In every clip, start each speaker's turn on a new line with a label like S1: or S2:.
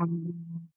S1: Um,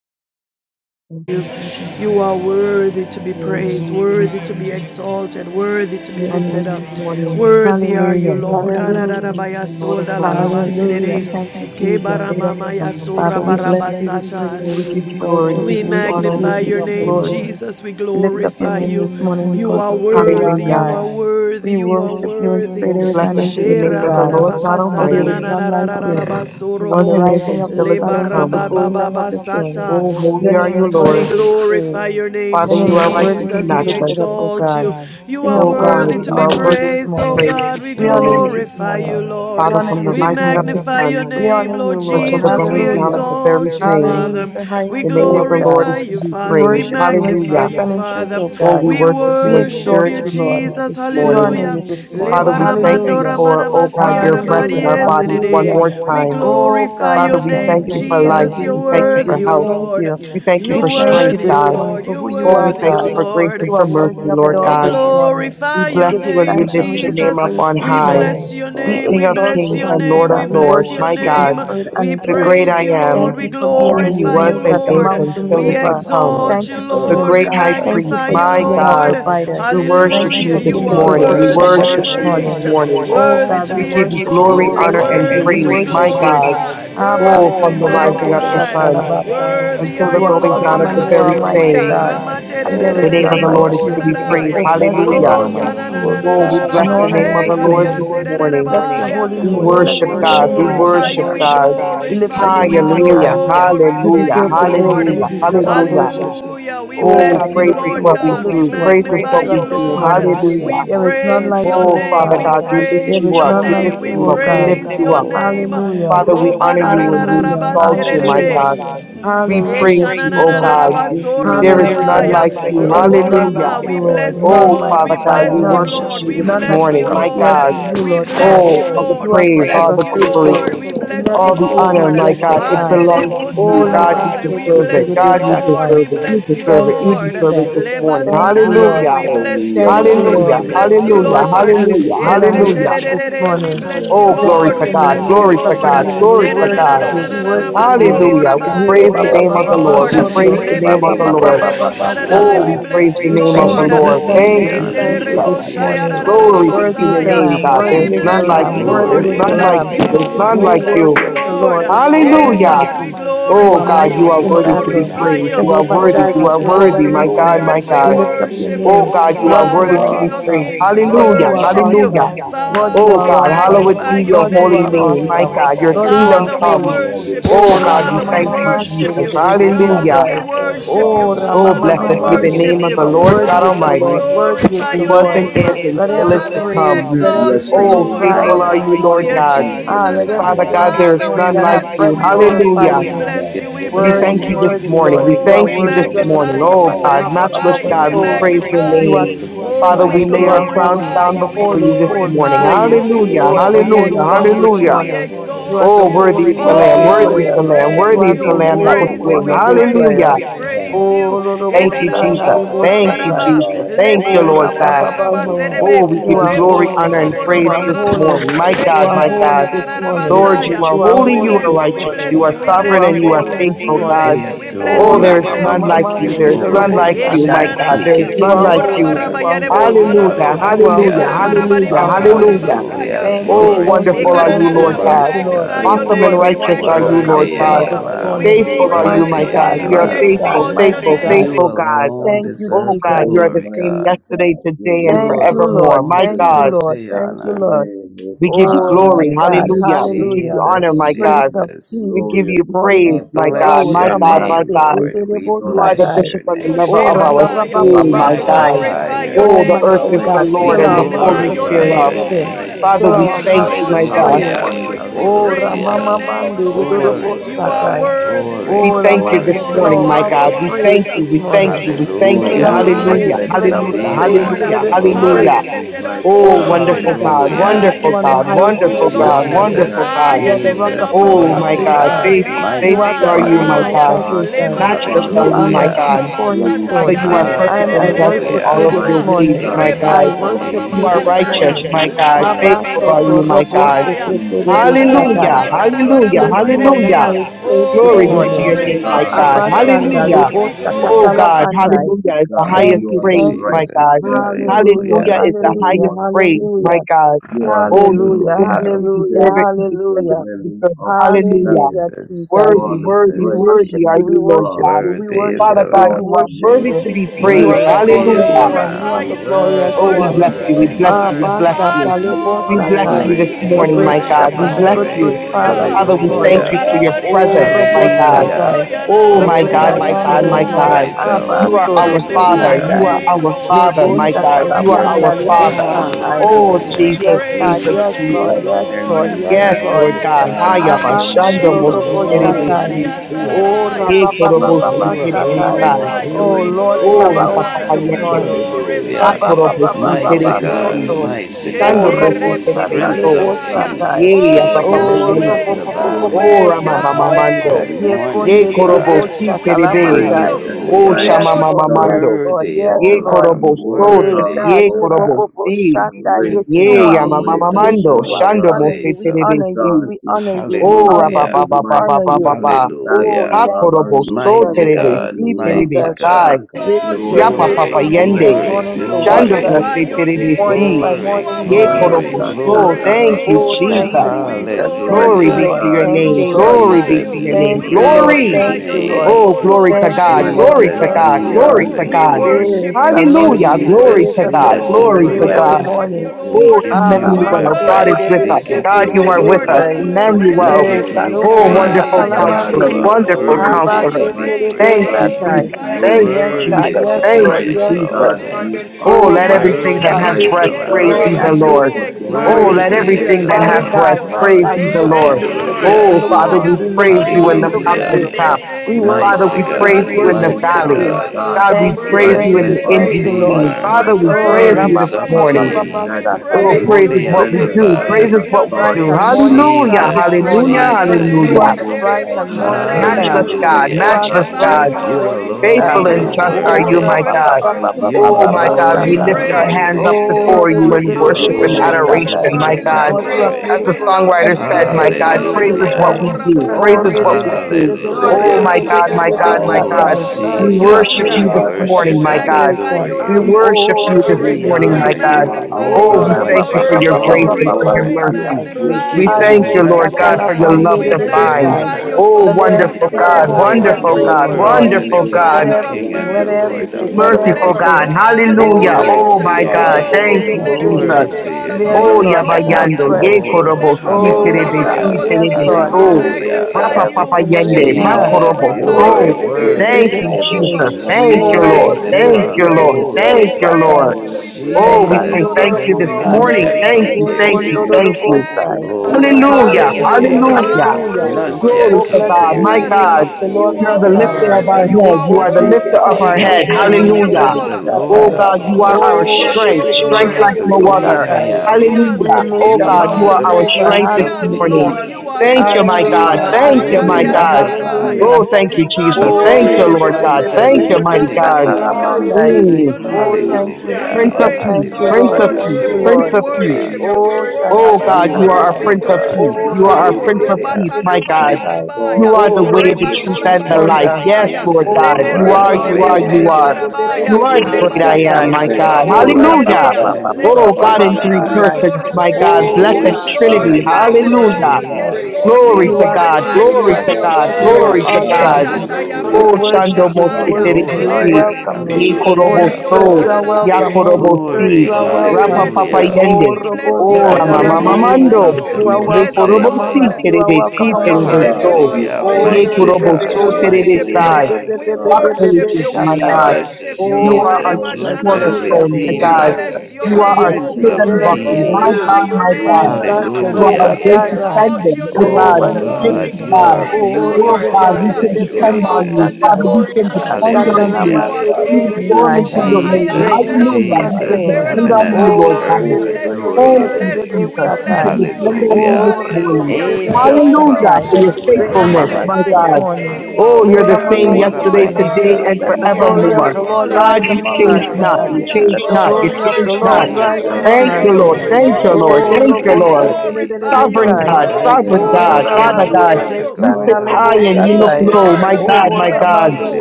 S1: Thank you, Jesus.
S2: You are worthy to be
S1: Glory to
S2: praised,
S1: your name,
S2: worthy
S1: God.
S2: to be exalted, worthy to be
S1: We honor you
S2: lifted
S1: this
S2: up.
S1: morning,
S2: Worthy are you,
S3: Hallelujah.
S2: Lord.
S1: King of
S3: Hallelujah.
S1: kings and Lord of lords,
S3: Hallelujah.
S2: Arararabayasolalalabasedede.
S3: Thank you,
S1: the
S3: Jesus.
S1: great I am.
S3: Father, we bless you, we
S2: Kebaramamayasorabarabasata.
S3: praise
S1: Oh,
S3: you,
S1: we
S3: we
S1: give you
S3: exalt
S1: glory,
S3: you,
S1: we
S3: we
S2: We
S1: give you
S3: worship
S1: honor, and we
S3: you,
S2: magnify
S1: give
S3: King
S2: your
S1: you
S3: of
S2: name,
S1: praise.
S3: glory.
S2: Jesus. We
S3: We lift up your
S2: glorify
S3: name
S2: you.
S3: this morning
S2: You
S3: because
S2: are
S3: of who you are,
S2: worthy,
S1: Hallelujah.
S2: you are
S3: God.
S2: worthy,
S3: We
S2: you are
S3: worship you in
S2: worthy.
S1: Oh,
S3: spirit and
S1: blessed
S3: in
S1: be the
S3: truth, O
S1: name
S2: Shera
S1: of the
S3: God.
S1: Lord God
S3: For
S2: barabakasana
S3: there
S2: na
S1: Almighty,
S3: is
S2: na
S3: none
S2: na na
S3: like
S2: na na na
S3: you
S4: Yeah.
S1: who
S3: from
S1: was
S3: the
S2: basorobo.
S1: and is
S3: rising
S1: and
S3: of the
S1: still is
S3: sun
S1: to
S2: Leba
S3: until the
S1: come.
S3: going down of the same.
S1: Oh,
S3: Your
S1: holy are
S3: name
S1: you,
S3: is
S2: We
S3: worthy
S1: Lord.
S3: to be
S2: glorify
S3: praised.
S2: your name,
S3: Your
S1: Father,
S3: name
S1: you are
S3: is
S1: righteous
S3: worthy to
S1: and
S2: Jesus.
S3: be
S2: We
S1: matchless.
S3: lifted up, O
S2: exalt
S3: God.
S2: you. You are
S3: King of
S1: Oh,
S2: worthy
S3: glory,
S1: God,
S2: to
S3: we
S1: you
S2: be
S1: are
S3: honor you
S1: worthy
S3: this
S1: to be
S2: praised, to oh
S3: morning.
S2: God.
S1: praised this
S2: We
S3: We honor
S1: morning.
S3: you this
S2: glorify you,
S3: morning.
S2: Lord.
S3: We
S1: Father,
S3: honor
S1: from
S3: you
S1: the
S2: We
S3: this
S1: rising of the
S3: morning.
S2: magnify your
S1: sun
S3: We honor
S2: name,
S3: you,
S2: Lord
S3: Lord.
S1: until the
S2: Jesus. We
S1: going down of
S3: Hallelujah.
S1: the
S2: exalt
S1: very
S2: you,
S1: same.
S2: Father.
S3: Hallelujah is the
S2: We
S3: highest
S1: The name of
S3: praise,
S1: the
S2: glorify
S1: Lord
S3: God.
S1: is to
S2: you,
S1: be
S3: We
S2: Father. We
S1: praised.
S3: worship you in
S2: magnify
S1: Hallelujah.
S3: spirit
S2: you.
S3: and in truth, O
S1: Oh,
S3: God.
S2: Oh,
S1: we
S2: We
S1: worship you
S3: We
S1: in
S2: worship
S3: exalt
S2: you
S1: spirit
S3: you,
S1: and in
S3: Lord.
S1: truth
S2: Jesus.
S1: this
S3: We
S1: morning.
S3: honor
S2: Hallelujah.
S3: you
S2: honor
S3: this
S1: Father,
S3: morning.
S1: we thank you
S3: Hallelujah.
S2: ramana for,
S1: for,
S2: oh
S1: oh God, your breath in
S3: Hallelujah.
S1: our bodies one
S3: Hallelujah.
S1: more
S2: we
S1: time.
S3: Oh
S2: glorify
S3: God,
S1: Father,
S3: we
S2: your
S1: we
S3: thank
S1: thank
S2: name,
S3: you.
S1: you
S3: We
S1: for
S2: Jesus.
S3: thank
S1: life.
S3: you. We
S2: You're
S1: We thank
S3: thank
S1: you
S3: you.
S1: for
S2: worthy,
S3: We
S2: O
S1: health.
S3: thank
S2: Lord.
S3: you.
S1: We thank you
S3: We
S1: for
S2: You're
S3: thank you
S1: strength,
S2: worthy, O
S3: this
S1: God.
S3: morning
S2: Lord.
S3: for who
S2: You're
S3: you
S1: Oh,
S3: are,
S1: we
S2: worthy,
S1: thank
S2: O
S1: you
S3: God.
S1: for grace and
S2: Lord.
S3: You are
S1: for mercy,
S3: worthy of it
S1: Lord
S4: Lord,
S3: all
S2: We
S1: God.
S3: this morning.
S1: We
S2: glorify
S3: We
S4: Lord,
S2: your
S1: bless
S3: give you
S1: you and
S2: name,
S1: we
S3: thanks
S1: lift
S3: and we
S1: your
S3: give you
S2: Jesus.
S1: name up
S3: praise
S1: on
S3: this
S2: We
S1: high.
S4: Lord,
S3: morning.
S2: bless your
S3: We
S2: name.
S4: Lord,
S2: We
S1: King of
S3: exalt
S2: bless
S3: you,
S1: kings
S4: Lord,
S2: your
S1: and
S3: mighty
S2: name.
S1: Lord of
S2: We
S3: God. We
S2: bless
S1: lords,
S2: your
S3: worship
S1: my
S3: you in
S2: name.
S1: God,
S3: spirit and
S2: We
S3: in
S1: the
S4: yeah.
S3: truth.
S1: great
S2: praise
S1: I
S2: you,
S3: Thank
S2: Lord.
S1: am,
S2: We
S3: you for being
S4: Ah,
S1: he
S3: the
S1: who
S3: way
S2: glorify
S1: was
S2: you,
S3: maker,
S1: and
S3: the
S4: yeah.
S1: is
S2: Lord.
S1: and
S3: mountain
S1: still
S2: We
S1: is to
S3: mover.
S1: come.
S4: You are
S2: exalt
S3: Thank
S2: you,
S4: the
S3: you for
S1: the
S4: word
S3: being
S2: Lord.
S4: of
S2: We
S1: great
S3: God.
S1: high
S4: God.
S3: Thank
S1: priest.
S3: you
S2: magnify
S3: for
S2: you,
S1: My
S3: being our
S1: God,
S2: Lord.
S3: provider.
S1: we
S3: Thank
S1: worship
S3: you
S2: Hallelujah.
S1: you
S3: for
S1: this
S2: You
S4: You
S3: being the
S2: are
S3: good,
S1: morning.
S3: good
S4: are
S1: We
S2: worthy to
S3: shepherd
S1: worship
S2: this
S3: this
S1: you this
S2: praised,
S3: morning.
S2: morning,
S1: morning.
S2: morning.
S3: Oh
S2: worthy Oh to
S3: God,
S2: God,
S3: we
S2: be
S1: We
S2: we We
S1: give
S2: give give
S1: you
S2: you you
S3: worship
S2: exalted,
S3: you.
S4: you
S3: We
S1: glory,
S2: glory,
S4: are
S1: honor,
S2: glory, honor, honor,
S3: worship
S2: and
S1: and
S3: you.
S2: and worthy
S3: We
S4: alone, deserve Lord. You are alone,
S2: to be
S1: praise.
S2: praise,
S3: worship
S1: My
S4: deserve
S3: you.
S1: God,
S3: Abba
S1: oh, from
S2: praise,
S1: the
S2: my
S1: rising
S3: Sundorobo
S1: of
S4: of
S1: the
S2: God.
S4: of this
S1: sun
S2: glorified,
S3: Shatalabasai.
S2: worthy to Oh, be from
S1: until
S2: the
S1: the
S3: You
S2: rising of the magnified, sun worthy are you,
S3: are
S2: until the Lord,
S1: going
S4: house.
S1: down
S3: awesome
S1: of
S5: Praise
S2: going of the
S3: and
S1: the
S5: the
S3: you
S2: very
S3: are a
S1: very
S5: Lord.
S2: hallelujah.
S3: mighty
S1: same.
S2: same. Rama
S3: God,
S5: Praise the
S2: The name of the
S3: and
S5: Lord. We
S3: there
S4: Glory
S1: The
S3: is
S1: name
S5: praise
S4: to
S1: of
S3: none
S1: the
S2: terererererebo
S5: you
S2: Lord
S3: like
S4: God.
S1: Lord is
S2: is to
S5: this
S2: be
S1: to
S3: you.
S1: be
S2: sharadaya,
S5: morning.
S4: Glory
S1: praised.
S3: Oh,
S2: praised.
S4: to
S2: lobo
S4: God.
S3: bless the Lord,
S1: Hallelujah.
S3: O
S2: Hallelujah. Oh,
S5: Give
S3: my
S2: we
S5: you
S3: soul,
S5: glory
S1: Oh,
S5: this
S1: we
S2: sananananananama
S1: bless
S4: Hallelujah,
S3: and
S2: bless
S1: the
S3: all
S5: morning.
S3: that
S2: the se
S1: name
S3: is
S1: of
S2: name of
S1: the
S2: the kadia
S3: within
S2: Lord
S1: Lord
S5: Hallelujah.
S1: this
S3: me.
S2: this morning.
S1: morning.
S3: Bless
S5: Hallelujah.
S3: your
S2: serererabaya.
S3: holy
S1: We
S2: We Oh,
S3: name.
S4: Lord.
S5: Praise
S3: Bless
S2: we
S1: worship
S3: your
S2: worship
S5: the
S2: God. We
S3: holy
S1: God.
S5: Lord,
S1: We
S3: name,
S4: Yeah,
S2: glorify you,
S1: worship
S2: we
S5: Almighty
S3: Jesus.
S4: I'm
S2: worship God.
S1: God.
S5: God.
S4: excited.
S5: You
S3: We
S5: are
S3: lift
S2: glorify
S4: Yes,
S3: up
S2: you,
S3: your
S2: we
S5: worthy,
S3: name
S4: Lord.
S5: O
S3: on
S2: Hallelujah.
S5: Lord
S1: Hallelujah.
S3: high.
S2: glorify
S5: God.
S3: You
S2: you,
S1: Hallelujah.
S3: deserve the
S2: Hallelujah. Lord.
S3: glory. You
S1: Hallelujah.
S3: deserve
S4: Yeah.
S3: our
S1: Hallelujah.
S2: Hallelujah.
S3: worship.
S2: Hallelujah. We
S3: Oh
S1: Oh,
S2: bless Oh,
S3: God,
S2: you,
S3: we
S2: praise
S1: praise
S3: lift
S4: Hallelujah.
S1: is
S2: Lord is
S3: you
S2: what
S1: what
S3: up.
S4: Thank
S3: We
S1: we
S2: God. we We
S3: lift
S2: do.
S1: do.
S3: you up.
S1: Praise
S4: you,
S2: magnify
S3: We
S1: is
S2: Praise
S3: lift
S4: Jesus.
S2: is
S3: you
S1: what we
S2: you,
S3: up
S2: what we
S1: do.
S3: this
S2: Lord. do.
S3: morning.
S4: Thank
S2: We
S1: Hallelujah.
S3: There
S4: you,
S3: is none
S2: Hallelujah.
S4: Jesus.
S3: like you,
S2: Oh,
S1: Oh,
S3: O
S2: name,
S1: Father
S2: we
S3: God.
S1: God, we lift
S2: praise
S3: There
S1: you
S3: is
S2: your
S1: up.
S3: none
S1: We
S3: like
S1: lift
S2: name, We
S3: you,
S1: you
S3: O
S1: up.
S4: Praise
S1: We
S4: you,
S3: God.
S1: lift
S2: praise your
S1: you up.
S4: Lord.
S2: name. Hallelujah. Father,
S3: Hallelujah.
S2: we honor
S1: Father, we honor you and we
S3: Hallelujah.
S1: exalt you, my
S3: Hallelujah.
S1: God.
S5: Your
S1: We
S2: oh
S5: Father,
S3: Hallelujah,
S1: praise
S5: the
S1: you, oh
S5: Son,
S3: Jesus.
S1: God.
S5: like
S4: We
S5: you.
S4: give you
S1: There is
S5: We
S1: none
S3: Hallelujah.
S4: reverence,
S1: like
S5: bless
S2: like
S5: the
S1: you.
S4: Lord.
S3: There is
S5: name of
S2: Loborama,
S3: none
S5: the
S1: Hallelujah.
S3: like
S4: We
S2: we
S4: give
S3: you,
S4: you
S5: Lord
S2: bless
S3: Lord.
S4: reverence.
S5: this
S3: None
S1: Oh,
S3: mighty
S5: morning.
S1: Father
S3: God.
S2: bless
S1: God, we
S4: Oh,
S2: you,
S4: I
S3: None.
S5: We
S4: shall
S1: worship
S2: Lord.
S1: you
S2: We
S1: this
S3: None
S5: praise
S4: see.
S3: that
S2: bless
S5: and
S3: could
S2: you,
S1: morning, my
S5: adore
S2: Lord.
S3: compare
S5: you,
S1: God.
S3: to you,
S4: Hallelujah.
S5: mighty
S2: We
S3: Lord
S5: God.
S2: bless
S3: God.
S5: You are
S1: Oh,
S2: you, Oh,
S1: all the
S5: great.
S2: Lord.
S3: You
S2: We
S3: are
S2: bless you,
S1: praise, all
S3: forever
S1: the
S5: You are
S2: Lord.
S1: glory,
S3: faithful.
S2: We
S3: You
S5: wonderful,
S2: bless
S3: never
S2: you,
S1: all the
S5: mighty
S3: failed
S5: God.
S1: honor,
S3: me
S2: Lord. honor,
S5: You
S1: my
S3: yet,
S5: are
S2: my
S1: God.
S3: O
S1: It
S3: God.
S5: awesome.
S1: belongs to
S3: Oh,
S1: you.
S5: Worthy
S1: God,
S5: to
S1: you
S5: be
S3: Labaste
S2: We
S1: deserve it.
S2: bless
S5: praised.
S2: you,
S1: God, you
S2: Lord. We
S3: Satai.
S1: deserve it. You
S2: bless you
S1: deserve
S3: Thank
S1: it.
S3: you,
S1: You
S2: Lord. You
S1: deserve it
S3: Jesus.
S1: this morning.
S3: Thank you, Lord.
S1: Hallelujah.
S2: We bless you,
S5: Hallelujah.
S3: Thank
S5: We
S3: you,
S2: Lord
S4: Lord,
S5: thank
S1: Hallelujah.
S3: Lord.
S5: you,
S4: Say
S5: Lord
S3: We
S2: you,
S4: so.
S1: Hallelujah.
S5: God. We
S3: worship
S2: Lord.
S3: you
S5: thank
S2: Hallelujah,
S3: in
S5: you,
S1: Hallelujah.
S3: spirit
S5: Heavenly
S3: and in
S4: Hallelujah.
S1: Hallelujah.
S5: Father.
S3: truth this
S2: We
S5: We
S3: morning.
S2: bless
S5: bless
S2: you,
S3: We
S2: Oh,
S1: Oh,
S5: the
S3: lift
S1: glory
S2: Lord.
S3: up
S5: name
S1: to
S3: your
S2: We
S4: Glory,
S5: of
S2: bless
S1: God.
S3: name. We
S2: God,
S1: Glory
S3: lift
S2: you,
S3: up
S1: to
S2: glory
S5: Jehovah.
S2: Lord.
S3: your
S4: glory
S2: to God,
S1: God.
S2: glory
S3: name.
S2: to God.
S5: Glory
S3: We
S4: to
S1: Glory
S5: be
S1: to
S4: God.
S5: to
S3: worship
S1: God.
S3: you.
S5: God.
S3: We
S2: Nenanananananana
S3: worship
S2: Hallelujah.
S5: Hallelujah.
S3: you.
S1: Hallelujah. We
S4: Hallelujah.
S2: masorabai. We
S3: Hey,
S2: We
S1: praise
S5: You're
S2: bless
S3: ba,
S1: the
S3: ba,
S1: name
S2: you,
S3: ba,
S1: of
S2: name of
S1: the
S3: ba,
S2: the
S5: awesome, O
S3: ba,
S1: Lord.
S2: Lord.
S1: We
S2: Lord.
S5: Lord
S3: sondo,
S1: praise
S3: re,
S1: the
S5: God.
S2: Praise the
S4: Jesus,
S3: ba,
S1: name
S2: name of the
S3: ba,
S1: of
S4: we
S1: the
S3: ba, ba,
S5: Perfect
S1: Lord.
S3: ba,
S2: Ebeserebo
S5: in
S2: you, Praise the
S3: ba,
S5: all of
S3: ba,
S4: worship
S5: your
S4: you.
S1: Oh,
S5: ways.
S1: we
S3: satai.
S1: praise the
S2: name
S3: We
S1: name of the
S3: thank
S2: Lord.
S3: you.
S2: Lord.
S5: Glory,
S3: We
S1: Lord.
S4: Jesus,
S3: thank
S5: glory,
S1: Thank
S4: we
S3: you. We
S1: you,
S4: honor
S5: glory,
S3: thank
S1: Jesus.
S3: you
S2: Derebo
S4: you.
S2: Glory
S5: glory
S2: to
S3: this
S4: We
S5: be to
S3: morning.
S5: God.
S4: adore
S1: Glory be
S4: you.
S1: to
S3: Worthy is
S1: your
S3: the
S2: shayarararabasaya.
S1: name,
S3: Lamb.
S1: God.
S2: We
S1: There's
S4: We
S3: Worthy is the
S1: none
S2: bless
S4: give
S5: Jesus,
S4: you
S1: like
S2: you,
S5: we
S2: like
S3: Lamb.
S1: you.
S3: Worthy
S2: Lord.
S1: There's
S5: adore
S2: We
S3: is
S5: you.
S4: glory.
S3: the
S1: none
S4: We
S2: bless
S1: like
S2: like
S3: Lamb.
S2: you,
S4: give
S1: you. There's
S2: Lord. We
S1: none
S3: Who
S5: Jesus,
S1: like
S5: we
S2: like bless
S1: you.
S2: you,
S3: worship
S5: lift
S3: the
S5: you up
S2: Lord. Hey,
S3: Lord. He's
S5: this
S2: God,
S3: strong and
S5: morning.
S1: Hallelujah.
S2: we
S3: mighty.
S2: Oh
S5: We
S3: You
S1: Oh,
S3: are
S2: glorify you.
S1: God,
S2: God,
S1: you
S3: mighty
S2: We
S1: are
S5: praise
S2: you are
S3: in
S2: worthy
S5: your
S1: worthy
S2: to be
S1: to be
S3: battle.
S5: name
S2: glorify
S5: this
S2: you.
S1: praised. You are
S2: praised. You
S3: Jehovah
S2: are worthy.
S5: morning.
S2: Oh,
S1: worthy.
S2: You
S1: You
S3: Jireh,
S1: are
S2: are Father
S3: Jehovah
S5: We
S1: worthy.
S2: worthy, of
S1: My
S2: my
S3: Nissi.
S1: God, my
S2: spirits, we
S5: glorify
S3: We
S2: God.
S1: God.
S3: lift
S5: your
S3: up your
S2: worship
S5: name
S2: you.
S3: name.
S1: Oh,
S2: Oh
S5: this
S2: God,
S1: God,
S2: you are
S1: you are
S3: Lord,
S5: morning.
S3: you
S2: Father,
S1: worthy to
S5: God,
S3: are
S2: King
S1: be
S2: of
S1: praised.
S3: awesome.
S2: kings, we
S5: you
S3: Lord,
S5: are
S1: Hallelujah.
S3: you
S2: worship.
S3: are
S1: Hallelujah.
S5: awesome,
S3: awesome.
S5: O
S2: you,
S3: Lord, you
S2: Father,
S5: God.
S1: Oh
S3: are
S1: God,
S5: You
S3: awesome.
S5: are
S1: hallowed
S2: By
S1: be
S2: your
S1: your
S3: Lord, you
S1: holy
S2: name.
S3: are
S5: magnificent,
S1: name. My
S5: O
S3: awesome.
S1: God, your
S3: Lord,
S5: Father.
S3: you are
S1: kingdom
S2: Father, we
S1: come.
S3: holy.
S5: God, they
S2: worship you.
S5: put
S3: Oh,
S1: Oh
S2: Father,
S5: me up
S1: God, we
S5: for
S3: Ramama
S2: we
S1: thank you,
S3: Mama
S2: worship
S3: Shere
S1: Jesus.
S2: you. Father,
S1: Hallelujah.
S2: we
S5: Jesus,
S3: Derebesatai.
S5: our
S2: worship
S3: Oh,
S2: you.
S5: Father,
S1: Oh,
S3: Ramama
S2: We
S1: blessed
S5: our
S1: be the
S2: worship.
S3: Mamande.
S5: Lord,
S1: name of the
S5: our
S1: Lord
S3: Worthy
S1: God
S3: is
S5: God.
S2: Father,
S3: the
S2: we
S1: Almighty,
S3: Lord. Worthy is
S2: glorify
S3: the
S1: who
S2: you.
S1: was
S3: Lord.
S1: and is and
S3: Let
S1: still
S3: every
S1: is to
S2: Father, we
S3: praise,
S1: come.
S5: We
S3: let
S2: exalt
S3: every
S5: bless
S2: you,
S5: your
S3: praise
S1: Oh,
S5: name,
S2: Lord.
S3: rise
S1: faithful
S2: Hallelujah,
S5: Father.
S1: are
S3: this
S1: you, Lord
S5: We
S3: morning.
S1: God.
S5: thank you,
S3: Ah,
S2: Jesus.
S3: let
S5: mighty
S1: Father
S5: God.
S3: everything
S1: God,
S3: this
S1: there is
S2: Father, we
S3: morning
S1: none
S3: that
S1: like
S3: have
S2: bless
S3: breath
S5: for
S1: you.
S5: Your
S3: glorify
S1: Hallelujah.
S3: your
S5: caring
S3: name.
S5: God.
S2: you. We
S5: You're the
S1: We
S2: bless you.
S3: Worthy,
S1: thank you this
S5: wonderful
S3: worthy,
S5: God.
S1: morning.
S3: Lord.
S1: We
S3: You
S2: Oh,
S3: are
S1: thank
S2: we
S1: you
S5: You're
S3: worthy.
S1: this
S5: the
S3: You are the
S1: morning.
S2: magnify
S5: amazing
S3: bishop
S1: Oh
S3: and
S2: you,
S3: the
S5: God.
S1: God,
S3: lover of
S1: matchless
S2: magnify
S3: our
S2: you, we
S1: God,
S5: Oh,
S1: we
S3: souls.
S5: Father
S1: praise your
S2: magnify
S5: God,
S3: You are
S1: name.
S5: there's
S2: you.
S3: King
S5: none
S1: Father,
S2: Oh, we
S5: like
S3: Jesus.
S1: we lay
S3: You
S1: our
S3: are
S5: you,
S2: glorify,
S1: crowns
S3: holy,
S5: mighty
S1: down
S5: God.
S2: we
S1: before
S3: holy,
S1: you this
S5: We
S3: holy,
S1: morning.
S2: glorify
S5: give
S2: you.
S3: holy.
S5: you
S1: Hallelujah.
S3: You are
S2: Oh,
S3: the
S5: glory
S2: we,
S3: Holy
S1: Hallelujah.
S5: and
S3: One this
S5: honor
S1: Hallelujah.
S2: we
S5: this
S3: morning. You
S5: morning.
S3: are
S2: exalt
S3: the
S1: Oh,
S2: you.
S1: worthy
S3: Holy
S1: is the
S3: One
S5: We
S3: of
S1: Lamb,
S2: Oh,
S1: worthy is
S5: praise
S1: the
S2: we
S3: Israel.
S5: your
S1: Lamb,
S2: pray,
S3: You
S5: name
S1: worthy
S3: are
S1: is
S3: the
S1: the
S5: and
S1: Lamb
S5: lift
S1: that
S5: you
S2: praise.
S1: was
S3: Holy
S5: up
S3: One
S1: slain.
S5: this
S3: of
S5: morning,
S1: Hallelujah.
S3: Israel.
S5: mighty
S2: praise
S5: God.
S2: you. Thank you, Jesus.
S3: Oh, Lord,
S5: And
S1: Thank
S2: Thank
S1: you,
S5: you are
S1: Jesus.
S5: awesome, O
S1: Thank you,
S5: Lord
S1: Jesus.
S5: God
S1: Thank you,
S3: Oh,
S5: Almighty.
S1: Lord
S3: Rabba
S1: God.
S5: My God,
S1: Oh,
S2: Oh, we
S1: we
S5: you
S3: You
S1: give
S5: are
S2: give you
S1: you
S3: are
S5: our
S1: glory,
S3: holy.
S1: honor,
S5: God.
S1: and
S3: You
S1: praise
S4: Hallelujah.
S3: are
S1: this
S5: You are
S3: holy.
S1: morning. My
S5: our
S3: You
S1: God,
S3: are
S1: my
S5: Father,
S1: God.
S3: holy this morning.
S1: Lord, you
S5: caring
S1: are
S3: You
S2: Oh,
S3: are
S2: we
S1: holy,
S5: and
S1: you
S3: holy
S1: are
S3: this
S5: loving,
S1: righteous,
S2: bless
S3: morning.
S1: you
S4: We
S1: are
S2: you, we
S4: honor
S3: You
S1: sovereign,
S2: bless you, we
S3: are
S1: and
S5: compassionate,
S4: you.
S1: you are
S3: holy this
S1: faithful,
S2: awesome, bless you,
S5: mercy,
S3: morning.
S1: God.
S4: We
S2: God. we bless
S4: adore
S3: Oh,
S1: Oh,
S2: you. Oh, we- God,
S5: slow
S1: there is
S5: to
S4: you. We
S1: none
S5: anger,
S1: like
S4: give you
S1: you. There is
S5: relentless
S1: none
S4: glory.
S1: like
S5: in
S1: you, my
S5: mercy.
S3: Ramamamamande,
S1: God.
S4: We
S1: There
S5: O
S1: is
S4: give
S3: you
S1: none
S3: are
S5: Lord
S1: like
S2: like
S4: you
S3: holy.
S1: you.
S5: God
S4: honor.
S3: You are
S5: and our
S3: holy.
S5: Father,
S1: Hallelujah,
S3: You are
S5: thank
S1: hallelujah,
S4: Hallelujah.
S3: holy.
S5: you,
S3: You
S5: O
S1: hallelujah,
S3: are
S5: God, for the
S3: holy.
S1: hallelujah.
S5: privilege
S4: Hallelujah.
S5: to
S3: Thank you.
S1: Oh,
S5: come
S4: Glory
S3: Thank
S4: to
S3: you.
S5: before
S1: wonderful
S5: your
S1: are
S4: God.
S1: you,
S3: Thank you.
S1: Lord
S5: presence.
S3: Thank
S4: Glory
S1: God.
S3: you,
S4: to
S3: Lord.
S4: God.
S2: Glorify your awesome
S1: Awesome
S3: You
S1: and
S3: are
S2: name,
S3: the
S1: righteous
S5: Almighty
S1: are
S3: wonderful
S1: you,
S5: God,
S1: Lord
S4: Worthy
S5: you
S1: God.
S4: is
S3: counselor
S5: are
S4: the
S3: this
S5: our
S2: we
S4: Lamb.
S3: morning.
S1: Faithful are
S5: Creator,
S2: glorify
S1: you,
S2: your you.
S3: Mighty
S1: my
S4: Worthy is
S3: God.
S1: God.
S5: our
S4: the
S1: You
S2: we
S1: are
S3: Mighty
S5: Lord,
S2: exalt
S4: Lamb.
S3: God.
S1: faithful,
S2: you,
S5: our
S3: Mighty
S1: faithful,
S3: God.
S4: You
S1: faithful
S5: magnificent
S1: God.
S5: God.
S4: alone
S3: Thank you,
S1: Oh
S4: deserve the
S1: God, you
S3: Jesus.
S1: are the
S4: glory,
S1: same
S4: God.
S5: Almighty
S1: yesterday,
S5: God, your
S1: today, and
S4: You
S3: Thank
S5: word is
S3: you,
S5: to
S3: Lord.
S1: forevermore.
S5: be
S4: alone
S1: My
S3: Thank you,
S5: praised.
S1: God,
S4: deserve
S3: Lord.
S4: the
S3: Thank you,
S5: Your
S4: honor.
S3: Lord.
S5: name is
S1: we give you
S3: Oh
S5: high
S3: Lord
S1: glory.
S5: and
S3: God,
S4: Jesus,
S1: Hallelujah.
S5: lifted
S1: We
S5: up.
S1: give you
S3: hallelujah.
S1: honor,
S5: Your
S4: Jesus,
S1: my God.
S3: Prince
S5: name
S3: of
S5: is
S4: Jesus.
S1: We
S3: Peace
S1: give
S3: this
S5: glorious
S1: you
S5: in
S1: praise,
S4: We
S3: morning.
S5: our
S1: my
S5: God
S1: God.
S4: bless
S3: Oh
S1: My
S4: your
S5: and
S1: God, my
S4: name,
S5: Father.
S3: Ramase
S1: God.
S4: Lord. We
S3: Keterebo
S5: Your
S1: You are the
S5: name
S4: bless
S3: Satai.
S1: bishop
S4: your
S1: and
S5: is
S1: the lover
S4: name.
S3: Oh
S1: of our
S4: We
S1: soul,
S5: wonderful,
S1: my
S5: mighty
S1: God.
S3: Rababababashai.
S5: God.
S4: magnify
S2: Glorify
S4: your
S2: your Oh, name,
S1: Oh,
S4: name.
S1: the earth
S5: How
S3: Almighty
S1: is the
S3: God,
S4: We
S1: Lord
S3: fill
S1: and
S5: excellent
S3: our
S1: the
S2: magnify
S3: mouths
S5: is
S1: fullness
S3: with
S2: your
S5: your
S4: glorify
S2: name,
S1: thereof.
S2: oh
S4: your
S5: name,
S3: thanksgiving.
S2: God. We
S4: name.
S5: mighty
S1: Father,
S3: Fill
S1: we
S5: God.
S3: our
S1: thank
S3: hearts
S1: you,
S3: with
S2: exalt you.
S1: my
S2: you and
S5: How
S1: God.
S2: we
S3: praise.
S4: Hallelujah.
S2: adore you, we
S5: wonderful
S3: Oh
S5: is the
S2: praise,
S4: Hallelujah.
S5: name of
S3: Ramamamande
S2: Lord.
S4: Glory
S3: Dodobo
S5: Jehovah.
S4: to
S2: You are
S4: God.
S3: Satai.
S2: worthy, you
S4: Glory,
S1: We
S2: are
S3: Oh
S2: wonderful,
S1: thank you this
S4: glory,
S3: Ramande, fill
S1: morning,
S3: our
S2: you
S1: my
S2: are
S3: mouth
S4: glory.
S3: with
S1: God. We
S3: praise
S1: thank
S2: glorious,
S1: you.
S3: this
S1: We thank
S3: morning.
S1: you. We
S5: You
S1: thank
S3: Fill
S5: are
S3: it
S2: you
S1: you.
S3: up
S2: are
S4: Hallelujah.
S3: with
S2: high
S5: worthy
S1: Hallelujah.
S3: praise.
S5: from
S4: Blessed
S3: Fill it up with
S1: Hallelujah.
S3: praise.
S5: everlasting
S4: Redeemer.
S3: Fill
S5: to
S3: it
S1: Hallelujah.
S3: up with
S1: Hallelujah.
S4: Glory.
S3: praise.
S2: and
S5: everlasting,
S2: lifted up,
S5: mighty
S1: Oh,
S2: oh
S3: Oh,
S5: God.
S2: Lord,
S1: wonderful
S3: Jesus,
S1: God.
S3: we
S4: Hallelujah.
S3: place
S2: high,
S5: Jesus,
S3: you
S1: Wonderful
S3: on the
S1: God.
S3: highest
S5: We
S2: oh
S1: Wonderful
S3: place this
S1: God.
S5: bless your
S3: morning.
S2: Lord,
S1: Wonderful
S4: Jesus,
S2: high
S1: God.
S3: You
S5: matchless
S3: are
S2: and
S3: the rock
S2: lifted up,
S3: of
S5: name
S4: Jesus,
S3: my
S5: this
S1: Oh, my
S4: mighty
S2: Lord,
S5: morning,
S1: God.
S3: salvation.
S4: God,
S2: high,
S1: Faithful.
S2: high,
S3: You
S4: mighty
S3: are the
S1: Faithful are
S5: O
S2: high,
S3: rock
S1: you,
S4: God.
S3: of
S1: my
S5: Lord
S3: my
S1: God.
S2: high.
S5: God and
S3: salvation.
S5: our
S2: Lebara
S1: Matchless are
S5: Father.
S3: You
S1: you,
S3: are
S2: baba
S3: my
S1: my
S4: Hallelujah.
S3: chief
S5: We
S1: God.
S2: baba
S5: praise
S2: sata
S1: Father,
S5: you,
S3: cornerstone.
S2: ya
S1: you
S2: de
S1: are
S2: de
S5: O
S2: de de
S1: perfect
S3: And
S2: de
S1: and
S3: I
S2: de
S5: God,
S1: just in
S3: worship
S1: all
S3: you
S4: Hallelujah.
S1: of
S3: this
S1: your
S2: saraba
S5: mighty
S1: ways,
S3: morning.
S1: my
S5: God,
S2: rebaya
S5: your
S1: God.
S3: I
S4: Jesus,
S3: worship
S1: You
S3: you
S5: qualities
S1: are
S5: and
S3: this
S4: Jesus,
S1: righteous,
S3: morning.
S1: my
S5: attributes, O
S4: Jesus.
S1: God.
S5: Lord
S3: Abba,
S2: labaraba
S1: Faithful are
S5: God.
S3: Soto,
S1: you, my
S3: Robo,
S1: God.
S3: Sheke,
S5: Exceed them
S3: Terebe,
S5: all,
S3: Satai.
S5: O
S1: Hallelujah.
S5: Lord
S3: We
S5: God,
S1: Hallelujah.
S2: lebarabaraba
S3: place you on
S5: mighty
S3: the
S1: Hallelujah.
S2: serereya.
S5: God.
S3: highest place
S2: Oh, we
S3: this
S1: Glory be
S5: All
S1: to your
S3: morning.
S5: other
S1: name,
S4: Thank you,
S1: my
S2: glorify
S5: gods,
S2: your
S1: God.
S3: Abba,
S2: name,
S5: they are the
S4: Jesus.
S3: Shanda,
S2: Lord.
S1: Hallelujah.
S5: works
S3: Lebo,
S5: of men.
S1: Oh
S3: Sakatala,
S1: God,
S3: Pandai.
S5: Mighty
S1: hallelujah is the
S5: God,
S1: highest
S3: Thank
S4: Thank
S5: you
S3: you,
S5: are
S4: you,
S5: the
S1: praise,
S3: thank you.
S1: my
S4: Jesus.
S5: righteous
S1: God.
S6: Thank
S5: God. You are
S3: Hallelujah,
S1: Hallelujah
S4: Hallelujah.
S5: the
S1: is the
S5: Holy
S3: hallelujah,
S1: highest
S5: One of
S1: praise, my
S3: hallelujah.
S5: Israel.
S1: God.
S5: You are the
S1: Oh, you
S3: Hallelujah,
S1: deserve
S5: Ancient
S1: it,
S4: Hallelujah.
S5: of
S1: you
S3: hallelujah,
S1: deserve it,
S5: Days
S1: you
S5: and the
S1: deserve it,
S3: hallelujah,
S1: you
S5: Lily
S1: deserve it.
S5: of the
S1: Hallelujah.
S5: Valley.
S3: hallelujah,
S4: Jesus,
S5: You
S3: Jesus.
S5: are
S1: Worthy,
S5: the
S1: worthy,
S3: We
S5: bright
S4: Jesus,
S5: and
S4: Jesus.
S3: worship
S1: worthy are
S3: you,
S5: morning
S3: we
S1: you, Lord
S3: worship
S5: star.
S3: you,
S1: God.
S3: we
S4: Worthy
S5: We
S4: is
S3: worship
S1: Father
S4: the Lamb.
S3: you,
S1: God,
S3: we
S5: exalt
S1: you are
S5: your
S3: worship
S1: worthy
S5: name
S3: you.
S1: to be
S5: this
S3: You
S1: praised.
S3: are
S5: morning
S3: the
S2: Oh, we
S5: and
S4: Worthy
S3: glorious
S4: is the
S1: Hallelujah.
S5: praise
S3: one,
S5: you,
S3: you
S2: glorify
S3: are
S4: Lamb,
S5: O
S3: the
S2: you,
S5: God.
S3: glorious
S2: Lord.
S1: Oh,
S4: worthy,
S1: we
S5: Lord
S3: one.
S1: bless you, we
S4: worthy,
S5: God,
S1: bless
S3: Ah,
S5: Lord
S1: you, we bless
S5: God,
S4: worthy.
S1: you.
S3: Bashata
S5: you
S3: Lebo
S1: We
S5: are
S2: Hallelujah,
S1: bless you this
S5: truly
S4: Glory,
S3: the
S2: Jesus.
S1: morning,
S3: great
S1: my
S5: amazing.
S4: glory,
S1: God. We
S3: shepherd, the
S5: God.
S2: Hallelujah.
S1: bless
S3: good, good
S1: you.
S4: glory.
S3: father
S5: There is
S1: Father,
S3: this
S1: we thank
S2: Oh,
S5: no
S3: morning.
S4: Hallelujah,
S1: you for your
S5: God
S3: Oh,
S5: like
S1: presence, my
S3: Robo
S5: you,
S2: Karabaribie,
S1: God.
S4: hallelujah.
S5: mighty
S2: Roboya,
S5: God.
S1: Oh
S3: the
S1: my
S4: Oh,
S3: great
S2: Yerebaya.
S1: God,
S4: my
S5: There
S1: my
S5: is
S3: I am
S1: God,
S3: this
S1: my
S4: soul
S5: none
S3: morning.
S5: that
S1: God.
S4: cries
S3: Ah,
S5: can
S2: Oh,
S4: out,
S1: You
S2: we
S5: be
S1: are
S3: Baso
S1: our
S5: compared
S3: Robo
S1: Father.
S2: glorify
S4: hallelujah,
S5: to
S1: You
S3: Sandai,
S1: are
S5: you.
S2: you,
S1: our
S2: Lord.
S1: Father,
S2: We
S3: Lebo
S1: my
S5: Jesus,
S1: God. You
S2: glory,
S5: we
S1: are our
S3: Satalabanda,
S5: exalt
S1: Father.
S5: you this
S2: Lord.
S1: Oh
S5: morning.
S2: We
S4: hallelujah.
S1: Jesus,
S3: Yes,
S5: We
S3: God.
S2: praise
S1: Jesus,
S2: your
S5: lift
S2: name,
S3: Yes, Lord.
S5: you
S4: You
S1: Jesus.
S5: up
S3: Yes,
S2: Lord.
S4: alone
S5: and
S3: Lord.
S5: we
S3: Yes,
S1: Yes,
S4: deserve the
S3: Lord.
S1: Lord God.
S5: magnify
S4: glory.
S1: Haya
S5: your
S2: Magnify
S3: Abba
S5: name,
S1: bashando
S3: soto
S4: You
S1: mose
S2: your
S5: O
S3: robo
S2: Lord.
S4: alone
S5: God,
S2: Oh,
S3: shatai.
S5: my
S1: terebesi.
S4: deserve the
S5: Father,
S3: Oh,
S4: honor.
S1: Ye
S3: rabba ba ba ba
S2: Oh,
S1: korobosi
S3: ba
S5: Jesus.
S4: You
S2: we
S3: satai.
S5: You
S4: alone
S1: terebesai.
S5: are
S2: glorify you.
S3: Oh,
S4: deserve
S2: We
S4: the
S5: great,
S3: Lord
S2: glory,
S1: Oh
S4: praise.
S5: Father,
S1: Rapa
S3: Sabaoth
S1: Papa
S5: and
S3: this
S1: Yende.
S3: morning.
S5: magnificent.
S2: glorify
S4: Hallelujah.
S3: Abba
S2: you.
S3: ba ba ba
S1: Makorobosi
S5: You
S3: ba
S5: are
S4: Mighty
S3: ba
S4: God,
S1: terebesi.
S5: worthy
S3: soto.
S5: to
S4: mighty
S5: be
S3: Oh,
S1: Sando
S4: God.
S2: Sheker.
S1: mose
S3: robo
S5: praised,
S3: shatai
S2: Sarara.
S4: Prince
S1: terebeso.
S3: lebo
S5: mighty
S4: of
S5: God.
S3: satai.
S4: Peace,
S1: Ye
S2: Oh,
S1: Rapa
S5: Robo
S1: Papa
S3: Oh,
S4: Lily
S1: Yende.
S4: of
S2: Yahweh,
S3: robo
S4: the
S3: bo bo bo
S5: toronde
S3: bo
S4: Valley,
S2: Yahweh,
S1: Oh
S3: bo
S1: Rama
S5: kila
S1: Mama
S3: shatai.
S4: Bright
S2: Yahweh,
S1: Mando.
S2: we
S4: and
S3: Ye
S2: bless
S4: Morning
S1: Ye
S3: konde de de bo
S4: Star.
S1: korobosi terebe.
S5: Great
S2: you.
S3: shatalamandai.
S5: and
S1: Oh
S4: Hallelujah.
S2: Name
S1: Shama
S3: Yes,
S2: Lord,
S5: mighty
S1: Mama
S3: Lord.
S5: God.
S3: Yes,
S1: Mando.
S3: Lord.
S4: Worthy is
S3: Yes,
S4: the
S1: Ye
S3: Lord.
S1: korobo
S4: Lamb,
S5: Awesome Lord
S1: so,
S3: Eh,
S4: worthy
S5: God
S3: God,
S4: is
S1: ye
S4: the
S3: eh, bo-
S1: korobo
S3: bo-
S5: Almighty,
S4: Lamb.
S3: bo-
S1: si,
S5: the
S3: shanda,
S5: great
S4: Let the
S1: ye
S3: Yeshua,
S5: Yahweh,
S4: redeemed
S5: O
S4: of the
S1: yamamamamando,
S5: Lord
S3: Yeshua,
S4: Lord
S3: we
S1: shando mo
S3: honor
S5: God,
S4: say
S3: you,
S1: se
S3: we
S5: the
S1: terebesi.
S4: so.
S3: honor you,
S1: si,
S5: God
S3: we
S5: who is
S3: honor you, we
S1: o
S5: strong
S3: honor
S1: raba
S3: you,
S1: ba
S4: Hallelujah,
S5: and
S3: we
S1: ba ba ba
S3: honor
S1: ba
S5: mighty
S3: you.
S1: ba ba,
S5: in
S3: Oh,
S5: battle.
S1: ha
S4: hallelujah.
S3: thank you,
S1: korobo
S5: Rabando
S1: so
S3: Jesus,
S4: Mighty
S5: kurokoto
S1: terebe
S3: thank
S4: God,
S3: you,
S1: si
S4: mighty
S3: Jesus.
S4: God.
S5: rahashaka
S3: Great is
S2: you-
S3: your
S1: ya pa
S5: turondo.
S1: pa pa
S4: Glory,
S3: faithfulness this
S1: yende,
S2: oh,
S5: Rebe
S2: we
S4: glory,
S3: morning
S5: seke
S1: shando
S3: towards
S4: glory.
S1: mo
S3: us.
S2: glorify
S1: se
S2: your
S1: terebesi.
S3: Morning
S2: name.
S3: by
S4: Glory,
S3: morning, your
S1: ye
S3: mercies
S4: glory,
S1: korobo
S3: we
S2: Worthy to be
S3: see.
S5: Rabakata
S1: so,
S2: praised,
S4: glory.
S1: thank you
S5: karaka
S3: Oh,
S2: Lord.
S3: thank
S1: Jesus,
S3: you,
S5: turondo.
S2: We
S3: Jesus, thank
S2: glorify,
S1: glory
S3: you,
S5: Mighty
S4: Hallelujah.
S1: be
S3: Lord,
S1: to your
S5: God,
S3: thank
S5: we
S3: you,
S1: name,
S2: glorify
S3: Lord,
S1: glory
S5: praise
S1: be
S5: your
S1: to
S4: Jesus,
S1: your
S4: we
S5: name.
S1: name,
S3: thank you, Lord,
S4: praise
S1: glory.
S4: your
S3: thank you,
S2: the
S4: name.
S3: Lord,
S2: name of
S1: Oh,
S5: Rabashukurokoto.
S1: glory to
S3: thank you,
S1: God.
S5: Mighty
S3: Lord,
S2: Lord.
S1: Glory to
S4: Jesus,
S3: thank
S5: God,
S1: God.
S3: you,
S4: we
S5: we
S3: Lord.
S1: Glory
S5: give
S4: honor
S1: to
S5: you
S2: We
S1: God.
S4: you.
S5: glory
S2: worship
S3: Grace
S5: and
S3: and
S5: honor.
S1: Hallelujah.
S3: mercy,
S5: Rebe
S1: Glory
S3: grace
S4: Jesus,
S1: to
S3: and
S4: we
S1: God.
S5: sekendo
S3: mercies
S2: Lord,
S3: are
S1: Glory
S4: adore
S1: to
S3: new
S5: koroko
S3: every
S1: God.
S4: you.
S5: toto
S3: morning.
S4: We
S1: Oh,
S2: Lord.
S4: give you
S2: We
S1: Emmanuel.
S5: Rabanda
S3: Alamaseterebesai.
S1: God is
S4: reverence.
S1: with
S4: We
S2: worship
S1: us.
S5: katata.
S4: give
S1: God, you
S4: you
S1: are with
S5: Rebe
S1: us.
S4: honor.
S5: seke
S4: We
S1: Emmanuel.
S3: Eh,
S7: Worship
S4: give you
S1: Oh,
S7: God,
S3: karobosh
S4: praise.
S1: wonderful
S5: Mighty
S2: your
S4: Lord,
S7: hallelujah.
S5: God,
S1: counselor.
S4: you
S3: katalamande.
S5: we
S4: are
S1: Wonderful
S5: praise
S4: worthy
S7: Our
S5: you.
S4: to
S1: counselor.
S4: be
S2: name,
S5: Mighty
S1: Thank
S7: God,
S1: you,
S5: God,
S4: praised,
S1: Jesus.
S5: we
S2: glorify,
S3: Abaseterebesatai.
S7: I lift
S1: Thank
S7: up
S1: you,
S3: Yes,
S5: glorify
S2: name.
S5: you.
S2: we
S3: God,
S4: worthy
S1: Jesus.
S4: to
S3: yes,
S1: Thank
S2: glory,
S4: be
S3: Lord,
S1: you,
S5: Mighty
S3: yes,
S1: Jesus.
S3: Lord.
S5: God,
S4: exalted.
S7: God,
S5: we
S7: your name,
S5: honor
S1: Oh,
S2: we
S1: let
S5: you.
S7: praise,
S3: Almighty
S1: everything that
S3: God,
S1: have
S4: Worthy
S7: praise,
S4: is
S3: great
S1: breath
S5: Mighty
S4: the
S3: is the
S1: praise
S5: God,
S4: Lamb.
S3: Lord
S1: thee,
S5: we
S7: praise.
S1: the
S3: and
S1: Lord.
S5: lift
S3: greatly
S5: up
S3: to
S5: your
S3: be
S1: Oh,
S2: exalt.
S5: name
S1: let
S3: praised.
S4: Worthy is
S5: today,
S7: Hallelujah.
S1: everything
S4: the
S1: that
S5: O
S3: My
S1: have
S7: Thank
S5: Lord
S4: Lamb.
S1: breath
S3: God, my
S5: God,
S1: praise
S3: God,
S7: you.
S1: thee,
S3: we
S1: the
S5: no
S3: look
S2: Lebo
S7: Thank
S3: to
S1: Lord.
S3: you
S5: Father.
S7: you,
S3: today.
S7: Lord.
S3: We
S4: Hallelujah.
S1: Oh,
S3: look
S5: You
S3: to
S1: Father,
S2: Yasaraya.
S3: you.
S5: are
S1: we
S5: the
S3: We look
S1: praise
S3: to you.
S1: you
S5: true
S1: in
S7: Oh,
S2: Oh,
S3: We
S1: the
S2: we
S3: look
S5: and
S3: to
S7: bless
S4: Hallelujah.
S7: your
S3: you.
S5: living
S2: bless
S1: mountaintop.
S7: name,
S2: your
S5: God.
S3: We
S2: name,
S7: Jesus.
S2: oh
S3: worship
S1: Father,
S2: Lord.
S4: Mighty
S3: the
S1: we
S5: There
S3: King.
S1: praise
S5: is
S3: We
S4: God,
S1: you
S7: Hallelujah.
S1: in the
S3: worship
S5: no
S3: the
S4: mighty
S1: valley.
S5: other
S3: King.
S7: God,
S4: God,
S2: Baba,
S7: you
S5: God
S1: God,
S7: are
S1: we
S3: Thank you.
S7: word,
S1: praise
S5: beside
S1: you
S3: Thank
S5: your
S1: in
S3: you.
S1: the
S4: blessed
S1: in
S3: Thank
S2: Lebo,
S5: Father.
S3: you,
S7: praise.
S3: Lord.
S1: between.
S4: Redeemer,
S1: Father,
S5: My
S1: we
S7: Your
S3: Oh,
S5: God,
S1: praise
S7: word,
S2: praise,
S3: la
S1: you
S5: you're
S3: ba
S1: this
S4: Prince
S3: ba
S4: of
S3: ba
S5: seated
S3: ba
S1: morning.
S3: ba
S5: in
S7: word,
S3: ba
S4: Peace,
S3: sata
S5: majesty
S2: praise,
S1: Oh,
S7: praise,
S3: lebo
S5: and
S1: praise is
S4: Lily of
S1: what
S3: sedebe
S1: we
S4: the
S7: praise,
S5: splendor
S1: do.
S7: Lord.
S1: Praise
S3: sete.
S5: and
S2: praise
S1: is
S4: Valley,
S1: what
S2: your
S1: we
S7: Your
S3: Bright
S1: do.
S5: authority,
S3: and
S7: name,
S5: O
S2: name.
S3: morning
S5: Lord
S1: Hallelujah,
S3: star
S5: God.
S3: this
S4: Jesus,
S7: Lord,
S1: hallelujah,
S2: Glorify
S3: morning.
S7: you are
S5: Your
S3: You
S7: great
S4: Jesus,
S3: are
S1: hallelujah.
S3: the
S7: and
S5: kingdom
S7: great
S3: bright
S5: has
S3: and
S5: no
S3: morning
S7: praise.
S5: end,
S3: star.
S1: Matchless
S5: O
S1: God,
S3: You
S5: mighty
S7: Hallelujah.
S4: Hallelujah.
S3: are the
S1: matchless
S5: God.
S1: God.
S3: bright and
S5: Robo
S4: You
S2: Lord,
S7: Hallelujah.
S2: we
S3: morning
S5: Shiki
S3: star.
S4: alone
S1: Faithful and
S7: Hallelujah.
S5: Kuro
S4: are
S1: just
S2: glorify you,
S1: are
S5: Kiko.
S3: Oh,
S1: you,
S2: Lord.
S4: worthy.
S1: my
S3: rapa pa
S1: God.
S3: pa
S7: God,
S3: pa pa
S5: Mighty
S7: thank you,
S4: You
S3: pa
S1: Oh,
S3: pa
S5: God,
S1: my
S3: pa
S1: God,
S2: Oh, we
S4: alone
S7: praise,
S1: we
S5: mighty
S1: lift
S4: are
S3: Satai.
S1: our
S5: God.
S2: praise,
S7: Lord.
S1: hands up
S7: Bless
S4: holy.
S7: your
S3: Oh,
S5: We
S7: name,
S1: before
S3: re-
S1: you
S3: pe
S7: Lord.
S5: give
S3: pe
S1: in
S5: your
S4: You
S3: pe pe
S1: worship
S3: pe
S1: and
S3: pe
S7: Hallelujah.
S5: glory
S4: alone
S5: this
S1: adoration,
S3: Satai.
S7: Lord,
S1: my
S4: deserve
S2: we
S7: you
S4: the
S5: morning,
S7: are
S1: God.
S2: love
S3: Lord,
S2: you,
S3: you are
S7: great
S2: Lord.
S5: Father.
S7: and
S4: glory.
S1: As the
S7: great
S3: beautiful for
S1: songwriter
S5: We
S3: every
S5: give
S1: said,
S3: for
S1: my
S5: your
S7: praise.
S3: every
S7: You
S1: God,
S7: are
S5: honor
S7: from
S2: Love you,
S1: praise
S5: this
S1: is what
S2: Lord.
S4: Hallelujah.
S3: situation.
S7: everlasting
S1: we
S5: morning,
S7: to
S1: do. Praise
S3: Oh,
S2: Rabas-
S1: is
S3: re-
S1: what
S7: everlasting.
S3: pe
S5: Almighty
S1: we
S3: pe
S5: God.
S3: pe
S1: do.
S3: pe pe pe
S7: Lord,
S3: pe
S2: Kopa-
S5: We
S1: Oh,
S3: pe
S7: there is
S1: my
S4: Hallelujah.
S3: pe pe
S7: none
S1: God,
S3: pe
S5: fix
S1: my
S7: like
S3: pe
S5: our
S3: pe
S1: God, my
S2: lo-
S5: eyes
S4: Oh,
S2: lo-
S1: God.
S7: you.
S5: on
S3: Satai.
S2: lo- lo-
S5: you,
S2: bo-
S1: We
S5: O
S2: shi-
S3: You are
S5: Lord
S4: Jesus,
S1: worship
S4: we
S7: Hallelujah.
S1: you this
S3: beautiful
S5: God
S3: for
S5: and
S3: every
S1: morning,
S4: worship
S1: my
S4: and
S5: Father.
S1: God.
S2: By
S4: adore
S3: situation.
S2: your
S1: We
S2: gift,
S4: you.
S7: Hallelujah.
S5: Jesus,
S1: worship
S3: Oh,
S5: we
S1: you
S3: re-
S1: this
S3: pe
S5: thank
S3: pe
S4: We
S5: you
S3: pe
S1: morning, my
S3: pe
S7: Hallelujah.
S5: that
S4: honor
S3: pe.
S1: God.
S5: you are
S4: you. We
S2: by
S5: our
S3: Oh,
S1: Oh,
S2: your
S1: we
S4: bow
S7: Lord,
S5: daddy,
S1: thank
S3: rapa
S4: at
S7: we
S1: you
S3: pa
S4: your
S1: for
S3: pa
S7: worship,
S1: your
S3: pa pa
S5: our
S1: grace
S3: pa
S7: you,
S2: glory,
S4: throne,
S1: and
S3: pa
S7: we
S1: for
S3: pa
S1: your
S7: worship,
S5: Lord
S4: Lord.
S7: you,
S5: who
S1: mercy.
S3: Sandai.
S7: we worship
S4: We
S5: cares
S2: by
S1: We
S7: you,
S4: give
S2: your
S5: for us,
S7: God.
S1: thank
S4: you
S5: you
S3: Adebo
S2: hope,
S1: you,
S5: are
S1: Lord God,
S3: Satala
S1: for
S5: God,
S4: reverence.
S1: your
S7: Oh,
S4: We
S1: love
S3: Pandere
S4: give
S3: de
S7: bless
S5: for
S4: you
S7: your
S1: divine.
S7: name,
S3: Besai.
S2: by your
S4: honor.
S7: Holy
S1: Oh,
S3: Let
S5: compassion,
S7: Spirit.
S5: my
S1: wonderful
S3: everything that
S5: God,
S2: mercy.
S1: God,
S3: have
S4: Oh,
S3: breath
S7: Hallelujah.
S1: wonderful
S5: slow
S2: Oh,
S3: praise
S2: we
S1: God,
S3: the
S5: to
S4: glory
S3: Lord.
S4: to the
S1: wonderful
S5: anger,
S4: King
S3: Let
S1: God,
S7: Thank
S4: of
S2: Father of
S4: Kings
S3: everything,
S4: and
S3: let
S4: the
S5: relentless
S2: mercy.
S7: you.
S5: in
S4: Lord
S3: everything,
S4: of
S7: Thank
S3: let
S5: mercy,
S7: you,
S1: merciful
S4: Lords.
S5: Father
S7: Lord.
S1: God.
S3: everything.
S5: God.
S3: Oh,
S1: Hallelujah.
S3: re-
S4: Glory
S3: be-
S5: Lord
S1: Oh,
S3: be-
S4: to
S1: my
S3: be-
S4: your
S3: be-
S5: God
S3: be-
S1: God.
S2: Oh,
S3: be-
S2: we
S3: be-
S4: name.
S7: Oh,
S1: Thank
S5: and
S7: we
S3: be-
S1: you,
S5: my
S3: be-
S7: bless your
S4: Glory
S1: Jesus.
S5: Savior,
S7: name.
S4: to
S2: God
S4: your
S7: We
S2: of
S3: be.
S7: bless
S2: our
S3: yes,
S1: Oh,
S7: your
S4: name.
S7: name.
S3: Lord, that
S2: soul.
S3: have
S5: merciful
S1: yabayando,
S5: and
S1: ye
S3: breath.
S4: Oh,
S1: korobo,
S5: perfect
S2: Bless
S5: in
S1: si
S2: you,
S5: all
S2: Lord
S5: of
S3: Oh,
S1: terebe,
S5: your
S2: of
S3: God,
S7: Hallelujah.
S1: si
S2: our
S4: hallelujah.
S5: ways,
S3: yes,
S1: terebe,
S2: souls.
S3: Lord.
S1: so.
S5: Almighty
S3: Praise,
S4: Hallelujah.
S3: let
S5: God.
S7: Hallelujah.
S2: Magnify you,
S1: Rapa papa
S3: everything, let
S1: yende,
S5: Oh
S3: everything.
S1: ma
S3: ah.
S5: my
S4: Jesus,
S1: korobo,
S5: God,
S4: you
S2: glorify
S3: Oh,
S5: you
S4: are
S3: re-
S7: Glory
S2: you,
S1: so.
S5: are
S3: be- be-
S7: to
S3: be-
S7: your
S3: be-
S1: Thank
S5: healing
S4: worthy.
S7: name.
S3: be-
S1: you,
S3: be-
S5: God
S3: be.
S2: Papa.
S1: Jesus.
S5: and
S7: Jesus.
S1: Thank
S5: loving
S1: you,
S5: God.
S3: Oh,
S2: Praise,
S1: Lord.
S4: Jesus,
S3: re-
S4: you
S3: be-
S1: Thank
S7: Hallelujah.
S3: be-
S4: are
S3: be-
S1: you,
S5: We
S3: be-
S2: praise,
S1: Lord.
S3: be- be-
S7: Thank
S4: holy.
S3: be-
S1: Thank
S5: exalt
S1: you,
S5: the
S2: praise,
S3: satai.
S1: Lord.
S7: you.
S5: name this
S3: Ye
S1: Oh,
S2: praise.
S1: we say
S3: kando
S5: morning.
S4: Jesus,
S3: do
S1: thank
S3: do
S7: God,
S1: you
S3: bo
S7: you
S1: this
S4: and
S7: are
S3: sai.
S4: none
S5: We
S7: worthy
S1: morning.
S4: can
S7: to be
S1: Thank
S5: bless
S1: you,
S3: Ye
S4: compare
S2: Glorify
S5: the
S1: thank
S2: you.
S7: praised.
S4: to
S1: you,
S3: kondo do do
S5: name
S1: thank
S4: you.
S3: bo
S1: you.
S5: of
S3: sai.
S5: Jehovah,
S4: O
S7: God, your word,
S1: Hallelujah.
S4: matchless
S5: Lord
S7: your
S3: Hallelujah.
S4: King,
S7: word,
S5: God
S1: Hallelujah.
S2: Hallelujah.
S7: your
S3: Hallelujah.
S7: word,
S5: Almighty.
S4: none
S7: Lord,
S4: can
S1: Glory
S7: your
S3: Oh,
S7: word,
S1: to
S7: lift
S1: God.
S3: blessed
S4: compare
S3: be
S1: My
S3: the
S4: to
S3: name
S5: Jehovah,
S1: God,
S3: of
S4: you.
S3: the
S2: You
S3: Lord
S1: you are
S2: are
S1: the
S3: Most
S5: Almighty
S7: up
S4: You
S3: High.
S7: your
S1: lifter
S4: are
S1: of
S7: name,
S2: worthy.
S1: our
S5: God.
S4: the,
S2: You
S1: head.
S2: are
S1: You
S3: lebo
S1: are
S7: Jesus.
S1: the
S5: You
S2: worthy.
S3: seke
S1: lifter
S4: the
S3: te
S1: of
S5: are
S3: de
S1: our
S5: the
S4: King
S3: de de
S1: head.
S4: of
S3: be
S7: Hallelujah.
S3: se te
S4: kings
S3: de
S1: Hallelujah.
S3: be
S4: and
S5: everlasting
S4: the
S3: sa
S5: God.
S1: Oh
S4: Lord of
S1: God, you are
S5: Rabando
S7: Glory
S1: our
S4: lords.
S7: to
S3: Oh,
S7: your
S3: re
S7: name,
S1: strength,
S3: be be
S5: Kurokoto.
S2: Glory,
S4: You
S3: be
S1: strength
S7: Lord.
S3: be
S4: are
S1: like
S3: be
S4: the
S3: be
S1: no
S3: sa
S4: great
S5: Robo
S1: other.
S4: I
S2: glory,
S5: Sekio
S4: am.
S7: Glory
S1: Hallelujah.
S3: we
S7: to your
S3: make
S7: name,
S1: Oh
S3: a
S4: You
S7: Holy
S1: God, you
S4: are
S5: Kurokoto.
S1: are
S3: mountain
S4: the
S1: our
S7: Spirit.
S3: mover.
S1: strength
S2: glory,
S4: Prince
S1: this
S5: Bandi
S4: of
S3: Hallelujah.
S1: morning.
S2: Lord.
S7: God,
S2: You
S4: Peace.
S2: are
S7: bless
S1: Thank you, my
S5: Kurokoto.
S2: glory.
S7: your name,
S4: You
S1: God.
S3: Hallelujah.
S4: are
S7: God.
S4: the
S1: Thank you,
S7: Bless
S1: my
S7: your
S4: lily
S3: Hallelujah.
S4: of
S7: name.
S1: God.
S4: the
S5: Jesus, Jesus.
S3: Hallelujah.
S1: Oh,
S4: valley.
S1: thank
S7: Bless
S1: you,
S2: You are
S7: God
S5: We
S1: Jesus.
S4: You
S7: your
S3: Oh,
S4: are
S1: Thank
S3: re
S1: you,
S2: glory.
S4: the
S3: be
S7: name,
S3: be
S5: praise
S1: Lord
S5: you,
S3: be be
S5: we
S1: God.
S4: bright
S3: be
S7: Jesus.
S3: be
S1: Thank
S4: and
S1: you,
S3: be
S5: praise
S3: be
S5: you,
S1: mighty
S5: we
S4: morning
S3: sa
S1: God.
S5: praise you,
S4: star.
S5: we
S7: Hallelujah.
S5: praise
S1: Mm.
S5: you, we
S3: Oh,
S2: Name.
S5: praise
S3: thank
S5: you.
S3: you,
S7: Hallelujah.
S2: We
S1: Prince
S4: Hallelujah,
S1: of
S3: Jesus.
S2: praise
S5: Mighty
S1: peace,
S3: Thank you,
S7: God,
S2: you,
S5: God,
S1: Prince
S7: you
S3: Lord.
S1: of
S7: are
S2: worship
S5: we
S4: hallelujah,
S3: Thank
S1: peace,
S7: worthy
S3: you,
S7: to
S1: Prince
S3: Lord.
S4: glory
S5: exalt
S1: of
S4: to
S5: your
S1: peace.
S4: God.
S7: praise.
S5: name
S7: Your
S2: you. We
S3: Oh,
S5: this
S2: worship
S7: word,
S5: morning.
S1: Oh
S7: God,
S3: Shadaba
S7: your
S1: God, you
S5: We
S1: are
S7: word,
S4: Glory
S1: our
S3: Satai.
S4: to
S7: your
S1: Prince
S5: almost
S1: of
S7: word.
S5: take
S4: God.
S1: peace.
S2: glory.
S3: Oh,
S1: You
S7: Hallelujah.
S1: are
S5: we
S1: our
S5: don't
S1: Prince of peace,
S4: Hallelujah.
S1: my
S3: Rebebebebebebe
S1: God.
S7: Thank
S3: Satai.
S2: Batabaya,
S1: You
S5: exalt
S1: are
S5: you
S1: the way,
S3: Oh,
S1: the
S5: and
S7: you,
S5: lift
S3: sweet,
S1: truth,
S7: Holy
S5: you up,
S3: sweet
S2: Talabaya,
S1: and the
S7: Spirit.
S1: life.
S3: wonder.
S5: Almighty
S4: Jesus,
S1: Yes,
S5: God.
S1: Lord
S4: Jesus,
S3: Oh,
S1: God.
S4: you
S1: You
S4: are
S1: are,
S4: the
S5: Lord
S7: God,
S1: you are,
S7: thank
S1: you
S5: God,
S1: are.
S4: waymaker.
S5: you are
S7: Praise
S2: Lebebaya,
S1: You are the
S3: Rebebebebebebebebebebebe
S7: God.
S1: great
S7: They
S5: worthy,
S1: I am,
S7: God
S3: Satai.
S1: my
S7: your
S1: God.
S4: Hallelujah.
S7: name
S5: most
S3: Oh,
S7: this
S4: You
S2: Korobosa,
S4: are
S5: worthy
S7: morning.
S1: Hallelujah.
S5: God.
S4: covenant
S1: Oh, God
S4: keeping
S3: Rabababababababa
S1: in
S5: Rabando
S1: three
S4: God.
S7: God, we lift
S3: Sandai.
S1: persons,
S7: up
S5: Kurukutu.
S1: my
S7: your
S2: Soroboa.
S7: name,
S1: God.
S7: oh
S4: Oh,
S1: Blessed
S5: Great
S3: Oh,
S7: God.
S2: Lord,
S5: are
S7: God,
S2: we
S1: Trinity.
S3: Jesus,
S7: you
S5: you,
S7: are
S5: O
S2: magnify.
S4: Jesus,
S3: Jesus,
S7: worthy.
S5: Lord
S1: Hallelujah.
S3: Jesus.
S2: Yes,
S5: God
S7: Praise.
S4: Jesus,
S2: Lord, we
S1: Glory
S5: Almighty
S3: You
S1: to
S3: are
S7: You are
S2: glorify.
S4: Jesus.
S1: God.
S3: sweet,
S7: worthy,
S3: you
S5: this
S1: Glory
S3: are
S7: God.
S1: to
S7: You
S2: Yes,
S7: are
S3: sweet,
S1: God.
S5: morning,
S3: and you
S7: worthy.
S2: Lord.
S3: are
S7: You
S1: Glory
S5: Father
S7: are
S1: to
S4: Glory.
S5: God.
S1: God.
S7: worthy,
S3: awesome.
S5: We
S7: Lord.
S3: We
S1: Oh,
S4: Hallelujah.
S5: praise
S2: Eshatayabaka,
S5: you
S3: worship
S1: Shando
S7: Hallelujah.
S3: you, we
S1: Mose
S5: on the
S3: worship you,
S7: Thank
S3: we
S1: Terebisi,
S4: Glory.
S2: Lebaranderi.
S5: highest
S3: welcome you.
S7: you,
S1: Ye
S5: place,
S7: Jesus.
S1: Korobo
S3: Holy
S5: O
S7: Thank
S4: Hallelujah.
S7: you,
S3: Spirit,
S5: God.
S1: So,
S3: you
S7: Holy
S3: are
S1: Ya
S5: Robo
S3: welcome.
S7: Spirit.
S3: Holy
S1: Korobo
S5: Kuki
S3: Spirit,
S1: Si,
S4: Glory.
S3: you are
S2: Oh, we,
S5: Kuki
S1: Rapa
S3: welcome.
S1: Papa
S5: Kuki.
S4: Hallelujah.
S7: Hallelujah.
S3: Oh,
S1: Yende,
S5: You
S3: Robo
S5: are the
S1: Oh,
S4: Let
S7: Bless
S4: the
S1: Rama
S7: your
S1: Mama
S5: great
S7: name,
S3: Satalamandi,
S7: God.
S4: redeemed
S5: high
S1: Mando,
S7: We
S4: of the
S7: Bless
S2: Lord,
S3: you
S2: we
S3: are
S7: your
S2: bless.
S1: Ye
S7: name,
S5: priest,
S4: Lord
S3: welcomed
S4: say
S1: Korobo
S5: mighty
S7: God.
S3: among
S1: Si,
S3: us.
S5: God.
S4: so.
S3: You are
S1: Terebe
S3: welcome
S1: Si,
S7: God, you
S5: My
S7: are
S3: among
S1: Terebe
S3: us.
S7: worthy
S5: God,
S7: of
S1: So,
S7: all
S5: you
S4: Hallelujah.
S5: are
S3: Oh,
S5: the
S7: praise.
S1: Ye
S2: worship,
S4: Mighty
S3: Rebe,
S5: bishop
S1: Korobo
S5: of
S4: God,
S7: Hallelujah.
S1: So,
S5: our
S2: worship
S1: Terebe
S4: mighty
S5: souls,
S7: Thank
S2: you.
S7: you.
S1: Sai,
S4: God.
S5: my God
S2: worship,
S7: Jesus.
S5: and
S1: Makabages,
S7: Thank
S5: my
S1: my
S7: you,
S1: God,
S5: Savior.
S7: Lord.
S4: Jesus,
S2: worship you,
S1: you
S5: This
S2: Lord.
S3: Oh,
S1: are our
S4: Jesus,
S1: chief
S5: morning we
S3: Jesus,
S4: blessed
S5: give
S7: Hallelujah.
S5: you
S3: Jesus,
S1: cornerstone, my
S5: glory
S1: God,
S4: Redeemer,
S3: Jesus.
S5: and
S2: your
S1: you
S2: name,
S7: Hallelujah.
S1: are
S5: honor.
S1: our
S3: Yes, to
S4: Prince
S1: shield
S3: your
S1: and
S4: of
S3: will
S5: This
S3: and
S7: Word
S3: to
S7: is
S1: buckler,
S3: your
S7: the
S2: glory,
S1: my
S4: Peace.
S5: morning
S3: way.
S7: Lamb.
S1: God,
S5: we
S1: my
S7: Word is
S3: My
S1: God.
S7: the
S5: praise
S3: God,
S5: you,
S7: Lamb.
S2: Lord.
S1: You
S5: O
S1: are a
S3: Jehovah
S5: Lord
S4: Hallelujah.
S1: great
S7: Hallelujah.
S5: God.
S3: Jireh,
S7: Thank
S1: defender,
S2: Your
S1: my
S5: This
S2: name,
S1: God.
S4: Oh
S3: Jehovah
S7: you.
S5: morning
S1: We
S5: we
S1: Thank
S3: Nissi.
S4: God,
S1: you,
S4: you
S1: God.
S4: are
S5: exalt
S7: Thank
S5: the
S7: you,
S3: Oh,
S2: glorify you.
S1: Oh,
S3: Rebe,
S5: mighty
S7: Lord.
S4: beautiful
S1: God,
S5: God,
S4: for
S3: Bebe,
S1: we
S3: Bebe,
S1: can
S3: Bebe,
S7: Hallelujah.
S2: You
S1: depend
S5: righteous
S3: Bebe,
S5: and
S1: on
S2: are
S1: you.
S4: situation.
S5: holy
S1: Father,
S3: Satai.
S1: we
S5: one,
S7: Glory
S2: wonderful.
S1: can
S2: You
S7: and
S2: are
S5: Father.
S1: depend
S7: praise
S2: worthy.
S1: on
S7: on
S1: you.
S5: My
S4: Hallelujah.
S7: your
S5: God,
S1: Through
S7: name.
S1: the
S2: Glory,
S1: storm
S5: pure
S1: and through
S3: Ashatalamandidibisaya.
S1: the
S5: Father God,
S1: rain.
S5: and
S7: Hallelujah.
S4: Jesus,
S3: Reign,
S1: Hallelujah.
S3: Jesus,
S1: We
S7: You
S5: sanctified,
S1: can
S4: Jesus,
S5: my
S3: reign.
S2: Spirit of
S1: depend
S4: heaven and
S5: God.
S1: on you,
S7: are
S4: out-
S1: Lord
S3: Oh,
S7: worthy.
S4: earth
S1: God.
S5: O
S7: Your
S5: mighty
S4: adore
S5: God,
S1: Thank
S7: word,
S1: you,
S4: you.
S5: in
S2: bless,
S5: the
S7: your
S5: name
S1: Jesus.
S5: of
S7: word,
S1: We
S3: ribibibibibibibibisatai.
S1: can
S2: bless.
S5: Jesus
S1: depend
S7: praise.
S1: on you
S4: Hallelujah.
S5: Christ
S1: this
S3: Oh,
S5: of
S2: Hallelujah.
S7: Your
S1: morning.
S5: Nazareth,
S7: word,
S2: We
S5: Father.
S7: Lord.
S2: glorify
S4: Angels bow
S7: Thank
S1: Hallelujah
S3: ribibibibibibisatai.
S1: for
S5: Set
S1: your
S7: God,
S4: before
S5: apart,
S3: Reign
S7: Lord.
S5: O
S2: magnify.
S1: faithfulness,
S4: you.
S3: among
S5: Lord
S3: us
S1: my
S3: this
S7: Your
S5: God
S1: God.
S3: morning.
S7: name.
S2: You
S5: Almighty.
S2: are
S1: Oh, you're
S3: Reign
S1: the
S4: Hallelujah.
S2: worthy.
S3: among
S1: same
S3: us
S5: O
S4: What a
S3: this
S1: yesterday,
S5: mighty
S4: mighty
S3: morning.
S1: today,
S7: Hallelujah.
S5: God,
S2: Worthy.
S4: God
S1: and
S3: Let
S2: You
S4: we
S5: we
S3: the
S2: are,
S3: glory of
S4: serve.
S5: praise
S1: forevermore.
S3: the
S7: Hallelujah.
S5: your
S3: Lord
S1: God,
S5: name
S3: rise
S1: you
S5: and
S2: you
S3: among
S2: are
S1: change
S3: us.
S7: Hallelujah.
S1: not.
S5: glorify
S2: glory.
S1: You
S5: your
S4: Hallelujah.
S1: change
S3: Let
S5: name,
S3: the
S7: Your
S1: not.
S2: Oh,
S5: Father.
S1: You
S3: glory of
S1: change
S7: word,
S3: the
S1: not.
S7: God.
S3: Lord
S5: Lord
S7: Your
S3: rise
S5: God,
S4: Jesus,
S7: word,
S3: among
S1: Thank
S4: your
S5: your
S7: your
S3: us.
S1: you, Lord.
S5: God
S7: word,
S5: is
S1: Thank
S4: name
S7: your
S1: you,
S2: oh,
S4: is to
S3: Oh,
S1: Lord.
S7: word.
S4: be
S1: Thank you,
S5: trustworthy
S1: Lord.
S7: Jesus.
S4: praised
S5: and
S2: glorify you.
S1: Sovereign
S4: from
S5: dependable,
S4: the
S3: robosetelebesai.
S1: God,
S7: Hallelujah.
S4: rising
S1: sovereign
S4: of the
S3: Oh,
S1: God,
S5: reliable,
S4: sun
S1: Father
S5: O
S1: God,
S4: until
S7: Hallelujah.
S5: Lord
S4: the
S1: you
S4: going
S5: God
S1: sit
S4: down
S1: high
S4: of
S7: Thank
S4: the
S1: and you
S5: Almighty,
S1: look
S3: ramandelebesandalebosatai.
S2: Oh,
S7: you,
S5: and
S1: low.
S4: same.
S1: My
S7: Lord.
S5: can
S1: God,
S5: be
S3: Oh,
S1: my God,
S5: counted on.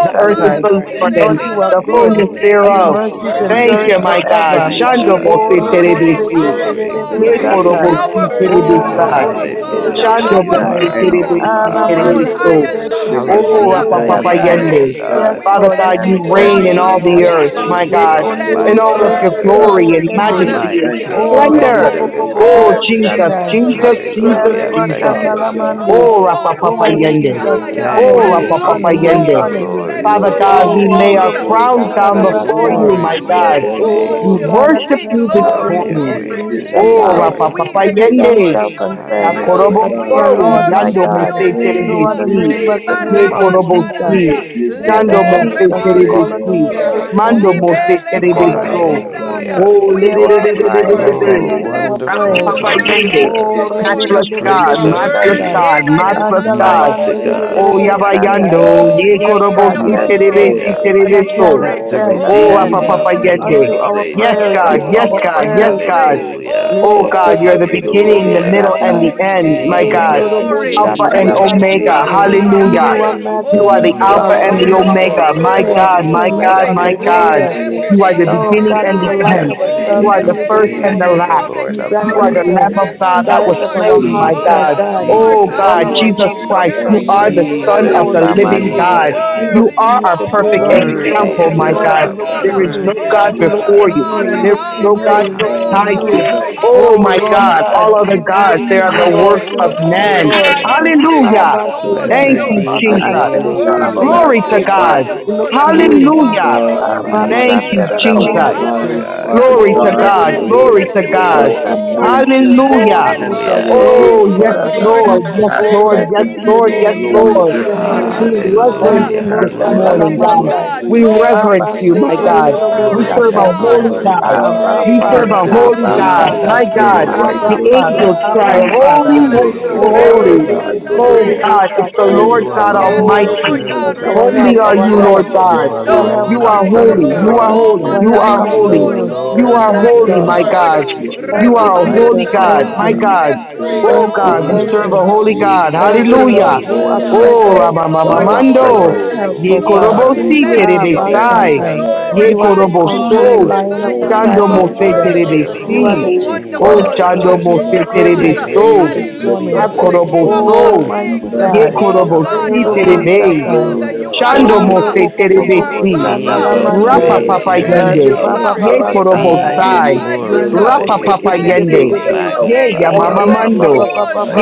S1: the earth is
S4: we
S5: Oh
S1: the Lord
S4: praise
S2: say
S3: Lord,
S1: and
S4: your
S5: Jesus,
S3: you are
S2: hallowed.
S1: the
S4: name.
S3: good,
S1: fullness
S5: Jesus,
S3: and your
S1: thereof.
S5: Jesus,
S3: mercies
S7: Lord.
S2: Holy,
S1: Thank
S4: My
S7: Hallelujah.
S3: endure it
S1: you,
S5: Jesus,
S1: my
S4: God,
S1: God.
S3: forever.
S4: my
S5: we
S1: Shando
S4: God,
S5: bless
S3: Oh,
S5: your
S1: Mose
S7: Lord, you
S5: name
S4: glory,
S7: are
S5: this
S1: Terebesi.
S7: worthy
S2: our
S7: to
S5: morning.
S4: glory,
S2: Father,
S5: We
S1: Ye
S7: praise.
S4: glory.
S7: You
S3: Robosheketerebesatai.
S7: are
S1: Korobosi
S5: glorify
S7: worthy,
S5: your
S2: Father,
S1: Terebesi.
S3: Oh,
S7: God.
S5: name, my God.
S7: Hallelujah.
S2: Father,
S4: Hallelujah,
S1: Shando
S2: our
S4: you
S5: We
S3: Roboseterebesai.
S1: Mose
S2: Father.
S4: are our
S1: Terebesi
S5: entering
S7: We
S5: your
S7: bless
S4: Father.
S2: all
S5: gate with
S7: your
S2: high
S1: Terebeso.
S2: and
S7: name.
S2: mighty
S5: thanksgiving
S4: Hallowed
S1: Oh,
S5: this
S4: be
S2: water.
S1: Rapa
S4: thy
S1: Papa
S5: morning,
S7: Bless
S3: Alamanderebeseterebesatai.
S4: name,
S7: your
S4: O
S7: name,
S5: mighty
S1: Yende.
S2: You
S7: God.
S5: God.
S4: God.
S3: Yes,
S2: we bless
S1: Father
S7: Bless
S3: Lord,
S7: your
S1: God,
S3: yes,
S1: you
S7: name,
S5: We
S7: Holy
S3: Lord,
S2: all,
S1: reign in
S3: yes,
S5: enter
S1: all
S5: into
S1: the
S3: Lord.
S5: your
S7: Spirit.
S1: earth,
S4: Jesus,
S7: Exalt
S1: my
S5: court
S7: you,
S5: with
S1: God,
S4: Jesus,
S7: Lord. You
S4: my
S1: in
S7: are
S5: praise,
S1: all
S5: O
S1: of
S7: worthy.
S1: your
S5: Lord
S2: all
S4: Father,
S5: God.
S1: glory and
S3: Yekonderebeseterebesende.
S5: We are
S2: water.
S1: majesty
S4: my
S1: and
S2: We
S7: Hallelujah.
S5: thankful
S4: King,
S3: Oh,
S5: unto
S2: glory
S4: my
S5: you
S1: splendor.
S5: and
S2: you,
S5: we
S1: Oh,
S4: Deliverer.
S2: all,
S5: bless your
S7: Praise
S1: Jesus,
S5: name,
S3: Roboboboboboshanai.
S7: and
S5: O
S1: Jesus,
S5: Lord
S7: praise on
S1: Jesus,
S5: God,
S4: Hallelujah.
S7: your
S5: O
S1: Jesus.
S7: name,
S4: Thank you,
S5: Father,
S7: God.
S5: this
S3: Yerebakalamande.
S1: Oh,
S2: all
S4: Jesus.
S5: morning.
S1: Rapa
S7: Hallelujah.
S1: Papa
S3: Oh
S5: O
S1: Yende.
S7: Hallelujah.
S3: Jesus,
S2: high,
S3: we
S7: Hallelujah.
S5: glorious,
S3: honor
S1: Oh,
S4: Thank
S3: you,
S4: you,
S3: we
S1: Rapa
S5: wonderful
S3: honor
S1: Papa
S3: you,
S7: Oh,
S3: we
S2: low,
S4: Jesus.
S1: Yende.
S5: Savior.
S2: we
S3: honor
S7: first,
S3: you.
S4: Glory to
S1: Father
S2: go
S7: first,
S5: Robo
S4: your
S1: God, we
S3: Oh
S1: lay
S5: Sheke
S4: name.
S2: almost
S1: our
S7: first,
S5: Kuro
S1: crowns
S7: God.
S3: Robosata
S1: down before
S5: Kotoroku,
S3: Rabasai.
S1: you,
S4: Glory
S1: my
S2: one. We
S4: to
S1: God.
S4: your
S5: Robondo
S7: Oh,
S2: exalt,
S1: We
S3: O
S4: name.
S3: God, at
S5: Kurundi,
S3: the
S1: worship you
S3: mention
S1: this
S3: of
S4: Have
S3: your
S7: Lord,
S2: glory
S5: Rabba
S2: glorify
S3: name,
S4: your
S7: we
S1: morning.
S3: every
S7: praise,
S4: way
S2: your
S3: knee
S5: Sheke
S3: shall
S2: name,
S4: today,
S1: Oh,
S3: bow,
S7: praise,
S4: Lord.
S1: Rapa
S2: we
S1: Papa
S3: every
S7: praise,
S3: tongue
S1: Yende.
S7: Lord.
S5: Tete
S3: shall
S2: exalt,
S4: Have
S1: Ya
S3: confess
S4: your
S5: Mighty
S1: korobo
S3: that
S4: way.
S3: you
S2: we
S5: God,
S3: are
S7: Hallelujah.
S1: so,
S5: we
S3: Lord,
S2: worship,
S3: my
S5: give
S1: yando mo
S7: On
S5: you
S3: God.
S1: se
S7: your name,
S3: No
S1: terebe
S3: other
S5: glory
S1: si.
S3: name
S7: praise,
S3: but
S2: we
S3: the
S7: and
S5: today.
S1: Ye
S3: name
S7: praise.
S2: barama,
S3: of
S1: korobo
S5: We
S3: Jesus.
S1: si.
S7: Praise.
S5: give you
S1: Sando
S3: Jesus,
S2: lebe
S1: mo
S5: honor
S1: se
S3: Jesus, we
S1: terebe
S7: Hallelujah.
S5: today,
S3: call on your
S5: Lord
S1: si.
S3: name
S2: rebolo,
S3: this
S5: God
S1: Mando
S3: morning.
S1: mo
S2: lebe
S7: Hallelujah.
S1: se
S5: Almighty.
S3: We
S1: terebe
S3: call
S2: lebo
S3: on
S7: Thank
S3: you
S1: so.
S3: this
S5: Rabada
S3: morning.
S2: lataya.
S4: Hallelujah.
S1: Oh,
S5: kata
S7: you.
S3: Hear
S1: lebe,
S7: Thank
S3: our
S1: lebe,
S5: reke
S7: you,
S1: lebe,
S3: cry
S2: You
S1: lebe,
S3: and
S7: Lord.
S5: toro
S2: Lord,
S4: Oh,
S3: attend
S1: lebe.
S3: unto
S5: konde.
S3: our
S2: bless you
S1: Rapi
S4: wonderful
S3: prayers.
S2: Lord,
S1: papa
S2: we
S7: Hallelujah.
S2: bless.
S1: yende.
S5: Radete
S2: you.
S4: counselor,
S5: ke
S3: Oh,
S7: You
S1: Matchless
S5: toro
S1: God,
S5: koto
S4: Prince
S3: rebebebebebebe
S7: are
S4: of
S1: matchless
S5: koto.
S7: worthy,
S3: satai.
S1: God,
S4: Peace,
S2: Eba
S1: matchless
S5: Mighty
S1: God.
S5: God,
S4: mighty
S3: Andalamande
S2: dolobo.
S5: mighty
S4: God,
S1: Oh,
S3: rebebebebe
S5: God,
S1: yaba
S4: mighty
S3: sandai.
S5: mighty
S1: yando.
S4: God.
S2: Oh,
S5: God.
S1: Ye
S3: Yes,
S2: glory
S1: korobo
S3: God,
S5: You
S1: si
S5: are
S3: yes,
S2: Glory,
S1: terebe
S3: Lord.
S2: si
S1: si
S4: Hallelujah.
S5: perfect
S3: And
S1: terebe
S5: in
S1: so.
S3: attend,
S2: glory, glory.
S4: Let
S5: all
S4: the
S2: so.
S3: attend,
S5: of
S2: Oh,
S1: Oh,
S5: your
S3: attend
S1: rapa
S2: Oh,
S4: redeemed
S5: ways,
S1: papa
S4: of the
S2: glory, glory, Yes, glory,
S5: my
S1: yende.
S3: unto
S4: Lord
S5: God.
S3: our
S4: say
S1: Yes,
S3: prayers,
S4: so.
S5: You
S1: God,
S3: unto
S5: are
S1: yes,
S3: our
S2: Yes, glory, Yes,
S1: God, yes,
S3: prayers.
S2: glory.
S1: God.
S5: magnificent
S4: Hallelujah.
S5: and
S2: Oh, Oh,
S1: Oh
S3: Lebo
S1: God,
S5: awesome.
S1: you're
S3: seke
S1: the
S3: te
S2: glory,
S3: de de
S5: You
S3: de
S1: beginning,
S3: be
S1: the
S5: are
S4: Hallelujah.
S1: middle, and
S3: satai.
S1: the
S5: excellent,
S2: glory,
S5: O
S1: end.
S5: Lord
S1: My
S2: glory,
S5: God,
S1: God,
S4: Jesus,
S5: and
S2: glory,
S1: Alpha and
S5: trustworthy.
S4: Jesus,
S1: Omega.
S7: God.
S3: Yendoroboshatarabasete.
S7: You
S5: No
S4: Jesus.
S7: are
S1: Hallelujah.
S3: You
S2: glory.
S3: are
S7: worthy.
S2: Yeah.
S5: equal
S2: Oh,
S5: with
S1: You
S4: We
S1: are
S3: majesty.
S1: the
S5: you,
S3: You
S7: You
S5: O
S3: are
S1: Alpha
S7: are
S4: bless
S1: and
S2: glory,
S1: the
S4: your
S7: worthy.
S5: mighty
S7: You
S3: wonderful.
S7: are
S4: name,
S5: God.
S1: Omega.
S2: glory,
S1: My
S3: You
S7: worthy.
S3: are
S5: The
S4: Lord.
S2: glory,
S1: God,
S4: We
S5: Lord
S1: my
S3: king.
S5: will
S3: You
S1: God,
S2: glory.
S4: bless
S3: are
S1: my
S5: speak
S4: your
S5: to
S1: God.
S4: name.
S3: glorious.
S7: Bless
S5: you,
S7: your
S1: You are
S5: O
S1: the
S7: name.
S5: Lord,
S3: Oh
S7: Bless
S1: beginning
S7: your
S3: God, we
S1: and
S7: name.
S5: and
S1: the
S3: delight
S4: Hallelujah
S5: with
S7: Bless
S1: end.
S4: to the
S7: your
S2: Oh,
S1: You
S7: name.
S3: ourselves
S5: you,
S1: are
S4: King
S5: O
S3: in
S1: the
S5: Lord,
S7: Bless
S4: of
S3: you
S1: first
S3: this
S7: your
S4: Kings
S7: name.
S1: and
S4: and
S1: the
S4: to
S3: morning.
S1: last.
S4: the
S3: And
S4: Lord
S3: you
S2: King
S4: of
S1: You
S3: grant
S2: of the
S1: are
S3: us
S7: Hallelujah.
S1: the
S3: the
S4: Lords.
S1: Lamb
S5: Jesus,
S1: of God that
S3: desires
S1: was
S5: Jesus,
S3: of
S7: Jesus.
S2: Lord,
S3: our
S1: slain, my
S3: hearts, my
S5: Jesus.
S7: Yeah.
S1: God.
S4: Jesus,
S3: God.
S2: Lord
S5: We
S1: Oh
S3: All
S1: God,
S4: Jesus,
S7: Glory
S3: our
S5: praise
S1: Jesus
S3: help
S7: to
S5: you
S7: your
S3: comes
S1: Christ,
S7: name,
S1: you
S3: from
S5: and
S1: are
S3: you.
S7: Lord.
S1: the Son
S2: Jesus,
S7: Glory
S1: of
S3: Oh,
S5: adore
S1: the
S4: Jesus,
S7: to your
S1: living
S5: you
S7: name,
S3: Lamande.
S5: this
S1: God.
S3: We
S4: Jesus.
S3: look
S7: Jesus.
S1: You
S5: morning.
S2: worthy,
S3: to
S1: are
S3: you
S1: our
S3: today,
S1: perfect
S5: And
S3: Lord.
S2: worthy,
S3: We
S5: you
S7: Word
S3: look
S5: are
S4: Worthy
S3: to
S1: example,
S7: is
S3: you,
S4: is
S7: the
S1: my
S4: the
S3: Lord.
S1: God.
S5: worthy,
S3: We
S7: Lamb.
S3: look
S4: Lamb.
S3: to
S1: There
S5: Father.
S1: is
S2: wonderful.
S3: you.
S1: no
S4: Worthy
S7: Hallelujah.
S2: Oh,
S1: God
S3: We
S2: no
S4: is
S5: You
S2: our
S4: the
S3: look
S5: are
S1: before
S3: to
S1: you.
S4: Lamb.
S3: you.
S2: Father,
S7: Lord,
S3: We
S7: I give
S5: great,
S1: There
S3: look
S1: is
S2: our
S3: to
S5: O
S1: no
S3: you.
S5: Lord
S1: God
S7: praise.
S3: We
S2: no
S7: I
S3: look
S7: give
S3: to
S5: God
S2: Father,
S1: beside you.
S3: you.
S7: praise.
S4: Hallelujah.
S2: oh,
S7: I give
S5: Almighty.
S2: our
S1: Oh
S3: Oh,
S1: my
S7: praise.
S3: Lord
S5: You
S1: God,
S3: God.
S1: all
S5: are
S1: other
S3: We
S2: Master, God of
S1: gods,
S3: look
S7: Hallelujah.
S1: they
S3: to
S5: indeed,
S1: are
S3: you,
S1: the
S7: I
S5: Father
S3: Lord.
S7: give
S1: works
S3: We
S1: of
S5: God,
S3: look to
S5: the
S3: you,
S1: man.
S7: praise.
S5: King
S7: I give
S5: of
S2: glorify
S3: Lord.
S4: Hallelujah.
S2: you.
S5: Kings.
S7: praise.
S1: Hallelujah.
S3: Abba,
S5: Mighty
S3: Satan,
S1: Thank
S4: Blessed
S5: God,
S1: you,
S4: be
S2: You
S3: author
S4: the
S1: Jesus.
S5: our
S3: and
S4: name
S2: are
S4: of
S3: finisher
S4: the
S5: soul
S3: of
S2: worthy,
S7: Hallelujah.
S3: our
S1: Glory
S4: Lord.
S1: to
S3: faith.
S1: God.
S5: magnify you.
S3: We look to
S5: O
S4: Hallelujah.
S2: full.
S7: Hallelujah.
S3: you.
S5: Lord
S1: Hallelujah.
S7: Thank
S5: God
S2: Glory,
S3: Abba,
S4: Mighty
S1: Thank
S5: Almighty.
S1: you,
S3: Satan,
S4: God,
S3: Abba,
S5: Our
S1: Jesus.
S7: you,
S4: mighty
S7: Lord.
S3: Satan.
S5: mind,
S4: God.
S2: hallelujah.
S5: Father
S1: Glory
S3: Oh,
S1: to
S3: rebe-
S5: God,
S4: Glory,
S1: God.
S3: be-
S5: my
S7: Hallelujah.
S3: be- be-
S5: Lord
S1: Glory
S3: be-
S4: glory,
S1: to
S3: be- be-
S7: Your
S3: be-
S1: God.
S7: name,
S5: our
S2: The
S4: glory.
S3: Satan.
S2: Lord,
S7: Jesus.
S5: emotions,
S3: Oh,
S1: Hallelujah.
S5: and
S7: God,
S2: the
S3: Jesus.
S4: Hallelujah.
S7: you're
S5: our
S3: Oh,
S5: will,
S1: Oh, yes,
S5: Father
S3: Jesus.
S7: great,
S5: God.
S2: Lord,
S7: Lord,
S1: Lord.
S5: We
S7: and
S1: Yes,
S3: Oh,
S7: great
S1: Lord.
S2: blessed
S5: passionately
S1: Yes,
S3: blessed be
S5: give
S3: the
S1: Lord.
S5: you
S7: praise.
S1: Yes,
S3: name.
S5: glory
S3: Blessed
S1: Lord.
S3: be your
S5: this
S7: God,
S2: Lord,
S3: name.
S7: you're
S1: We
S5: morning.
S7: from the
S5: We
S1: reverence
S7: last,
S2: hallelujah.
S1: you
S4: Hallelujah.
S3: Elebo
S1: this
S7: the last.
S5: passionately
S4: Glory,
S2: Glory,
S1: morning,
S5: give
S1: God.
S5: you
S7: Holy
S3: Satalamandai.
S4: glory,
S2: God,
S1: We
S7: Spirit.
S5: praise,
S2: glory,
S5: O
S1: reverence
S3: Abba,
S1: you,
S5: Lord
S1: my
S3: Satan,
S7: God,
S5: God
S1: God.
S7: you are
S3: Elebo
S2: glory,
S1: We
S7: mighty.
S5: Almighty,
S1: serve a
S4: glory,
S3: Satai.
S7: God,
S1: holy
S7: you
S5: my
S4: glory.
S1: God.
S7: are
S5: God
S3: Abba
S7: great.
S1: We
S2: glory,
S1: serve
S5: and
S3: Father,
S4: Let
S1: a
S4: the
S5: my
S1: holy
S3: Abba
S1: God.
S5: Savior.
S4: redeemed
S3: Father,
S1: My
S4: of
S7: Hallelujah,
S2: glory,
S4: the
S5: You're
S1: God,
S4: Lord
S3: Abba
S1: the
S4: say
S2: God,
S5: righteous
S3: Father,
S5: and
S7: Jesus.
S1: angels
S4: so.
S2: glory.
S1: cry,
S3: Abba
S5: holy,
S3: Father.
S1: holy,
S7: God,
S1: holy,
S5: perfect,
S7: you're
S3: Oh,
S5: Father
S4: Hallelujah.
S7: worthy,
S1: holy.
S5: God, my
S1: Oh
S7: praise.
S5: Lord.
S3: Rebebebebebe
S4: Hallelujah.
S1: God,
S7: You're
S1: it's the
S3: Satai.
S5: Oh
S7: worthy,
S1: Lord
S4: You
S7: God.
S1: God
S7: You're
S5: Jesus,
S2: Yes,
S4: alone
S3: Oh,
S7: worthy.
S1: Almighty.
S4: deserve
S7: You're
S4: the
S2: God,
S3: Jesus,
S2: we
S7: worthy.
S3: our
S2: ma-
S7: You're
S3: help,
S1: Holy
S5: everything
S4: glory.
S1: are
S3: our
S1: you,
S7: worthy.
S5: about
S3: help,
S1: Lord
S7: You're
S5: you is
S4: You
S1: God.
S7: worthy,
S3: our
S5: good,
S2: no
S7: Lord.
S3: help
S2: one
S1: You
S2: like
S4: alone
S1: are
S3: comes from
S2: the
S5: my
S4: deserve
S1: holy.
S3: you.
S7: Hallelujah.
S1: You
S2: Lord,
S4: the
S1: are
S5: God
S2: no
S4: honor.
S1: holy.
S2: one
S3: Our
S1: You
S5: and
S3: help
S2: like
S7: Thank
S1: are
S5: my
S3: comes
S2: your
S3: from
S4: You
S1: holy.
S2: Lord,
S3: you.
S5: Lord
S2: no
S7: you,
S1: You
S4: alone
S2: one
S5: and
S1: are
S5: my
S3: Yes,
S2: like your
S1: holy,
S4: deserve
S3: Lord.
S1: my
S4: the
S5: Savior.
S2: Lord.
S7: Lord.
S1: God.
S4: praise.
S5: Your
S4: You
S3: Thank
S1: You
S3: you,
S4: are
S2: Reba-
S1: are a
S5: attributes
S1: holy
S3: Jesus.
S5: are
S4: righteous,
S1: God,
S3: Thank
S4: O
S1: my
S7: Lord,
S3: you.
S4: God.
S1: God.
S5: amazing,
S2: Yes,
S5: O
S7: praise,
S2: Lord,
S5: Lord
S1: Oh
S3: Thank you.
S2: no one
S1: God,
S5: God,
S1: we
S3: Thank
S7: praise
S1: serve
S5: O
S3: you.
S1: a
S7: God.
S4: Jesus,
S1: holy
S5: Father.
S1: God.
S3: Thank
S7: praise.
S3: you,
S4: Jesus,
S5: This
S1: Hallelujah.
S3: Lord. You are
S4: Jesus.
S7: Hallelujah.
S2: Nobody,
S5: morning,
S1: Oh,
S3: present.
S5: my
S4: We
S2: Lord,
S7: Lord,
S3: You
S5: God,
S3: are
S7: you
S5: and
S7: are
S2: nobody,
S5: our
S1: Ramamamamando.
S4: adore
S3: present
S7: worthy.
S4: you.
S3: help,
S5: Savior,
S1: Ye
S3: oh
S4: We
S3: God.
S2: Lord.
S7: Jesus.
S2: We
S5: we
S4: honor
S1: Korobosi
S2: bless, you,
S5: lift
S4: you.
S7: Hallelujah.
S3: Ah,
S4: We
S5: our
S4: give you
S5: hands
S1: Terebesai.
S5: and
S3: Bastatai.
S5: our
S1: Ye
S4: reverence.
S2: glorify.
S3: You
S5: hearts
S4: We
S3: are the
S5: to
S4: give
S7: You
S4: you
S7: are
S5: thee
S7: the
S3: conquering
S1: Koroboso.
S5: this
S3: lion
S4: glory.
S7: praise,
S3: of the
S7: God.
S2: You
S1: Chando
S5: morning,
S3: tribe of
S4: We
S2: are
S7: You
S1: Mose
S5: mighty
S7: are
S3: Judah.
S4: bless
S7: the
S2: worthy.
S5: God.
S7: honor,
S4: your
S3: You
S2: You
S3: are
S7: Lord.
S1: Terebesi.
S4: holy
S3: the
S2: are
S5: O
S3: chief
S4: name,
S1: Oh,
S4: O
S5: God
S2: wonderful.
S1: Chando
S4: God.
S3: cornerstone,
S7: Oh, we
S5: and
S3: the
S1: Mose
S5: our
S3: great
S7: exalt
S2: Glorious.
S4: Your
S3: high
S7: your
S5: Savior,
S7: name.
S1: Terebeso.
S3: priest
S4: name
S5: we
S3: this
S4: is to
S5: lift
S4: be
S2: Hallelujah.
S1: Ha
S3: morning.
S7: Jesus.
S5: up
S2: To the
S5: our
S2: King
S4: praised,
S2: of
S4: O
S5: souls
S2: all
S3: Oh,
S5: to
S1: Koroboso.
S4: God,
S5: thee,
S4: from
S3: mighty
S4: the
S7: Thank
S1: Ye
S3: God.
S5: mighty God.
S4: rising
S7: you,
S4: of
S7: Lord.
S4: the
S2: God,
S1: Korobosi
S2: you are
S4: sun
S5: O
S4: until
S1: Terebe.
S4: the
S7: Hallelujah.
S3: Edobosatai.
S2: Father.
S4: going
S5: glorious,
S2: You
S4: down
S2: are
S4: of
S1: Chando
S4: the
S3: Oh,
S1: Mose
S5: wonderful
S4: same.
S5: Savior,
S3: robobobobobo
S7: You
S1: Terebesi.
S7: are
S4: We
S2: Abba.
S5: my
S4: will
S7: worthy,
S3: shandalamande.
S7: God.
S1: Rapa
S7: You
S5: Lord
S4: praise
S1: Papa
S4: your
S7: are
S5: and
S2: Bless
S7: worthy,
S1: Yende.
S4: name.
S5: our
S2: Abba.
S1: Ye
S7: praise.
S5: God
S3: Rebababa
S1: Korobo
S4: We
S3: sandai.
S5: we
S2: Glory
S4: will
S1: Sai.
S2: to you,
S3: Yendo
S2: sir.
S4: glorify
S5: rejoice
S1: Rapa
S7: Hallelujah.
S1: Papa
S4: you.
S5: to
S3: kosekete de
S4: We
S1: Yende.
S5: know
S4: will
S5: that
S3: bebebe.
S2: The
S5: our
S1: Ye
S2: name
S4: magnify
S3: Oh,
S1: Yamama
S5: Father
S4: you.
S5: is
S1: Mando.
S5: on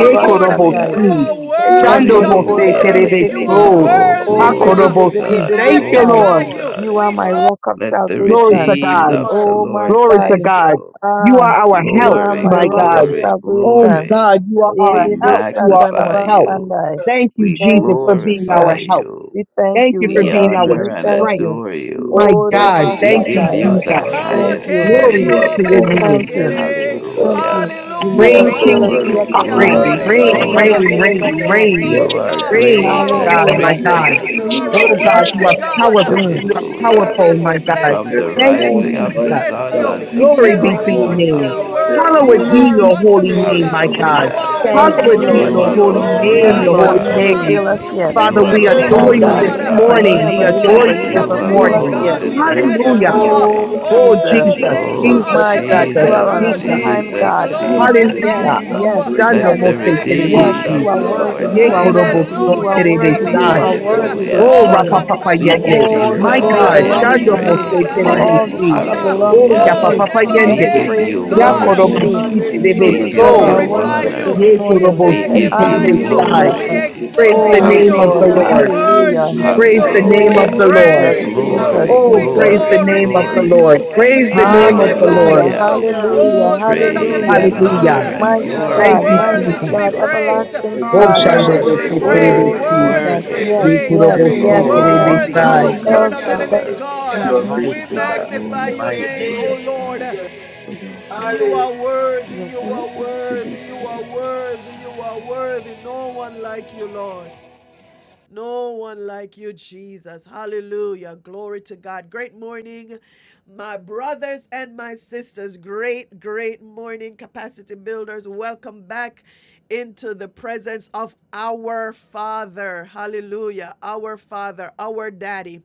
S2: of the
S5: this
S2: Lord.
S1: Korobo
S3: satai.
S5: morning.
S2: You
S7: Thank you.
S1: Si.
S2: are worthy.
S1: Chando
S5: Almighty
S1: Mose
S5: God,
S2: Glory.
S5: we
S4: Hallelujah.
S1: Terebe
S2: You
S5: thank
S3: Ekondoroboshetete.
S2: are
S5: you
S7: Hallelujah.
S5: for
S1: So.
S6: you.
S5: your
S4: Oh,
S3: Oh,
S1: Ha
S5: son,
S2: worthy.
S4: glory
S5: Jesus,
S4: to
S1: Korobo Si.
S4: God.
S1: Thank
S2: magnify
S1: you,
S3: rebebebebebebesai.
S4: Glory to
S1: Lord.
S4: God.
S3: You are
S2: We
S3: my
S2: glorify
S3: rock of
S4: Let the
S7: Thank
S1: Glory to
S3: salvation.
S4: redeemed
S1: God.
S4: of the
S3: Oh my
S4: Lord
S1: Glory
S3: God.
S1: to
S4: say
S1: God.
S4: so.
S1: You
S3: Ah,
S1: are our
S3: you
S1: help,
S3: are
S4: Glory,
S3: my
S1: my
S7: you,
S3: rock of
S1: God.
S7: Lord. Hallelujah.
S4: glory,
S1: Oh
S3: salvation.
S4: glory.
S1: God, you are
S4: We
S1: our help.
S7: Thank
S1: You are our
S4: magnify
S1: help.
S4: you.
S3: Edebesatarabasanai.
S7: you.
S1: Thank you,
S4: We
S3: Thank
S1: Jesus,
S3: you,
S1: for being
S4: glorify
S1: our
S3: Jesus.
S1: help.
S4: you.
S3: We thank
S1: Thank
S3: you.
S1: you
S3: We
S1: for
S4: We
S1: being
S3: thank you.
S1: our
S5: my
S3: We
S4: honor and
S3: thank
S5: God.
S1: strength.
S3: you.
S4: adore
S5: You
S4: you.
S5: are
S1: My
S3: Oh,
S1: God,
S5: perfect,
S4: We
S1: thank
S5: Father
S1: you,
S4: give
S3: Rabasatai.
S2: Jesus.
S4: you
S5: God,
S1: Jesus.
S4: the
S5: my
S2: Ah,
S3: Thank
S5: Lord.
S4: highest
S3: you.
S1: Glory
S5: You have
S1: to
S4: praise.
S1: your
S5: all
S3: Thank
S1: name.
S5: the
S3: you.
S5: answer,
S3: Thank
S5: Father.
S4: Hallelujah.
S3: you. You
S5: You
S3: never
S1: Reign,
S2: Hallelujah.
S5: are the
S3: fail
S1: King
S3: us
S1: Jesus,
S3: yet,
S4: Glory,
S5: remedy,
S3: oh
S5: O
S2: Hallelujah.
S3: God.
S1: reign,
S5: Lord
S4: glory,
S1: reign,
S5: God
S3: Never
S1: reign,
S2: Hallelujah.
S4: glory.
S1: reign,
S5: Almighty.
S3: fail us yet.
S1: reign,
S5: You are
S4: You are
S5: the
S2: God, you
S5: answer,
S1: reign,
S2: are
S4: great
S2: a
S5: Father
S4: and
S1: God, my
S5: God.
S3: Hallelujah.
S5: You are
S4: greatly
S1: God.
S5: the
S7: Thank
S4: to
S2: You
S4: be
S7: you,
S2: are a
S1: Oh
S7: Lord.
S5: solution,
S1: God,
S5: my
S4: praised.
S1: you
S2: worthy
S5: God,
S1: are
S5: for
S2: God.
S3: Mm.
S1: powerful.
S5: every
S1: You are
S2: Jesus,
S4: Hallelujah.
S5: situation.
S1: powerful,
S7: Hallelujah.
S1: my God.
S2: bless
S4: From
S2: you.
S5: This
S4: the
S2: We
S1: Thank
S2: bless
S1: you,
S4: rising
S2: you.
S5: morning,
S4: of
S2: We
S4: the
S1: Jesus.
S5: mighty
S2: bless
S4: sun
S2: you.
S5: God, we
S4: until the
S1: Glory
S5: give
S2: Yes,
S1: be
S5: you
S7: Hallelujah.
S1: to
S4: going
S1: your
S2: Lord,
S5: glory.
S4: down
S2: you
S7: Hallelujah,
S4: of
S1: name.
S4: the
S2: are
S7: Lord. You
S5: This
S7: are
S2: worthy.
S4: same.
S2: You
S1: Hallowed
S7: worthy.
S1: be
S5: morning,
S2: are
S1: your
S5: we
S1: holy
S5: feast
S7: praise.
S1: name, my
S7: You're
S5: upon
S2: wonderful.
S5: you.
S2: You
S1: God.
S7: worthy,
S4: Hallelujah.
S2: are
S7: God.
S3: Thank
S5: This
S7: You're
S8: Glory,
S3: you,
S2: worthy.
S1: Hallowed be
S4: You
S7: worthy.
S3: Lord.
S5: morning
S8: glory,
S1: your
S5: we,
S7: You're
S1: holy
S5: we
S8: glory,
S7: worthy,
S4: alone
S1: name,
S5: can
S3: Yes,
S7: God.
S4: are
S1: your
S5: lift
S8: glory,
S2: Glorious.
S3: Lord,
S5: you
S1: holy
S3: you
S5: up,
S8: bless
S5: O
S4: God.
S7: Worthy,
S8: the
S3: never
S5: Lord
S2: Hallelujah.
S1: name.
S8: Lord.
S3: fail us
S5: God.
S3: yet.
S4: You
S1: Father,
S5: This
S1: we
S7: worthy,
S3: My
S1: adore
S5: morning,
S8: We
S4: alone
S1: you
S5: O
S7: Holy
S3: God,
S4: are
S1: this
S3: you
S5: Lord
S3: never,
S8: glorify
S7: Spirit.
S4: God.
S3: you
S8: you,
S5: God,
S1: morning.
S8: we
S1: We
S3: never, you
S5: your
S2: Oh,
S1: adore
S3: never,
S8: adore
S3: you
S1: you
S5: Father,
S2: Spirit
S8: you,
S1: this
S2: of
S3: never
S4: You
S2: the
S8: we
S5: we
S3: fail
S8: magnify,
S3: us
S1: morning.
S5: seek
S4: alone
S3: yet.
S5: to
S2: bless
S4: deserve the
S5: worship
S7: Hallelujah.
S1: Hallelujah.
S2: you.
S8: we
S5: you,
S7: Hallelujah.
S5: Lord
S4: glory.
S8: exalt
S3: Oh,
S5: God.
S8: you
S1: Oh,
S8: this
S3: Jesus.
S2: Oh,
S1: Jesus,
S8: morning.
S5: Because
S8: We shall
S2: Maker
S4: Oh,
S1: Jesus,
S8: back
S2: of
S5: worship,
S3: My
S8: you up,
S3: God,
S5: Father
S7: Glory
S2: heaven
S1: Jesus,
S3: you
S7: to
S2: and
S5: God,
S3: are
S8: mighty
S3: an
S4: Jesus,
S3: on
S1: Jesus.
S8: God.
S5: open
S2: earth,
S7: Jesus.
S3: time
S5: doors.
S2: we
S3: God.
S4: Jesus,
S8: We
S5: Worship,
S4: Jesus.
S2: glorify
S8: magnify
S3: Yes,
S5: my
S1: Hallelujah.
S8: your
S3: yes,
S5: God,
S8: name,
S2: you.
S5: break
S1: Shando
S8: Jesus.
S4: Let
S7: Bless
S3: yes,
S1: Mose
S4: the
S5: things.
S7: your name.
S3: yes,
S2: By
S4: redeemed
S5: Worship,
S8: Hallelujah,
S3: you
S1: Terebesi.
S4: of
S7: Bless
S5: O
S3: are
S4: the
S7: your
S2: you.
S5: Lord
S7: name,
S3: worthy,
S4: Lord
S8: hallelujah.
S5: God,
S3: you
S1: Ye
S7: God.
S3: are
S4: say
S5: bring us
S1: Korobo
S4: so.
S3: worthy, you
S1: Son
S3: are
S5: closer.
S8: Bless
S2: Hallelujah.
S8: the
S3: worthy,
S8: Lord, oh
S7: Glorify
S3: you
S1: Terebesi.
S7: your
S3: are
S8: my
S5: Worship,
S7: name,
S5: Father
S8: soul,
S3: worthy
S8: and
S5: God,
S8: all
S3: this
S4: Hallelujah.
S1: Oh,
S8: that
S5: gives
S2: All
S7: Jesus.
S8: is
S1: Rapa
S5: us
S3: morning.
S5: the
S1: Papa
S4: We
S8: within me.
S5: power
S1: Yende.
S5: to
S4: give
S2: goodness,
S4: you
S3: All
S7: God,
S5: tear
S3: the
S1: My
S4: the
S8: Bless
S5: down
S3: glory
S2: all
S7: you're
S8: his
S7: worthy,
S1: God.
S3: belongs
S8: holy
S4: highest
S3: to
S1: Shando
S5: strongholds.
S7: God.
S1: Mose
S3: you.
S8: name.
S2: God.
S4: praise.
S7: Worthy,
S8: Glory
S3: All
S5: Mighty
S3: the
S8: to
S1: Terebesi.
S3: honor
S8: God.
S5: God
S2: Hallelujah.
S3: belongs
S1: Oh,
S5: and
S3: to
S7: God.
S4: Hallelujah.
S1: Yapa
S8: Hallelujah.
S5: our
S3: you.
S2: Oh,
S1: Papa
S7: Exalt
S4: We
S5: Savior,
S3: Every
S7: your
S1: Yende.
S4: give
S7: name.
S3: praise
S4: you
S2: daily
S1: Ya
S8: Hallelujah.
S5: this
S3: belongs
S2: God,
S3: to
S1: Korobo
S8: Glory,
S4: worship.
S3: you.
S7: God,
S5: morning,
S1: Si
S7: your
S8: glory,
S5: O
S7: name.
S3: You
S4: We
S2: we
S5: Lord
S8: glory.
S4: give
S3: deserve
S1: Terebeso.
S8: Thank
S5: God
S3: our
S7: Praise.
S2: glory
S4: you
S8: you,
S7: I
S5: and our
S3: worship
S7: praise
S2: you,
S4: honor.
S3: this
S1: Ye
S7: you.
S5: Father.
S8: Jesus.
S3: morning.
S1: Korobo
S4: We
S7: Praise.
S5: We
S1: Si
S8: Thank
S4: give
S5: honor
S2: By
S4: you
S8: you,
S2: you,
S5: you
S8: Lord.
S5: and
S8: Thank
S5: we
S3: Hallelujah.
S1: Terebesi.
S5: lift
S4: glory.
S7: Hallelujah.
S2: we
S5: you to
S1: Praise
S5: Father
S1: the
S2: exalt
S3: Oh
S8: Thank
S5: God.
S1: name of
S8: you,
S1: the
S3: Lord,
S7: Hallelujah.
S8: Lord.
S5: We
S2: you,
S1: Lord.
S4: Hallelujah.
S8: Thank you,
S2: worship
S5: praise
S3: hallelujah.
S5: you, Lord
S1: Praise the
S2: you,
S7: Thank
S8: Jesus.
S7: you,
S5: God
S1: name
S3: Oh
S1: of
S4: Hallelujah.
S1: the
S7: Holy
S5: Almighty,
S1: Lord.
S3: Jesus,
S7: Spirit.
S8: Thank
S5: because
S8: you
S2: praise
S5: you
S8: for
S5: are
S8: a
S2: you,
S8: brand
S3: Jesus,
S4: Glory,
S8: new
S1: Oh,
S5: perfect,
S1: praise
S3: Jesus.
S8: day.
S1: the
S5: Father.
S7: Hallelujah.
S4: glory,
S8: Thank you
S1: name
S8: for
S1: of
S2: glorify
S1: the
S5: We
S8: waking
S5: give
S4: glory.
S8: us
S1: Lord.
S5: you
S2: you,
S8: up.
S7: Thank
S1: Praise
S5: thanks, O
S1: the
S7: you,
S8: God,
S5: Lord
S1: name
S2: magnify
S8: my
S1: of
S7: Lord.
S1: the
S5: God,
S8: God,
S3: Hallelujah,
S1: Lord.
S2: you.
S8: we
S5: because you
S4: Hallelujah.
S5: are
S8: thank
S5: the
S7: Hallelujah.
S8: you.
S5: healer.
S3: hallelujah,
S2: Oh,
S8: We
S5: We
S4: Praise
S8: thank
S5: give
S3: hallelujah.
S4: and
S5: you
S8: you. We
S5: thanks,
S1: Hallelujah.
S7: Hallelujah,
S4: honor
S5: O
S8: thank
S2: God,
S4: and
S8: you.
S5: Lord
S2: you
S8: We
S3: Mighty
S2: are
S5: God
S4: glory
S1: Thank
S3: God,
S8: exalt
S1: you,
S4: be
S8: you.
S2: worthy
S3: mighty
S8: We
S5: Almighty,
S7: hallelujah.
S4: unto
S1: Jesus.
S8: shall
S2: to
S3: God,
S2: be
S8: back
S4: you.
S2: praised,
S8: you.
S5: because
S3: everlasting
S7: God,
S1: Oh,
S8: My
S7: you
S3: Father.
S5: everything
S2: worthy
S1: Shando
S7: are
S8: God,
S5: that
S8: we
S1: Mose
S2: to
S4: Worthy,
S7: worthy
S5: is
S2: be
S8: gather you
S3: Oh
S5: good
S2: praised,
S7: of
S8: this
S4: worthy,
S1: Terebesi.
S5: and
S8: morning,
S2: worthy to
S3: Jesus,
S8: God.
S4: worthy.
S7: praise,
S2: be
S5: perfect
S1: Ye
S3: yes,
S8: We
S2: praised,
S3: yes,
S1: kurobo
S7: praise.
S8: exalt
S1: so
S8: your
S3: yes,
S5: emanates
S4: Oh,
S8: name,
S3: yes.
S5: from
S2: worthy,
S5: you,
S1: terebesai.
S4: wonderful
S2: Holy
S7: Hallelujah,
S8: Jesus.
S3: El
S2: Spirit of
S5: mighty
S2: the living
S5: God.
S3: Shaddai.
S4: counselor.
S8: We
S2: God.
S5: You
S7: hallelujah.
S5: are the
S2: We
S8: worship
S4: Mighty
S8: and
S7: God,
S4: God,
S8: adore
S2: magnify
S8: you
S7: bless
S2: your
S7: your
S8: this
S4: mighty
S2: name,
S7: name,
S4: God.
S2: O
S8: morning,
S2: Lord.
S8: God,
S7: Jesus.
S8: for you are worthy.
S2: You
S7: Hallelujah.
S2: are worthy,
S8: You are
S2: you are
S8: worthy to be
S2: worthy, you are
S8: praised.
S2: worthy, you are worthy. No one like you, Lord. No one like you, Jesus. Hallelujah. Glory to God. Great morning, my brothers and my sisters. Great, great morning, capacity builders. Welcome back into the presence of our Father. Hallelujah. Our Father, our Daddy.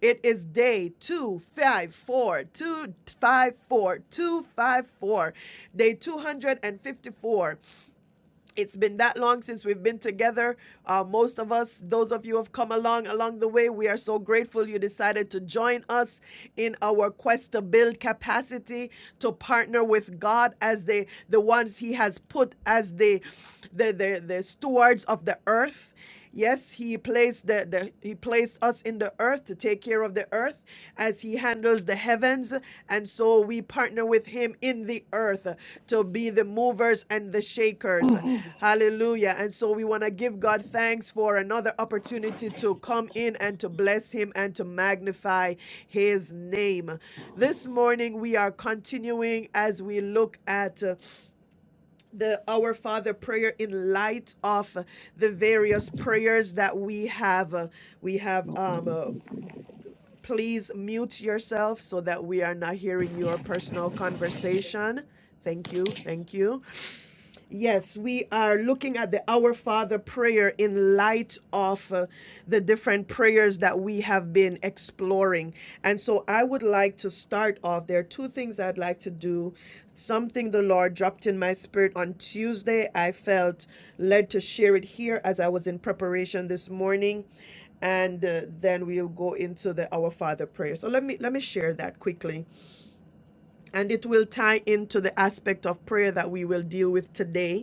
S2: It is day 254, 254, 254, day 254 it's been that long since we've been together. Uh, most of us, those of you who have come along along the way, we are so grateful you decided to join us in our quest to build capacity to partner with God as the the ones He has put as the the the, the stewards of the earth Yes, he placed the, the he placed us in the earth to take care of the earth as he handles the heavens, and so we partner with him in the earth to be the movers and the shakers. Hallelujah. And so we want to give God thanks for another opportunity to come in and to bless him and to magnify his name. This morning we are continuing as we look at uh, the Our Father prayer in light of the various prayers that we have. Uh, We have,
S8: Not
S2: um,
S8: even
S2: uh,
S8: submitted.
S2: please mute yourself so that we are not hearing your personal conversation. Thank you, thank you. Yes, we are looking at the Our Father prayer in light of uh, the different prayers that we have been exploring. And so I would like to start off. There are two things I'd like to do. Something the Lord dropped in my spirit on Tuesday. I felt led to share it here as I was in preparation this morning. And uh, then we'll go into the Our Father prayer. So let me let me share that quickly, and it will tie into the aspect of prayer that we will deal with today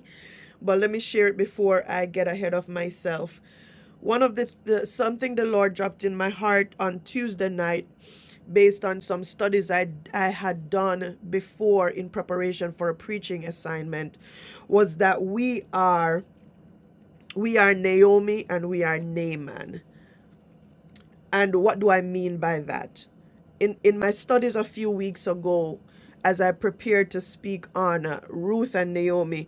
S2: but let me share it before I get ahead of myself. One of the, the something the Lord dropped in my heart on Tuesday night based on some studies I, I had done before in preparation for a preaching assignment was that we are we are Naomi and we are Naaman. And what do I mean by that? in in my studies a few weeks ago as i prepared to speak on uh, ruth and naomi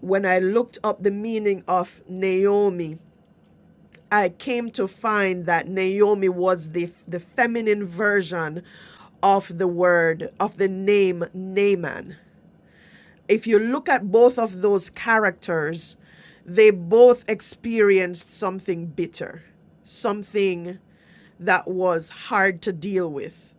S2: when i looked up the meaning of naomi I came to find that Naomi was the the feminine version of the word of the name Naaman. If you look at both of those characters, they both experienced something bitter, something that was hard to deal with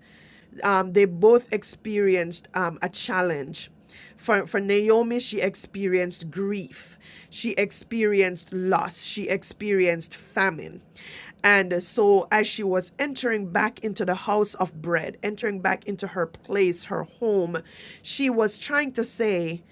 S2: um, they both experienced um, a challenge. For, for Naomi, she experienced grief, she experienced loss, she experienced famine. And so, as she was entering back into the house of bread, entering back into her place, her home, she was trying to say,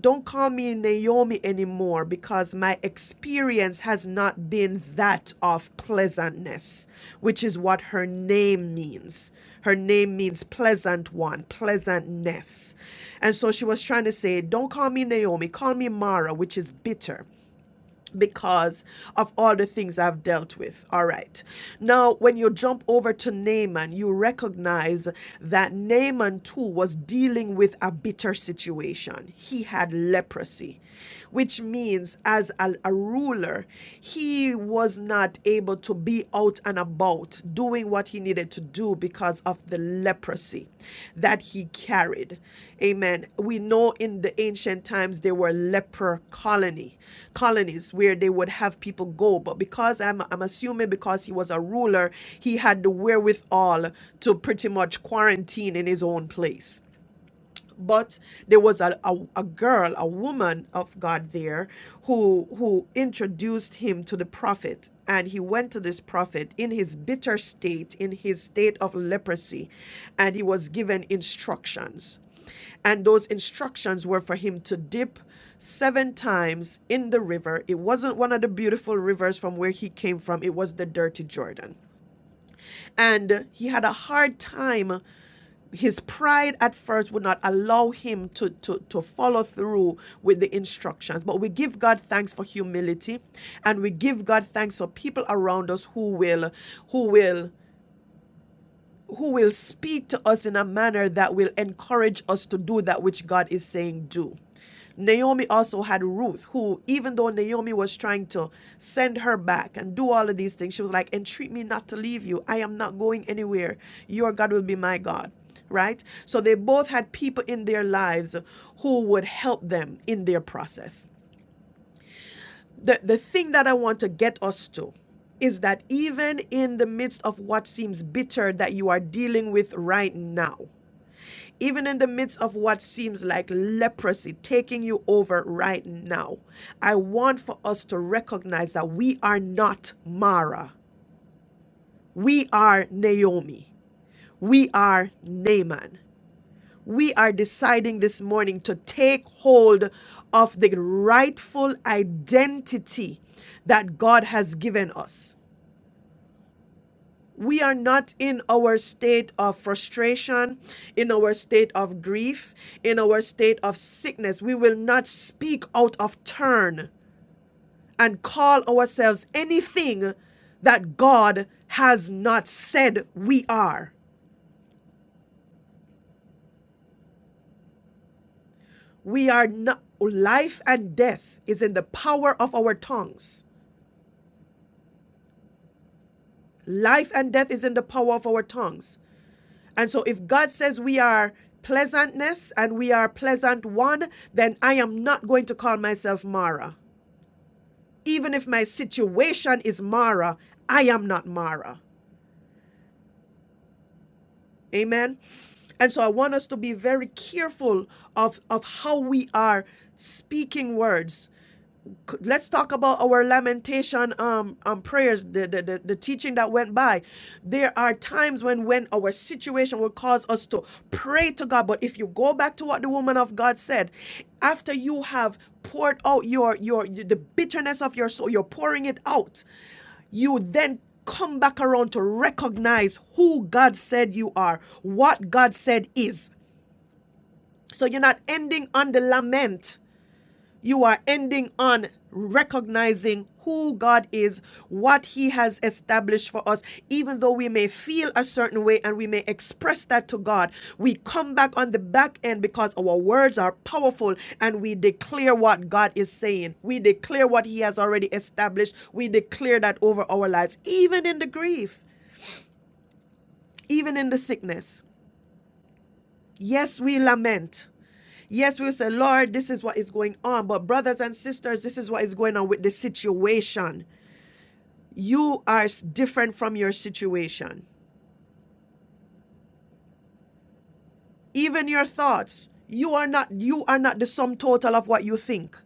S2: don't call me Naomi anymore because my experience has not been that of pleasantness, which is what her name means. Her name means pleasant one, pleasantness. And so she was trying to say, Don't call me Naomi, call me Mara, which is bitter because of all the things I've dealt with. All right. Now, when you jump over to Naaman, you recognize that Naaman too was dealing with a bitter situation. He had leprosy, which means, as a, a ruler, he was not able to be out and about not doing what he needed to do because of the leprosy that he carried. Amen. We know in the ancient times there were leper colony colonies where they would have people go, but because I'm I'm assuming because he was a ruler, he had the wherewithal to pretty much quarantine in his own place but there was a, a, a girl, a woman of God there who who introduced him to the prophet. And he went to this prophet in his bitter state, in his state of leprosy, and he was given instructions. And those instructions were for him to dip seven times in the river. It wasn't one of the beautiful rivers from where he came from, it was the dirty Jordan. And he had a hard time his pride at first would not allow him to, to, to follow through with the instructions. But we give God thanks for humility and we give God thanks for people around us who will who will who will speak to us in a manner that will encourage us to do that which God is saying do. Naomi also had Ruth, who, even though Naomi was trying to send her back and do all of these things, she was like, Entreat me not to leave you. I am not going anywhere. Your God will be my God. Right? So they both had people in their lives who would help them in their process the, the thing that I want to get us to is that even in the midst of what seems bitter that you are dealing with right now, even in the midst of what seems like leprosy taking you over right now, I want for us to recognize that we are not Mara. We are Naomi. We are Naaman. We are deciding this morning to take hold of the rightful identity that God has given us we are not in our state of frustration, in our state of grief, in our state of sickness. We will not speak out of turn and call ourselves anything that God has not said we are. We are not, life and death is in the power of our tongues. Life and death is in the power of our tongues. And so if God says we are pleasantness and we are pleasant one, then I am not going to call myself Mara. Even if my situation is Mara, I am not Mara. Amen. And so I want us to be very careful of, of how we are speaking words C- Let's talk about our lamentation um, um prayers, the, the, the, the teaching that went by. There are times when when our situation will cause us to pray to God. But if you go back to what the woman of God said, after you have poured out your your the bitterness of your soul, you're pouring it out, you then come back around to recognize who God said you are, what God said is. So you're not ending on the lament. You are ending on recognizing who God is, what He has established for us, even though we may feel a certain way and we may express that to God. We come back on the back end because our words are powerful and we declare what God is saying. We declare what He has already established. We declare that over our lives, even in the grief, even in the sickness. Yes, we lament. Yes, we'll say, Lord, this is what is going on. But, brothers and sisters, this is what is going on with the situation. You are different from your situation. Even your thoughts. You are not you are not the sum total of what you think.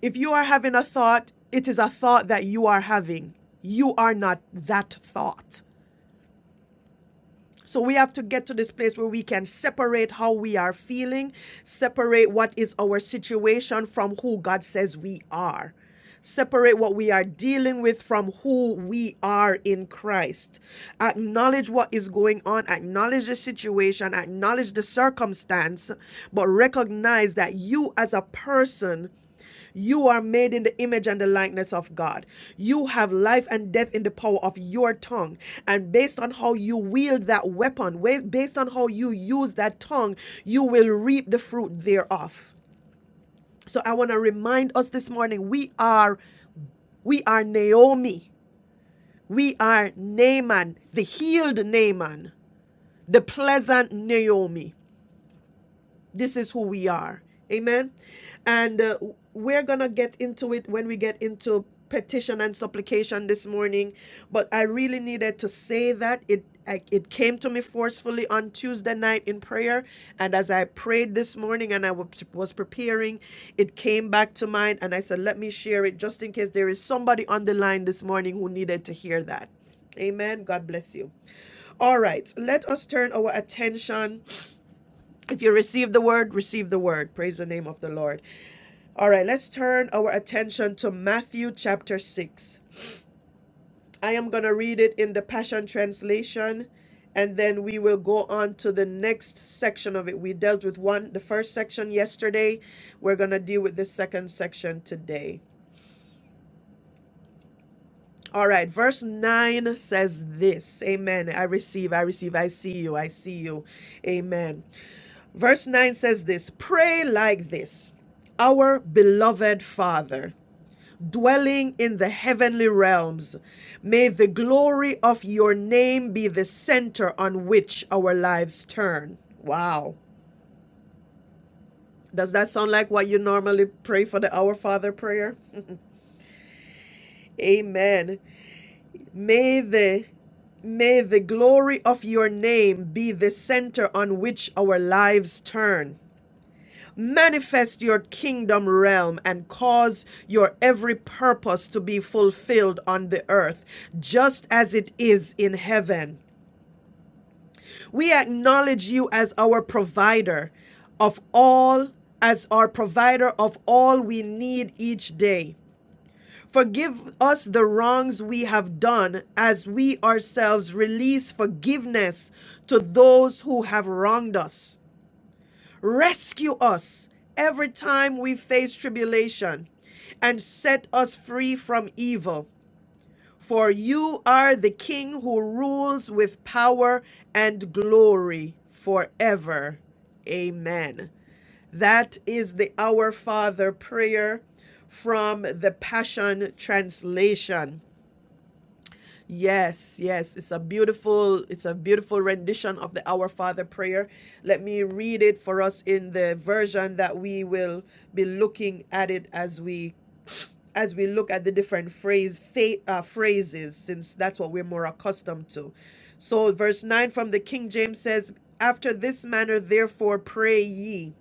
S2: If you are having a thought, it is a thought that you are having. You are not that thought. So we have to get to this place where we can separate how we are feeling, separate what is our situation from who God says we are. Separate what we are dealing with from who we are in Christ. Acknowledge what is going on, acknowledge the situation, acknowledge the circumstance, but recognize that you as a person you are made in the image and the likeness of God. You have life and death in the power of your tongue. And based on how you wield that weapon, wa- based on how you use that tongue, you will reap the fruit thereof. So I want to remind us this morning we are we are Naomi. We are Naaman, the healed Naaman, the pleasant Naomi. this is who we are. Amen. And uh, we're going to get into it when we get into petition and supplication this morning, but I really needed to say that it I, it came to me forcefully on Tuesday night in prayer, and as I prayed this morning and I wa- was preparing, it came back to mind, and I said, "Let me share it just in case there is somebody on the line this morning who needed to hear that." Amen. God bless you. All right, let us turn our attention if you receive the word, receive the word. Praise the name of the Lord. All right, let's turn our attention to Matthew chapter 6. I am going to read it in the Passion Translation and then we will go on to the next section of it. We dealt with one the first section yesterday. We're going to deal with the second section today. All right, verse 9 says this. Amen. I receive, I receive, I see you, I see you. Amen. Verse 9 says this Pray like this Our beloved Father, dwelling in the heavenly realms, may the glory of your name be the center on which our lives turn. Wow. Does that sound like what you normally pray for the Our Father prayer? Amen. May the May the glory of your name be the center on which our lives turn. Manifest your kingdom realm and cause your every purpose to be fulfilled on the earth, just as it is in heaven. We acknowledge you as our provider of all, as our provider of all we need each day. Forgive us the wrongs we have done as we ourselves release forgiveness to those who have wronged us. Rescue us every time we face tribulation and set us free from evil. For you are the King who rules with power and glory forever. Amen. That is the Our Father prayer from the Passion Translation. Yes, yes, it's a beautiful it's a beautiful rendition of the Our Father prayer. Let me read it for us in the version that we will be looking at it as we as we look at the different phrase fa- uh, phrases since that's what we're more accustomed to. So verse 9 from the King James says after this manner therefore pray ye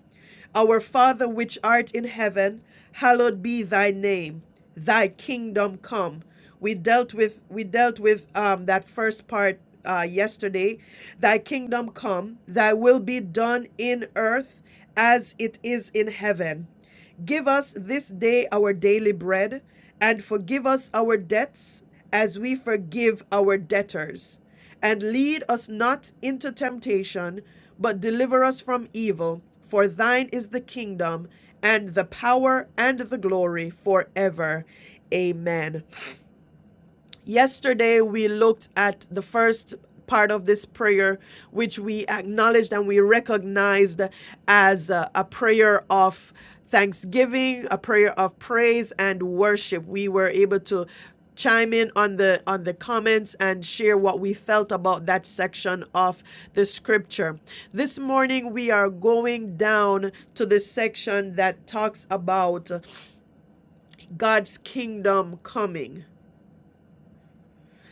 S2: our Father which art in heaven, hallowed be thy name. Thy kingdom come. We dealt with we dealt with um, that first part uh, yesterday. Thy kingdom come. Thy will be done in earth as it is in heaven. Give us this day our daily bread, and forgive us our debts as we forgive our debtors and lead us not into temptation, but deliver us from evil. For thine is the kingdom, and the power, and the glory forever. Amen. Yesterday, we looked at the first part of this prayer, which we acknowledged and we recognized as a, a prayer of thanksgiving, a prayer of praise and worship. We were able to chime in on the on the comments and share what we felt about that section of the scripture. This morning we are going down to the section that talks about God's kingdom coming.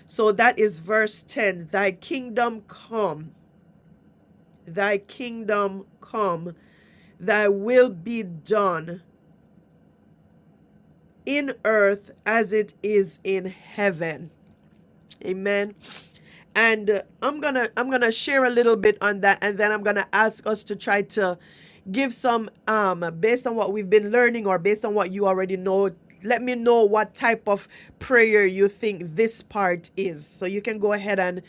S2: So that is verse 10. Thy kingdom come, thy kingdom come, thy will be done in earth as it is in heaven. Amen. And uh, I'm going to I'm going to share a little bit on that and then I'm going to ask us to try to give some um based on what we've been learning or based on what you already know let me know what type of prayer you think this part is so you can go ahead and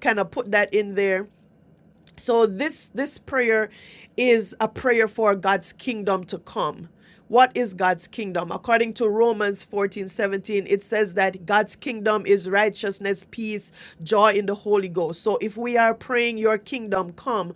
S2: kind of put that in there so this this prayer is a prayer for God's kingdom to come. What is God's kingdom? According to Romans 14 17, it says that God's kingdom is righteousness, peace, joy in the Holy Ghost. So if we are praying, Your kingdom come,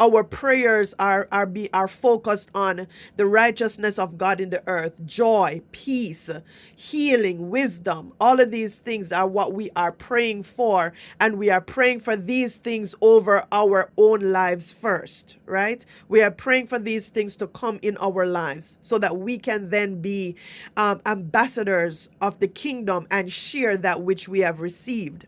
S2: our prayers are are be are focused on the righteousness of God in the earth, joy, peace, healing, wisdom. All of these things are what we are praying for, and we are praying for these things over our own lives first, right? We are praying for these things to come in our lives so that we can then be um, ambassadors of the kingdom and share that which we have received.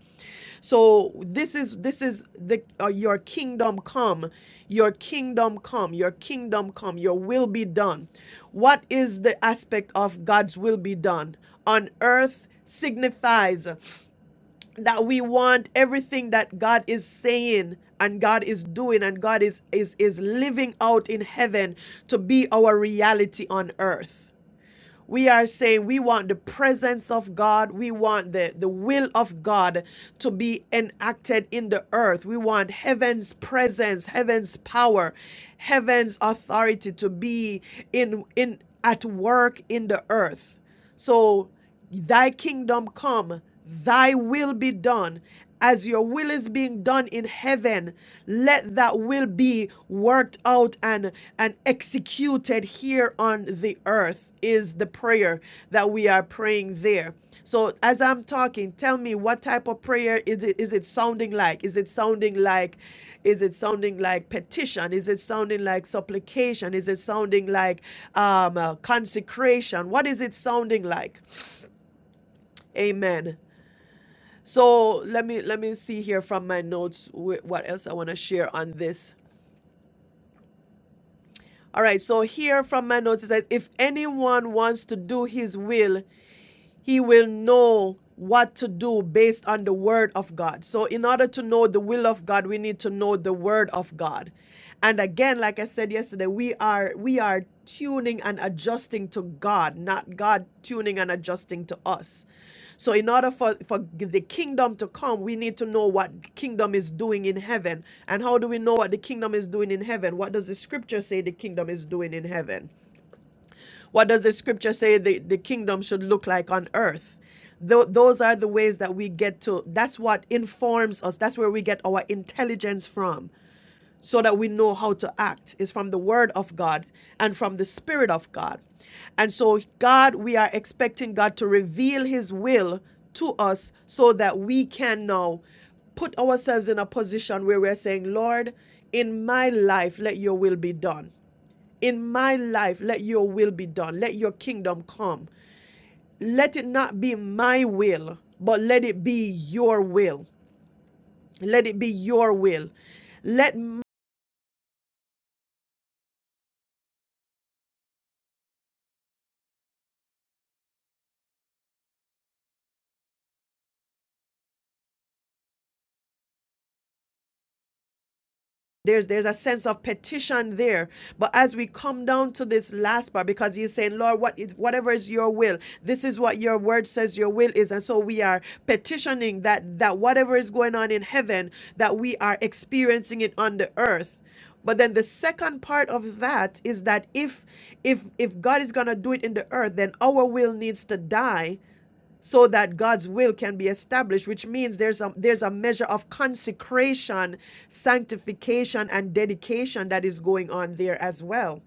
S2: So this is this is the uh, your kingdom come, your kingdom come, your kingdom come, your will be done. What is the aspect of God's will be done on earth signifies that we want everything that God is saying and God is doing and God is is is living out in heaven to be our reality on earth. We are saying we want the presence of God. We want the, the will of God to be enacted in the earth. We want heaven's presence, heaven's power, heaven's authority to be in in at work in the earth. So Thy kingdom come, thy will be done. As your will is being done in heaven, let that will be worked out and, and executed here on the earth, is the prayer that we are praying there. So, as I'm talking, tell me what type of prayer is it, is it sounding like? Is it sounding like is it sounding like petition? Is it sounding like supplication? Is it sounding like um, uh, consecration? What is it sounding like? Amen. So let me let me see here from my notes wh- what else I want to share on this. All right, so here from my notes is that if anyone wants to do his will, he will know what to do based on the word of God. So, in order to know the will of God, we need to know the word of God. And again, like I said yesterday, we are we are tuning and adjusting to God, not God tuning and adjusting to us. So, in order for, for the kingdom to come, we need to know what kingdom is doing in heaven. And how do we know what the kingdom is doing in heaven? What does the scripture say the kingdom is doing in heaven? What does the scripture say the, the kingdom should look like on earth? Tho- those are the ways that we get to, that's what informs us. That's where we get our intelligence from, so that we know how to act, is from the word of God and from the spirit of God. And so, God, we are expecting God to reveal his will to us so that we can now put ourselves in a position where we're saying, Lord, in my life, let your will be done in my life, let your will be done. Let your kingdom come. Let it not be my will, but let it be your will. Let it be your will. Let There's there's a sense of petition there. But as we come down to this last part, because he's saying, Lord, what is whatever is your will, this is what your word says your will is. And so we are petitioning that that whatever is going on in heaven, that we are experiencing it on the earth. But then the second part of that is that if if if God is gonna do it in the earth, then our will needs to die so that God's will can be established, which means there's a there's a measure of consecration, sanctification, and dedication that is going on there as well.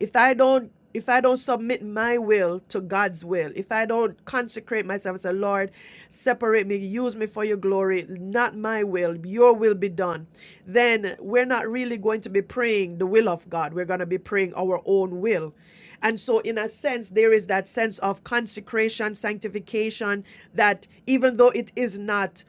S2: If I don't if I don't submit my will to God's will, if I don't consecrate myself and say, Lord, separate me, use me for your glory, not my will, your will be done, then we're not really going to be praying the will of God. We're going to be praying our own will. And so, in a sense, there is that sense of consecration, sanctification, that even though it is not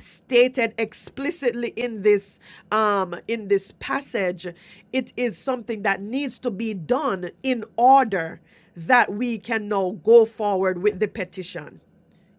S2: stated explicitly in this um in this passage it is something that needs to be done in order that we can now go forward with the petition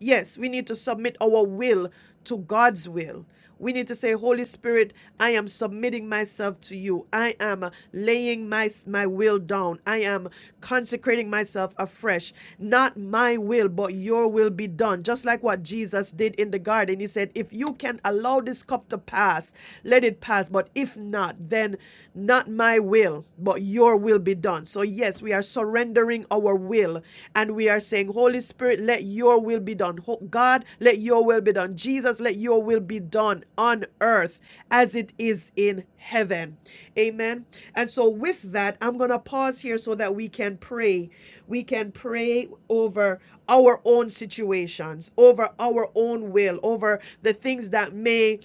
S2: Yes, we need to submit our will to God's will. We need to say, Holy Spirit, I am submitting myself to you. I am laying my, my will down. I am consecrating myself afresh. Not my will, but your will be done. Just like what Jesus did in the garden. He said, If you can allow this cup to pass, let it pass. But if not, then not my will, but your will will be done. So, yes, we are surrendering our will and we are saying, Holy Spirit, let your will be done. God, let your will be done. Jesus, let your will be done on earth as it is in heaven. Amen. And so, with that, I'm going to pause here so that we can pray. We can pray over our own situations, over our own will, over the things that may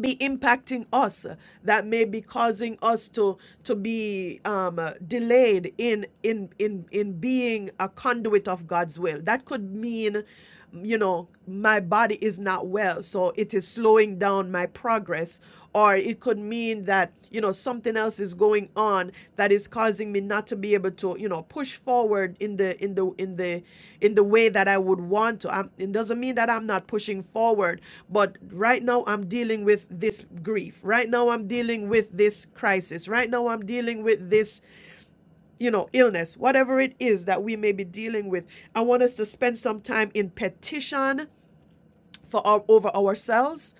S2: be impacting us uh, that may be causing us to to be um, uh, delayed in in in in being a conduit of God's will. That could mean, you know, my body is not well, so it is slowing down my progress, or it could mean that you know something else is going on that is causing me not to be able to you know push forward in the in the in the in the way that I would want to i it doesn't mean that I'm not pushing forward but right now I'm dealing with this grief right now I'm dealing with this crisis right now I'm dealing with this you know illness whatever it is that we may be dealing with I want us to spend some time in petition for our, over ourselves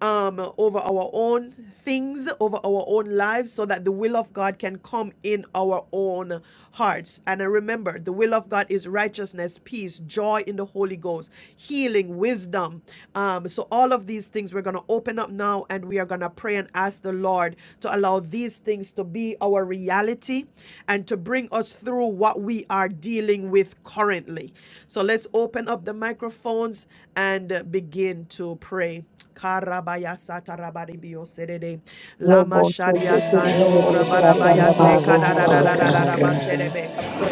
S2: um over our own things over our own lives so that the will of god can come in our own hearts and i remember the will of god is righteousness peace joy in the holy ghost healing wisdom um so all of these things we're going to open up now and we are going to pray and ask the lord to allow these things to be our reality and to bring us through what we are dealing with currently. So let's open up the microphones and uh, begin to pray. Karabaya satarabaribiyo sedede. Lama
S3: Lobo
S2: sharia
S3: sheke tere
S2: sando
S3: tere tere
S2: rabarabaya
S9: Our
S3: satara
S9: Father who art in
S2: sekadadadadadadadaba
S9: heaven,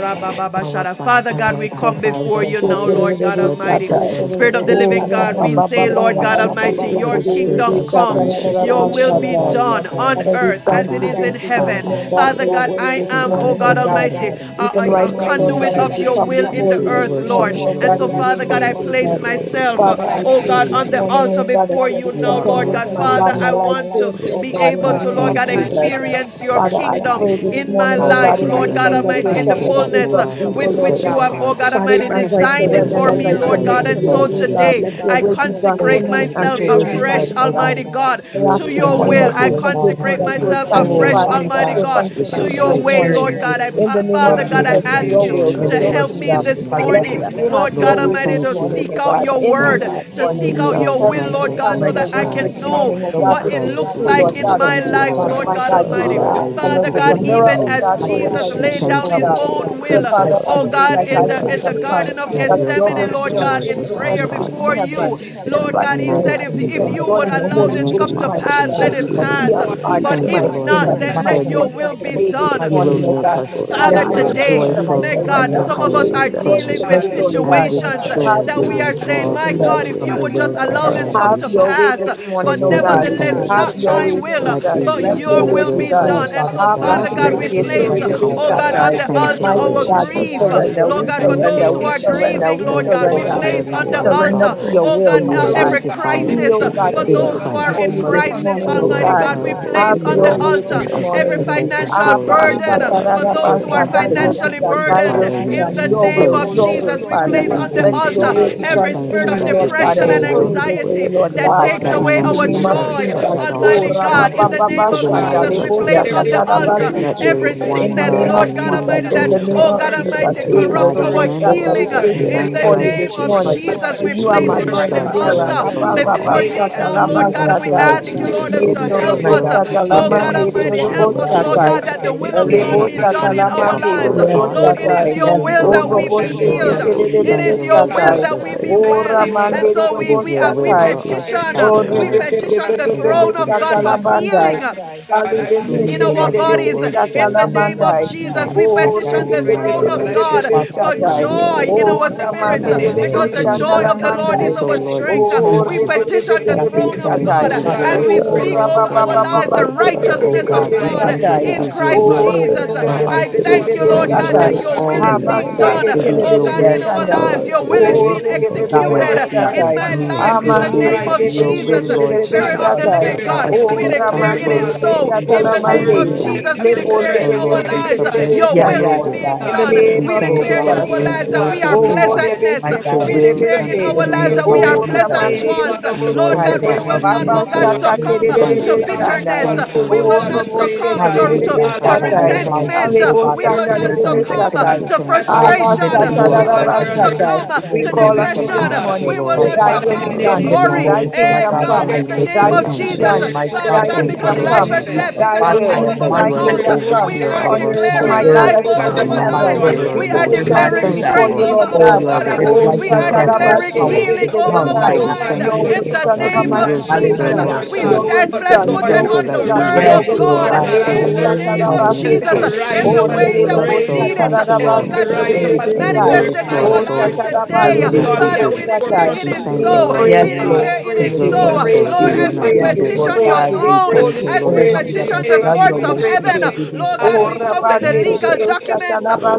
S2: Rabababa
S9: our
S2: shara. Father
S9: Father,
S2: God,
S9: our
S2: we come before
S9: provider,
S2: you
S3: Sheke
S2: now, Lord.
S3: tere tere
S9: our
S3: satai.
S9: protector,
S2: Spirit of the
S3: Oh
S2: living God,
S3: Rama
S2: we
S3: ba
S9: thank
S3: ba
S2: say,
S9: you
S3: ba
S2: Lord God
S3: sheke
S2: Almighty,
S3: tere
S4: Hallelujah,
S9: for
S2: your
S9: the
S3: tere
S9: spirit
S2: kingdom
S3: tere
S9: of
S2: come,
S9: sonship,
S2: your
S4: hallelujah.
S2: will be
S3: satai.
S9: whereby we
S2: done
S9: cry,
S2: on
S3: Father, we
S2: earth
S3: thank
S2: as it
S3: you
S9: Abba,
S2: is
S3: this
S2: in
S4: Yes,
S3: morning,
S2: heaven.
S3: oh
S9: Father,
S3: God, for
S2: Father
S4: Jesus.
S3: your
S2: God,
S3: word
S2: I
S3: this
S9: who
S2: am, oh
S3: morning,
S9: art
S2: God
S3: oh
S9: in
S3: God.
S2: Almighty,
S9: heaven.
S4: Yes,
S2: a,
S7: Praise
S3: Even
S2: a,
S3: right
S2: a
S4: Lord.
S3: now,
S4: I
S3: Lord God,
S9: Thank
S2: conduit
S7: God,
S3: as
S2: of
S9: you.
S3: we
S2: your
S3: come
S2: will in
S9: Thank
S3: before
S2: the
S9: you.
S3: you
S9: We
S4: come
S3: this
S2: earth,
S9: worship
S2: Lord.
S4: forward.
S3: morning,
S9: you,
S3: oh
S2: And
S3: God,
S9: Lord,
S2: so,
S3: in the
S9: in
S2: Father
S3: name of
S2: God, I
S4: Let
S9: spirit
S2: place
S4: your
S3: Jesus.
S4: will
S2: myself,
S9: and
S4: be
S3: Father,
S7: God, I
S3: I
S9: in
S2: oh
S4: done on
S3: pray
S2: God,
S3: this
S7: I
S2: on the
S9: truth.
S4: earth.
S3: morning,
S2: altar
S3: oh God, that
S2: before
S3: you are
S2: you
S3: the
S9: You
S2: now,
S9: are
S3: center in
S2: Lord
S3: which,
S9: our
S2: God.
S3: my
S7: holy
S2: Father,
S3: God,
S9: Father.
S3: my
S2: I want
S3: life turns,
S7: give
S4: Lord,
S3: oh
S2: be
S3: God, in the
S2: able
S9: We
S7: God.
S2: to,
S3: name
S2: Lord
S3: of
S2: God,
S9: thank
S7: I
S9: you.
S3: Jesus.
S4: present
S7: God,
S2: experience your
S7: I
S3: Father,
S4: ourselves
S3: I
S4: to
S2: kingdom
S3: pray this
S4: you,
S2: in my
S4: O
S3: morning,
S4: God.
S3: oh
S2: life,
S7: Lord,
S9: Hallowed
S3: God,
S9: be
S3: in the
S7: I
S2: Lord
S9: your
S3: name
S2: God
S3: of
S9: name.
S3: that
S9: We
S2: Almighty,
S4: We
S3: you
S7: God,
S2: in the
S9: thank
S3: set
S9: you
S3: us
S4: surrender
S9: that
S3: free
S9: you
S2: fullness
S4: to
S3: from
S9: are
S2: uh, with
S3: evil,
S4: your
S3: Lord
S2: which
S9: set
S4: will.
S2: you
S3: God.
S2: have, oh God
S9: apart,
S3: Father,
S7: Savior
S2: Almighty,
S3: as
S1: Father,
S4: We
S3: I
S1: in the
S2: designed it
S9: our
S1: name
S3: surrender
S1: of
S3: and
S2: for
S3: as
S4: surrender to
S2: me,
S3: I
S7: God,
S1: Jesus,
S2: Lord
S9: sanctifier.
S3: submit
S2: God.
S4: your
S9: We
S3: to
S2: And
S3: your
S2: so
S9: thank
S1: hallelujah.
S3: will,
S9: you.
S4: will,
S3: God,
S2: today,
S3: let your will
S4: God.
S3: be done
S4: Your
S7: Holy
S3: in
S1: Glory,
S2: consecrate
S3: me
S1: Lord,
S3: and
S1: let
S2: myself
S1: your
S7: Spirit,
S3: through
S1: will
S7: I
S1: be
S3: me,
S2: afresh,
S1: done,
S4: will,
S3: mighty
S1: oh
S3: God.
S2: Almighty
S1: God,
S7: consider
S2: God,
S3: I
S9: Your
S3: ask
S2: to
S3: this
S7: God,
S1: in my
S2: your
S7: I
S3: morning
S9: kingdom
S2: will.
S3: that
S1: life,
S2: I
S3: you
S9: come
S1: Lord
S3: forgive
S1: God.
S3: me,
S7: God,
S2: consecrate
S10: Heavenly
S3: that
S4: and
S3: you
S4: oh
S9: your
S3: will
S2: myself
S10: Father,
S7: and
S10: Lord
S1: Oh,
S2: afresh,
S10: God,
S9: kingdom,
S3: sanctify me,
S7: great
S1: Father
S3: that
S2: Almighty
S3: you
S7: God,
S3: will
S1: God,
S2: God,
S9: which
S7: I
S1: help
S2: to
S3: consecrate
S1: me
S9: is
S4: God.
S10: I
S4: I
S1: to
S3: this
S2: your
S10: give
S7: praise
S2: way,
S3: morning.
S10: myself
S2: Lord
S1: experience
S10: to you,
S1: your
S2: God. I,
S9: righteousness,
S1: peace,
S3: In
S10: Lord.
S3: the
S1: your
S3: name of
S2: Father
S1: joy,
S7: God,
S1: your
S2: God, I
S3: Jesus,
S9: peace,
S4: Bring
S3: to
S10: Asking you,
S7: save
S2: ask
S9: and
S3: your
S1: righteousness,
S2: you
S10: Lord
S9: joy
S1: in
S3: will,
S9: in
S1: the
S4: myself to
S3: to
S9: the
S2: to
S10: God,
S1: name
S3: your
S9: Holy
S1: of
S2: help me
S4: you
S3: kingdom.
S9: Spirit
S1: Jesus,
S4: this
S2: this
S9: and
S10: to
S9: the
S7: I
S10: have
S9: Holy
S10: your
S3: Let
S10: way
S7: will
S2: morning,
S9: Ghost.
S1: hallelujah.
S10: in
S7: God,
S3: you
S10: my
S4: morning,
S3: have
S2: Lord
S10: life.
S4: and I
S3: your
S2: God
S9: Lord, we
S3: way
S2: Almighty.
S3: this
S2: to
S9: thank
S4: do,
S10: Lord,
S9: you
S3: morning, my
S2: Seek
S4: O
S10: help me.
S2: out
S4: God.
S3: God.
S2: your
S3: In me
S2: word,
S3: this
S9: that
S1: Lisa,
S2: to
S1: in the
S2: seek
S3: morning.
S4: let
S9: we
S10: Help
S2: out
S1: name
S10: me
S1: of
S4: your
S9: are
S10: to
S2: your
S9: the
S3: Help
S10: see
S2: will,
S3: me
S4: kingdom
S10: your
S1: Jesus,
S3: to
S2: Lord
S10: face.
S3: stand
S2: God,
S3: on
S2: so
S1: my
S9: righteousness
S10: Help me
S7: come
S3: your
S2: that
S9: of
S10: to
S1: God,
S3: word
S10: see
S4: in
S10: you
S3: this
S9: God
S2: I
S10: read
S7: up
S4: me,
S1: help
S10: your
S2: know
S1: me
S3: morning,
S1: to
S10: word.
S3: oh
S1: know
S9: in
S1: what
S3: God,
S2: what
S1: your
S3: which is
S1: will
S4: that
S1: is,
S9: Christ
S2: it's
S1: my
S3: true,
S2: like
S3: Lord
S4: your
S1: God.
S10: Pray,
S2: in
S9: Jesus.
S3: God,
S10: God,
S3: of
S10: that
S4: will
S2: my
S9: Thank
S10: you
S9: you,
S3: who,
S4: be
S10: give me
S2: life,
S1: Father,
S9: Lord,
S7: God,
S2: Lord
S4: done,
S3: my
S2: God
S1: in
S10: understanding
S3: God,
S10: and
S1: Jesus'
S9: for
S3: you
S2: Almighty.
S1: name,
S9: our
S7: give
S4: Father,
S1: as
S3: are.
S1: I
S3: And
S1: read
S3: as
S2: Father
S1: the
S7: I will
S3: it's a
S9: identity
S1: word
S2: God,
S4: in
S1: of
S9: in
S3: mirror,
S4: my
S3: oh
S10: Please,
S1: ignorance,
S9: you.
S3: God,
S1: my
S10: Lord
S3: for
S1: God,
S3: which
S10: God,
S3: I
S9: We
S3: shall
S4: situation,
S2: laid
S3: live,
S4: Let
S2: down
S3: oh
S9: thank
S1: help
S2: his
S1: me
S9: you,
S4: your
S3: God.
S1: not
S2: own
S4: will
S1: to
S3: So,
S2: will,
S4: be
S9: Prince
S1: apply
S3: Father,
S9: of
S1: the
S4: done,
S3: I
S2: oh
S9: Peace.
S3: pray
S1: words
S9: We
S2: God,
S3: that thy
S2: in
S1: whether
S9: thank
S1: it
S9: you
S1: is
S3: kingdom
S2: the
S4: Father
S1: the to which is
S7: God,
S3: come,
S2: Garden
S4: God,
S2: of
S4: in
S9: that
S4: the
S3: that
S1: will of
S9: your
S3: your
S1: God
S3: will
S2: Gethsemane,
S7: that
S3: be
S9: thoughts
S2: Lord
S1: in
S3: done
S4: situation
S2: God,
S1: my
S9: towards
S3: in
S4: with
S1: life,
S2: in
S9: us
S3: earth
S9: are
S3: as
S1: in
S4: my
S2: prayer
S1: the
S3: it is
S1: name
S4: niece
S1: of
S9: thoughts
S3: in
S2: before
S9: of
S3: heaven.
S7: take
S2: you.
S1: Jesus.
S9: peace
S3: That's
S4: and
S2: Lord
S4: my
S2: God,
S9: and
S2: he
S9: not
S1: Oh,
S3: righteousness,
S2: said,
S9: of
S2: if,
S1: Father,
S3: peace,
S2: if
S1: God,
S3: and
S4: family.
S9: evil.
S1: I
S2: you
S3: joy
S2: would
S3: in
S1: forget
S3: the
S1: and
S2: allow
S7: over
S9: In
S1: I
S9: the
S3: Holy
S9: name
S1: commit
S3: Ghost,
S2: it to
S10: protect
S9: of
S1: myself
S10: me.
S3: mighty
S4: Jesus,
S10: Help
S2: pass,
S3: God.
S2: let
S1: before
S4: let
S9: Jesus
S1: you
S2: it
S1: one
S4: your
S3: Be
S1: more
S9: Christ.
S2: pass.
S10: God,
S3: our
S7: Lord,
S4: will
S1: time
S3: part,
S10: my
S4: be
S7: I
S3: be
S2: But
S10: daughter,
S9: Thank
S7: go
S9: you,
S2: if
S3: my
S4: done.
S9: Lord,
S1: in
S2: not,
S3: favor,
S1: the
S9: that
S3: be
S9: you
S7: and
S2: then
S3: my
S2: let
S1: mighty
S9: said
S2: your
S1: name
S10: Jesus.
S3: portion
S1: of
S2: will be
S4: God, I
S3: today,
S1: Jesus.
S3: this
S4: place
S2: done.
S9: you
S7: tell
S9: will
S3: morning,
S4: it
S3: oh
S1: Hallelujah.
S9: make
S3: God.
S7: God,
S9: us
S4: for
S7: tell
S1: Yes,
S4: you,
S3: Father,
S2: Father,
S3: I
S7: God,
S1: Lord,
S4: O
S7: I
S1: let
S10: Yes.
S3: submit
S1: your
S4: God.
S3: and
S1: will
S2: today,
S3: I
S1: be
S2: may
S9: joyful
S1: done in
S7: come
S9: in
S1: my
S2: God,
S3: surrender
S9: your
S4: I
S1: life,
S2: some
S3: my
S2: of
S1: my
S2: us
S3: way
S9: house
S2: are
S1: God.
S4: lay
S9: of
S3: to
S4: it
S3: yours
S4: at
S9: prayer,
S2: dealing
S4: your
S1: Let
S2: with
S7: God,
S3: today,
S1: your
S3: Lord
S1: will
S4: feet.
S1: be
S9: and
S3: God.
S2: situations
S9: with
S1: done,
S4: I
S7: God,
S1: my God,
S9: joy
S4: ask
S2: that
S9: we
S3: Father,
S1: in
S7: I
S2: we
S4: you
S1: my
S9: will
S2: are
S4: to
S7: I
S1: life,
S2: saying,
S9: draw
S4: let
S2: my
S7: go
S1: in the
S4: your
S2: God,
S1: name
S2: if
S9: from
S2: you
S7: and
S9: the
S4: will
S1: of
S2: would
S4: be
S2: just
S9: wells
S1: Jesus,
S7: I
S9: of
S2: allow
S1: my
S7: are
S2: this
S1: God.
S4: done.
S2: cup
S3: have
S2: to
S3: your
S9: salvation.
S3: way
S2: pass,
S3: this
S7: with
S9: So,
S3: morning,
S2: but
S3: oh
S1: Let
S9: Lord,
S2: never,
S1: your
S9: we
S7: God.
S3: God.
S1: will be done
S9: thank
S1: in
S3: Have
S9: you.
S4: Jesus,
S7: So
S2: not
S1: my
S7: God,
S3: your
S7: I
S2: mine,
S1: life,
S3: way,
S1: O
S4: Jesus.
S1: God,
S9: That
S1: in
S3: Jesus.
S7: lift
S2: but
S9: is
S1: Jesus'
S3: Let your
S2: your
S1: name.
S9: your
S3: will
S4: Jesus,
S2: will
S3: be
S9: will
S2: be
S9: for
S3: done.
S1: Oh,
S2: done. And
S9: us.
S7: God,
S1: Father
S2: so,
S1: God,
S9: That
S1: I
S4: Let
S3: Abba,
S7: God,
S2: Father,
S9: is
S1: submit
S9: your
S4: your
S1: and
S7: let
S1: I
S3: Seke,
S7: your
S4: will
S7: will
S2: place,
S9: kingdom
S7: be
S1: surrender,
S4: be
S3: Terebe,
S1: my
S9: come.
S2: oh
S7: done,
S1: God,
S2: God,
S1: to
S7: God,
S2: on
S4: done
S3: Satai.
S1: your
S7: let
S2: the
S1: will.
S7: your
S9: Thank
S1: I
S9: you,
S2: altar
S4: on
S3: Mighty
S9: Lord
S2: our
S4: earth
S3: God,
S7: come,
S4: as
S3: we
S1: submit
S2: grief
S9: Jesus.
S4: it
S1: And
S7: Lord,
S1: I
S4: is
S3: surrender, we
S4: in
S7: I
S1: surrender,
S2: for
S1: my
S9: Thank
S4: heaven.
S9: you,
S7: say,
S2: those
S3: surrender,
S1: God,
S2: who
S3: we
S9: Lord
S4: O
S1: in
S2: are
S4: God,
S1: Jesus'
S3: surrender,
S2: grieving
S9: Jesus.
S3: we
S1: name.
S9: Thank you,
S1: Oh,
S7: Lord,
S9: Lord.
S3: surrender.
S4: Lord,
S9: We
S1: my
S7: I
S9: are
S2: on
S9: not
S3: We
S1: God,
S2: the
S4: there are
S9: our
S3: surrender
S2: altar.
S3: to
S4: no.
S9: thoughts.
S3: your
S2: Oh God.
S1: destroy
S3: will, my
S9: We
S1: your
S4: There
S1: my
S7: will,
S2: Every
S3: God.
S4: is
S1: God,
S7: God,
S9: identify
S7: let
S3: We,
S1: destroy
S2: crisis
S4: peace
S3: oh
S7: your
S2: uh,
S1: your
S7: will
S4: in
S1: God,
S3: God,
S7: be
S2: for
S3: place
S9: in
S3: it
S2: those
S7: done,
S4: heaven.
S2: who
S1: in
S2: are
S7: God.
S1: the
S3: before
S2: in
S9: Christ,
S1: name
S3: you
S1: of
S4: There
S3: this
S7: Father,
S4: is
S2: crisis,
S1: Jesus,
S3: morning,
S9: for
S3: oh
S9: we
S7: take
S2: Almighty
S4: joy
S9: have
S3: God.
S4: in
S2: God, we
S9: our
S4: the
S3: Have
S4: Holy
S2: place
S1: in
S10: Praise
S1: the
S2: on
S7: your
S2: the
S3: your
S1: name
S10: God, have
S1: of
S4: Ghost
S3: way
S9: Christ
S2: altar
S10: your
S4: in
S9: in
S7: glory,
S3: this
S10: way.
S1: Jesus.
S9: us,
S2: every
S9: the
S3: morning.
S4: heaven.
S9: hope
S7: your
S9: of
S1: Hallelujah.
S2: financial
S9: glory
S3: Abba,
S4: O
S2: burden
S4: God,
S9: identity.
S2: of
S4: let
S7: name,
S1: Oh,
S2: those
S4: that
S1: God,
S3: Shatarabasa,
S9: And
S1: we
S10: Oh, your
S9: for
S3: thy
S1: place
S3: will
S9: that,
S1: it
S10: will
S3: be
S4: peace,
S2: financially
S1: before
S4: O
S3: done,
S1: you,
S3: thy
S1: my
S2: burdened
S7: Lord,
S4: God,
S3: will
S1: God,
S9: Father,
S3: be
S7: your
S9: we,
S2: in
S1: in
S3: done,
S2: the
S9: we
S1: the
S4: that
S3: your
S1: name of
S2: name
S4: is
S2: of
S3: will,
S9: thank
S7: holy
S9: you.
S4: in
S1: Jesus.
S3: your
S10: be done. Your
S3: will,
S4: heaven
S10: will
S1: My
S3: Father.
S10: be
S4: be
S2: place
S10: done.
S1: God,
S7: one,
S9: We
S4: in
S2: on
S1: make
S2: the
S4: this
S3: Let
S1: the
S7: save
S9: thank
S3: your
S2: altar.
S1: name,
S9: you.
S3: will
S7: us,
S1: oh,
S3: be
S1: my
S4: situation
S9: We
S3: done
S2: Every
S1: God.
S4: that
S9: thank
S2: spirit
S3: in
S9: you
S7: God,
S2: of
S10: Not
S3: me,
S9: that
S10: my
S7: in
S3: Lord
S9: it
S7: the
S10: will,
S7: name
S3: God,
S9: is
S2: depression
S3: and
S7: of
S9: your
S10: God,
S2: and
S4: I'm
S1: Oh,
S10: your
S3: through
S9: will
S3: me
S1: Jesus,
S10: will.
S4: dealing
S2: anxiety
S4: with,
S3: today,
S1: in
S4: O
S3: Lord
S1: the
S4: God.
S2: that
S1: name of
S3: God.
S7: God,
S2: takes
S7: I
S4: Let
S9: that
S4: it
S2: away
S3: In
S9: none
S1: Jesus,
S3: the
S7: pray
S2: our
S7: for
S1: my
S9: should
S7: your
S3: name
S4: be,
S3: of
S1: God,
S4: O
S9: perish,
S2: joy,
S7: presence,
S9: but
S1: every
S3: Jesus.
S4: God.
S9: that
S1: day,
S9: all
S7: Lord,
S3: Oh,
S2: Almighty
S1: every
S9: should
S7: I
S2: God,
S9: come
S4: Let
S7: put,
S2: in
S4: there be
S3: rapapapapa,
S9: to
S7: oh
S1: heaven,
S9: the
S7: God,
S9: knowledge
S4: joy
S9: of
S3: sandalebo,
S9: the
S1: Yes,
S4: again.
S7: every
S9: truth
S4: Let
S2: the
S1: Lord, in the
S4: there
S2: altar.
S7: spirit,
S1: name
S4: be
S9: that
S3: sakatarabasete.
S9: there
S1: of
S2: Every
S9: is
S4: joy
S7: I,
S1: Jesus,
S3: In
S9: one
S3: the
S1: my
S2: sickness,
S7: Lord,
S3: name
S9: God
S4: again.
S1: God,
S3: of
S2: Lord
S9: and
S2: God
S9: one
S3: Jesus.
S7: every
S2: Almighty,
S3: In
S2: that
S3: the
S4: Oh,
S9: mediator
S3: name
S1: in
S2: oh
S3: of
S4: Father,
S2: God
S1: Jesus'
S2: Almighty,
S3: Jesus.
S4: let
S9: between
S7: of
S3: Eh,
S1: name.
S4: there
S9: God
S4: be
S9: and
S2: our
S7: glory.
S3: dorobo,
S1: Oh,
S9: men,
S4: joy
S3: sata. We
S7: Oh
S2: healing
S7: God
S3: place
S9: the
S3: it
S4: again
S1: Jesus,
S9: man
S7: Almighty,
S2: in the
S7: I
S3: before you
S9: Christ
S7: pray
S2: name
S3: this
S2: of
S1: financial,
S7: for
S1: my
S3: morning.
S4: in
S9: Jesus,
S7: God
S4: this
S1: God,
S2: Jesus,
S7: that
S3: For
S1: the
S2: we
S9: who
S3: you are
S2: place
S9: gave
S3: my
S1: strength,
S5: was
S7: arm
S1: my
S3: burden
S9: himself
S1: God,
S4: situation.
S9: a
S4: Bring
S2: it
S1: in
S3: bearer.
S7: was
S1: the
S2: uh,
S9: ransom
S1: name
S3: Papa,
S1: of
S9: for
S7: I
S4: peace.
S3: papa,
S2: for
S9: all.
S7: laid
S1: Jesus,
S7: it
S2: you
S7: at
S3: sata,
S2: now, Lord
S4: Bring
S3: laba,
S1: hallelujah.
S4: back
S7: this
S9: Thank
S2: We
S9: you,
S3: satai.
S9: Lord
S2: ask
S4: the
S7: morning,
S2: you,
S7: Holy
S2: Lord,
S4: peace,
S9: Jesus.
S2: us
S4: oh
S2: to
S9: It
S3: Yen
S9: is
S7: Spirit.
S9: your
S2: help
S4: God.
S1: My
S3: dorobo,
S2: us,
S9: will
S1: God, your
S2: uh,
S3: sata,
S1: your
S2: oh
S4: Bring
S1: will
S2: God,
S7: Hallelujah.
S4: back
S1: be
S9: for
S3: lamande,
S9: us
S3: de
S4: the
S9: to
S1: done.
S4: joy.
S1: Yes,
S9: walk
S3: dorobo,
S9: in
S1: God,
S7: The
S4: God.
S1: in
S2: Lord
S1: our
S7: spirit
S2: God,
S3: satai.
S9: truth.
S7: of
S2: that the
S7: the
S2: will
S4: Let
S9: We
S2: of
S1: situation,
S4: there
S9: are
S7: day.
S2: God
S4: be
S3: Lebo,
S2: be
S1: Lord
S9: not the
S1: God.
S7: Hallelujah.
S3: sata,
S4: peace
S2: in
S9: sum
S2: our
S4: and
S7: I
S9: of
S3: lamande, de
S2: lives.
S9: our
S4: joy,
S1: Yes,
S3: dorobo,
S2: Lord,
S9: thoughts
S1: Lord
S2: it is
S9: or
S3: satai.
S7: thank
S1: God. Yes,
S2: your
S9: feelings
S2: will
S1: Lord
S9: or
S3: O
S4: oh
S2: that
S1: God,
S2: we
S4: God.
S2: be
S3: robo
S1: in
S7: you
S1: the
S9: emotions,
S3: se
S4: Thy
S3: ke
S1: name
S9: Lord.
S2: healed.
S7: that
S1: of
S3: te de
S4: will
S3: de de
S4: be
S1: Jesus.
S3: de
S9: Thank
S4: done,
S9: you,
S2: It's
S7: in
S2: your
S9: Lord
S7: the
S2: will
S3: satai.
S4: Lord.
S2: that we
S9: Jesus
S4: Thy
S2: be
S7: mighty
S3: O
S4: will
S2: well.
S4: be
S7: name of
S3: ramande de
S4: done
S2: So
S9: It
S3: robo
S2: we
S9: is
S2: we
S9: your
S2: have we
S9: will
S7: the
S3: satai.
S7: Lord,
S4: in
S9: for
S4: this
S9: us,
S7: every
S2: petition, uh,
S3: O
S9: Father
S5: not
S2: we
S4: situation,
S9: God,
S7: spirit
S4: oh
S7: God on
S9: to
S4: God.
S3: rebebebebebebe
S2: throne
S9: walk in
S2: of
S7: earth,
S2: God for
S9: truth.
S4: Oh
S3: satalabandai.
S4: God,
S7: word God,
S9: And the
S7: I put it
S1: In
S5: meant
S7: before
S2: in
S1: the
S9: truth
S1: name
S7: you
S2: our
S1: of
S9: of your
S3: Alebebebebebe
S2: bodies
S1: Jesus.
S7: on
S9: word
S1: In
S9: says
S1: the name of
S3: satalabandai.
S4: in
S2: as
S1: Jesus,
S2: we
S4: my
S9: that
S1: my
S3: O
S2: petition
S4: family,
S1: God.
S9: we
S4: oh
S7: grace,
S9: are the
S2: throne
S7: God,
S2: of
S4: God.
S7: I
S1: Oh,
S7: put
S2: God,
S7: it
S3: rebebebebebebe
S7: before
S1: Father,
S9: righteousness of
S4: Let
S1: it is
S3: satai.
S9: God
S4: your
S1: your
S2: joy
S1: will,
S2: in
S4: will
S9: in
S3: O
S2: our
S7: I
S4: be
S7: put
S1: Father,
S4: done
S2: spirits.
S7: on
S1: my
S4: on
S7: the
S1: God.
S9: Christ
S3: ramanderebo
S4: earth,
S1: It
S7: altar
S1: is your
S4: oh
S2: Joy
S4: God,
S1: will
S9: Jesus.
S2: of
S7: and
S1: that,
S2: the
S4: in
S2: Lord
S9: And
S2: is
S3: sandalamandai.
S1: my
S4: this
S9: so,
S7: I
S2: our
S1: God,
S9: Lord,
S4: situation.
S9: we
S2: strength, uh,
S1: we
S7: this
S3: O
S9: thank
S1: lack,
S9: you.
S7: morning,
S1: oh God,
S7: Holy
S4: as it
S3: rebebebebebe
S9: We
S1: nothing.
S7: Spirit.
S4: is in
S9: thank you.
S2: God.
S3: satai.
S9: We
S7: Oh
S4: heaven,
S1: Father
S7: God, I
S2: And
S4: O
S1: God,
S2: we
S9: bless
S3: O
S1: yes,
S7: pray this
S4: God.
S2: speak
S9: your
S2: over
S1: Lord
S7: morning.
S2: our
S1: God,
S9: holy
S1: it is
S9: name.
S3: rabababababa
S4: O
S2: righteous
S1: your
S7: church
S1: hands,
S7: of
S4: God,
S1: my
S9: Oh
S7: my
S4: there
S1: God.
S9: God,
S3: seketerebe
S4: is
S9: we
S1: It
S7: life,
S1: is
S4: no
S1: your
S9: thank you.
S3: satai.
S9: It
S7: of
S4: lack
S9: is
S10: In the
S9: your
S10: name of
S2: Christ
S4: in
S7: God.
S3: O
S9: will
S2: Jesus.
S1: Oh
S4: heaven.
S1: God
S7: Oh God,
S9: for
S2: I
S1: Almighty,
S9: us
S1: for
S7: you
S4: There
S1: we
S9: to
S2: thank
S7: I'm
S4: is
S1: pray
S2: you,
S3: rebebebebebebe
S1: the
S7: going
S4: no
S2: Lord God.
S1: will of
S7: through,
S3: satai.
S1: God
S7: oh
S4: malice
S9: rejoice
S1: this
S7: God,
S2: Your Will
S4: in
S2: is
S5: to
S1: morning,
S5: be
S3: Haba
S2: being
S1: my
S9: always.
S4: heaven, O
S7: situation,
S2: done.
S1: God.
S9: It is
S4: God.
S2: Oh
S5: used
S9: your
S2: God,
S3: seketerebe
S1: Yes,
S9: will
S2: our
S9: for
S1: Lord
S3: sandai.
S7: situation
S1: God,
S2: lives.
S9: us
S4: Lord,
S2: Your
S9: to
S2: will
S4: there
S2: is
S1: that it
S2: being
S3: O
S4: is
S9: pray
S1: is your
S4: no,
S1: desire,
S9: without
S2: that
S3: rebebebebebe
S7: hard,
S1: my
S2: uh,
S7: Lord
S1: God,
S9: ceasing.
S3: satai.
S1: to
S7: God.
S1: make
S4: oh
S7: But
S1: things
S2: Life is
S9: It
S1: good,
S7: Lord,
S2: the
S4: God,
S1: my
S3: Amandere
S9: is
S7: rise
S1: God,
S3: de
S4: hatred
S1: to
S7: up,
S1: make
S9: your
S2: Jesus,
S1: things
S9: will,
S7: this
S4: or
S1: work
S3: besetere
S9: Lord
S3: de
S1: together
S7: God,
S2: Spirit
S4: bitterness
S7: to
S2: of
S1: for us,
S2: the
S9: Jesus,
S4: in
S7: hear
S3: besatai.
S1: my
S2: living
S7: your
S4: heaven,
S1: God,
S9: for us
S7: name
S4: O
S2: God,
S9: to
S7: and
S2: we
S3: O
S9: be
S4: God.
S1: in
S2: declare
S1: the
S7: word,
S2: it
S9: thankful
S3: ramandere
S1: name
S7: Father.
S2: is
S1: of
S2: so.
S4: O
S7: Oh,
S1: Jesus.
S9: in
S4: God,
S7: to
S4: there
S7: worship
S4: is
S3: besakalamande.
S4: always
S1: Hallelujah.
S7: with
S9: everything.
S2: As we
S7: every
S4: joy
S2: declare
S9: So,
S7: breath,
S2: in
S4: and
S3: Lepondere
S2: our
S7: God,
S9: Lord, we
S7: every
S2: lives, uh,
S4: peace
S3: besetere
S7: fiber,
S4: and
S9: submit
S3: de
S2: your
S9: to
S7: of
S2: will
S1: Yes,
S4: love.
S7: my
S9: your
S3: sandai.
S1: Lord
S9: will.
S1: God,
S3: In the
S7: God.
S2: done.
S4: O
S3: name
S9: We
S3: of
S1: oh
S9: thank
S4: God,
S9: you,
S7: So
S1: God,
S2: In
S7: down
S9: Lord,
S2: our
S4: let,
S3: Jesus.
S1: in
S7: to you,
S9: you're
S1: the
S2: lives
S1: name
S2: that
S1: of
S7: God,
S2: we are
S9: working
S7: hallelujah,
S9: in
S3: O
S1: Jesus,
S2: pleasant.
S3: de
S9: us
S7: Jesus.
S1: my
S4: let
S9: to
S1: God,
S3: besetere
S4: there
S2: we
S3: de
S4: be
S9: will
S7: To
S2: Declare
S7: lift
S9: and
S2: in
S4: joy,
S9: to
S2: our
S3: bese.
S1: in the
S9: do
S2: lives
S7: your
S4: let
S2: that
S1: name
S9: for
S2: we
S1: of
S2: are
S7: mighty
S4: there
S9: your
S3: O
S4: be
S9: good
S1: Jesus,
S7: name,
S9: pleasure.
S3: ramandere de
S7: God,
S2: pleasant
S4: peace,
S7: and
S2: ones.
S9: And,
S7: to
S9: Lord,
S2: Lord
S1: in
S9: for
S1: the
S3: robosai.
S2: God, we
S9: that
S7: voice
S1: name of
S2: will
S7: in
S2: not
S4: Let
S9: we
S4: there
S7: you,
S3: Papa
S1: Jesus.
S4: be
S7: Lord.
S9: say
S1: Thank
S4: joy
S3: shakatere
S1: you,
S4: and
S7: Knowing,
S3: de
S9: thank
S7: oh
S1: Jesus.
S9: you.
S4: peace
S7: God, that you
S3: besandai.
S9: Thank you,
S2: ungodliness.
S7: alone,
S3: O
S2: We
S9: Lord
S2: will
S7: God,
S4: in
S2: not
S4: this
S7: great
S9: Jesus.
S7: God.
S3: roboshetere
S2: turn
S3: de
S2: to
S1: Hallelujah.
S4: situation
S7: Hallelujah.
S1: Father,
S9: Father,
S1: I
S9: we
S3: besatai.
S1: am
S4: uh,
S9: thank
S1: mindful,
S2: torment,
S9: you.
S4: as
S1: oh
S2: uh,
S3: Alebo
S4: it
S1: God, of
S7: your
S4: is
S1: the
S4: in
S3: sandale
S1: words
S3: de
S1: that I
S9: Thank
S4: heaven.
S9: you, thank
S7: God.
S3: besatai.
S1: speak.
S9: you, thank
S7: That
S9: you
S7: your
S1: God,
S7: will
S2: frustration
S1: even
S4: Not
S9: that
S1: in
S9: you
S7: oh
S4: like
S9: are
S1: moments of
S7: God,
S9: our
S7: here on
S4: the
S7: earth
S3: Abasatai.
S9: peace.
S1: frustration, even
S3: We
S7: in
S2: to
S1: in
S4: situation
S9: And
S3: call
S9: we
S7: heaven,
S3: on
S1: moments of
S3: you
S9: can
S7: Lord
S3: this
S7: God.
S9: ask
S2: depression.
S9: you,
S3: morning.
S2: We
S1: weaknesses,
S2: will
S1: my
S9: Lord,
S7: Oh
S2: not
S3: Thy
S1: God,
S7: Father,
S3: will
S7: in
S3: be
S7: the
S2: succumb
S4: of
S2: to
S7: name
S3: done.
S9: in
S7: of
S9: the
S1: even in
S2: worry.
S3: Thy
S1: moments,
S9: moments or
S1: my
S2: Hey,
S3: kingdom
S1: God,
S9: times
S7: God,
S1: where
S2: God,
S3: come.
S9: when
S7: there
S1: I
S9: we
S2: in the
S9: may
S7: is
S1: don't
S2: name
S3: Thy
S9: feel
S2: of
S3: will be
S4: hatred,
S1: understand,
S3: done.
S9: anxious
S7: glory,
S1: my
S2: Jesus,
S7: glory
S2: Father
S1: God,
S3: Thy
S4: God,
S7: this
S2: God,
S1: in
S9: Thank
S4: the
S9: you,
S1: the
S2: because
S3: kingdom
S7: morning
S1: name
S9: Lord
S7: in
S1: of
S2: life
S3: come.
S7: heaven.
S1: Jesus.
S9: Jesus,
S2: is
S3: Thy
S2: in the
S7: Lord,
S1: Father,
S4: hatred
S3: will.
S1: I
S7: let
S5: on
S1: am
S9: that
S4: of
S3: Thy
S9: you
S4: my
S9: are
S1: mindful,
S9: the
S2: tongues,
S7: glory,
S4: lips.
S1: oh
S3: kingdom
S7: glory
S1: God,
S4: So
S3: come.
S2: we
S9: overseer
S7: here on
S2: are
S3: On
S9: of our
S1: of
S3: earth,
S1: my
S2: declaring
S7: earth.
S3: my
S9: soul,
S3: God,
S2: life
S1: words,
S3: as
S7: Oh
S3: it
S1: my
S7: God,
S3: is
S9: our
S7: let
S3: in
S4: place
S2: our
S1: God,
S4: it
S1: my
S9: mind, our
S2: lives.
S3: heaven.
S7: joy,
S9: will,
S1: words,
S9: our
S3: We
S4: before
S2: We are
S1: God.
S4: you
S7: Holy
S9: emotion.
S3: petition
S9: We
S4: this
S1: Remind
S3: this
S2: declaring
S1: me
S7: Spirit.
S4: morning.
S9: thank
S1: that,
S9: you,
S3: before
S4: I
S2: strength
S3: you,
S9: Lord.
S7: Even
S2: over
S3: Lord
S7: though
S1: oh
S3: God.
S4: surrender
S9: You are
S1: God,
S7: God,
S9: the
S4: it
S7: I'm
S1: there's
S7: going
S4: to
S3: Oh,
S2: us.
S1: life
S4: you
S2: We are
S7: through
S1: and
S7: a
S9: overseer
S1: death
S9: of
S4: this
S1: and
S9: our
S7: difficult
S1: the
S2: declaring
S3: Satalabaste,
S1: power
S4: morning,
S9: soul.
S7: situation.
S1: of
S2: healing
S1: the
S4: oh
S2: over
S4: God.
S1: tongue,
S9: And
S1: my
S9: so
S3: Kedididibisai.
S7: Lord
S9: we
S1: God,
S7: God,
S2: us.
S7: I
S1: in
S9: thank
S3: Your
S1: the
S4: And I
S7: believe,
S9: you
S3: will
S2: In
S1: name
S3: be
S7: Lord
S1: of
S4: ask
S2: the
S3: done
S9: that
S7: God,
S3: over
S2: name
S9: you
S2: of
S4: you
S3: my
S5: these
S1: Jesus.
S7: time,
S9: will
S4: to let
S9: preserve
S4: your
S3: situation.
S1: Hallelujah.
S9: our
S7: Lord God.
S3: Your
S4: will
S9: soul.
S3: will
S4: be
S2: stand
S3: be
S7: But
S2: flat
S9: We
S3: done.
S4: done. I
S7: Lord,
S2: footed
S3: Your
S9: thank
S7: help
S3: will
S9: you
S7: me
S2: on
S3: be
S2: the
S9: that
S7: to
S9: you
S3: done.
S2: word
S9: will
S4: petition
S7: rise
S3: Your
S1: Yes,
S2: of
S3: will
S7: up,
S3: be
S1: Lord
S2: God
S4: you.
S9: restore
S7: Lord
S3: done.
S9: our
S7: God,
S1: God, in
S3: Ebo
S1: the
S7: and
S9: soul
S1: name
S7: worship.
S9: in
S1: of
S9: the
S4: I
S9: name
S7: Help me to
S3: Satalabaste.
S1: Jesus,
S9: of
S7: rise
S2: in
S1: in
S4: petition
S7: up
S2: the
S3: Oh,
S1: the
S7: and
S9: Jesus.
S2: ways
S1: name
S2: that
S1: of
S2: we
S3: Ndedobo
S4: heaven
S7: praise
S9: So
S2: need
S7: you.
S2: it
S1: Jesus.
S9: thank you,
S4: to
S7: Help
S9: Lord.
S4: come
S7: me
S3: Satalabaste,
S7: to
S4: down
S7: rise up
S4: on
S1: Oh,
S7: and
S9: When
S4: earth,
S1: Jesus,
S9: you
S3: Kedididibisai.
S4: oh
S2: in
S7: glorify
S2: our
S9: restore our
S1: Jesus,
S4: God,
S3: Oh,
S7: you, Lord.
S9: souls,
S2: lives
S1: Jesus.
S9: we
S4: and
S2: today.
S3: Satalabande,
S9: will not
S4: turn
S7: Lord,
S1: Hallelujah.
S9: be
S4: this
S7: be
S2: Father,
S7: at the
S9: bitter.
S2: we declare
S3: Dedidibosatai.
S7: forefront
S9: We
S4: situation
S7: of
S2: it
S9: thank you,
S3: We
S2: so.
S4: around.
S7: my
S9: Lord.
S1: Yes,
S3: praise
S9: When
S3: you,
S9: you
S7: God.
S3: we
S1: Lord, in
S3: praise
S7: Take
S1: the
S4: to
S3: you,
S9: preserve
S3: we
S4: like
S9: our
S1: name
S2: So,
S1: of
S7: control
S3: praise
S7: of
S9: souls,
S3: you,
S9: we
S2: Lord,
S7: my
S9: will
S3: we
S1: Jesus.
S2: as
S4: be
S2: we
S9: not
S4: on
S3: praise
S9: be
S1: Yes,
S3: you,
S7: faculties,
S3: we
S9: bitter.
S4: here
S1: Lord
S2: petition
S3: praise
S2: your
S7: Lord.
S3: you,
S1: God.
S3: we
S9: We
S4: in
S2: throne,
S3: praise
S4: this
S9: thank
S3: you,
S7: Holy
S9: you,
S3: we
S2: as we
S9: Lord
S1: Oh,
S7: Spirit,
S4: earth,
S3: praise you, we
S1: Hallelujah.
S7: in the name
S2: the
S9: Jesus.
S4: this
S3: praise
S7: of
S3: you,
S1: Bastando,
S2: courts
S3: we
S2: of
S1: most
S3: praise
S4: situation,
S7: Jesus.
S3: you.
S2: heaven,
S1: sacred
S2: Lord God,
S3: Oh
S4: as
S7: Hallelujah,
S2: we
S1: side.
S4: it
S2: come,
S3: Rabba
S4: is in
S2: eager,
S4: heaven.
S7: Jesus.
S3: Neredo
S4: There's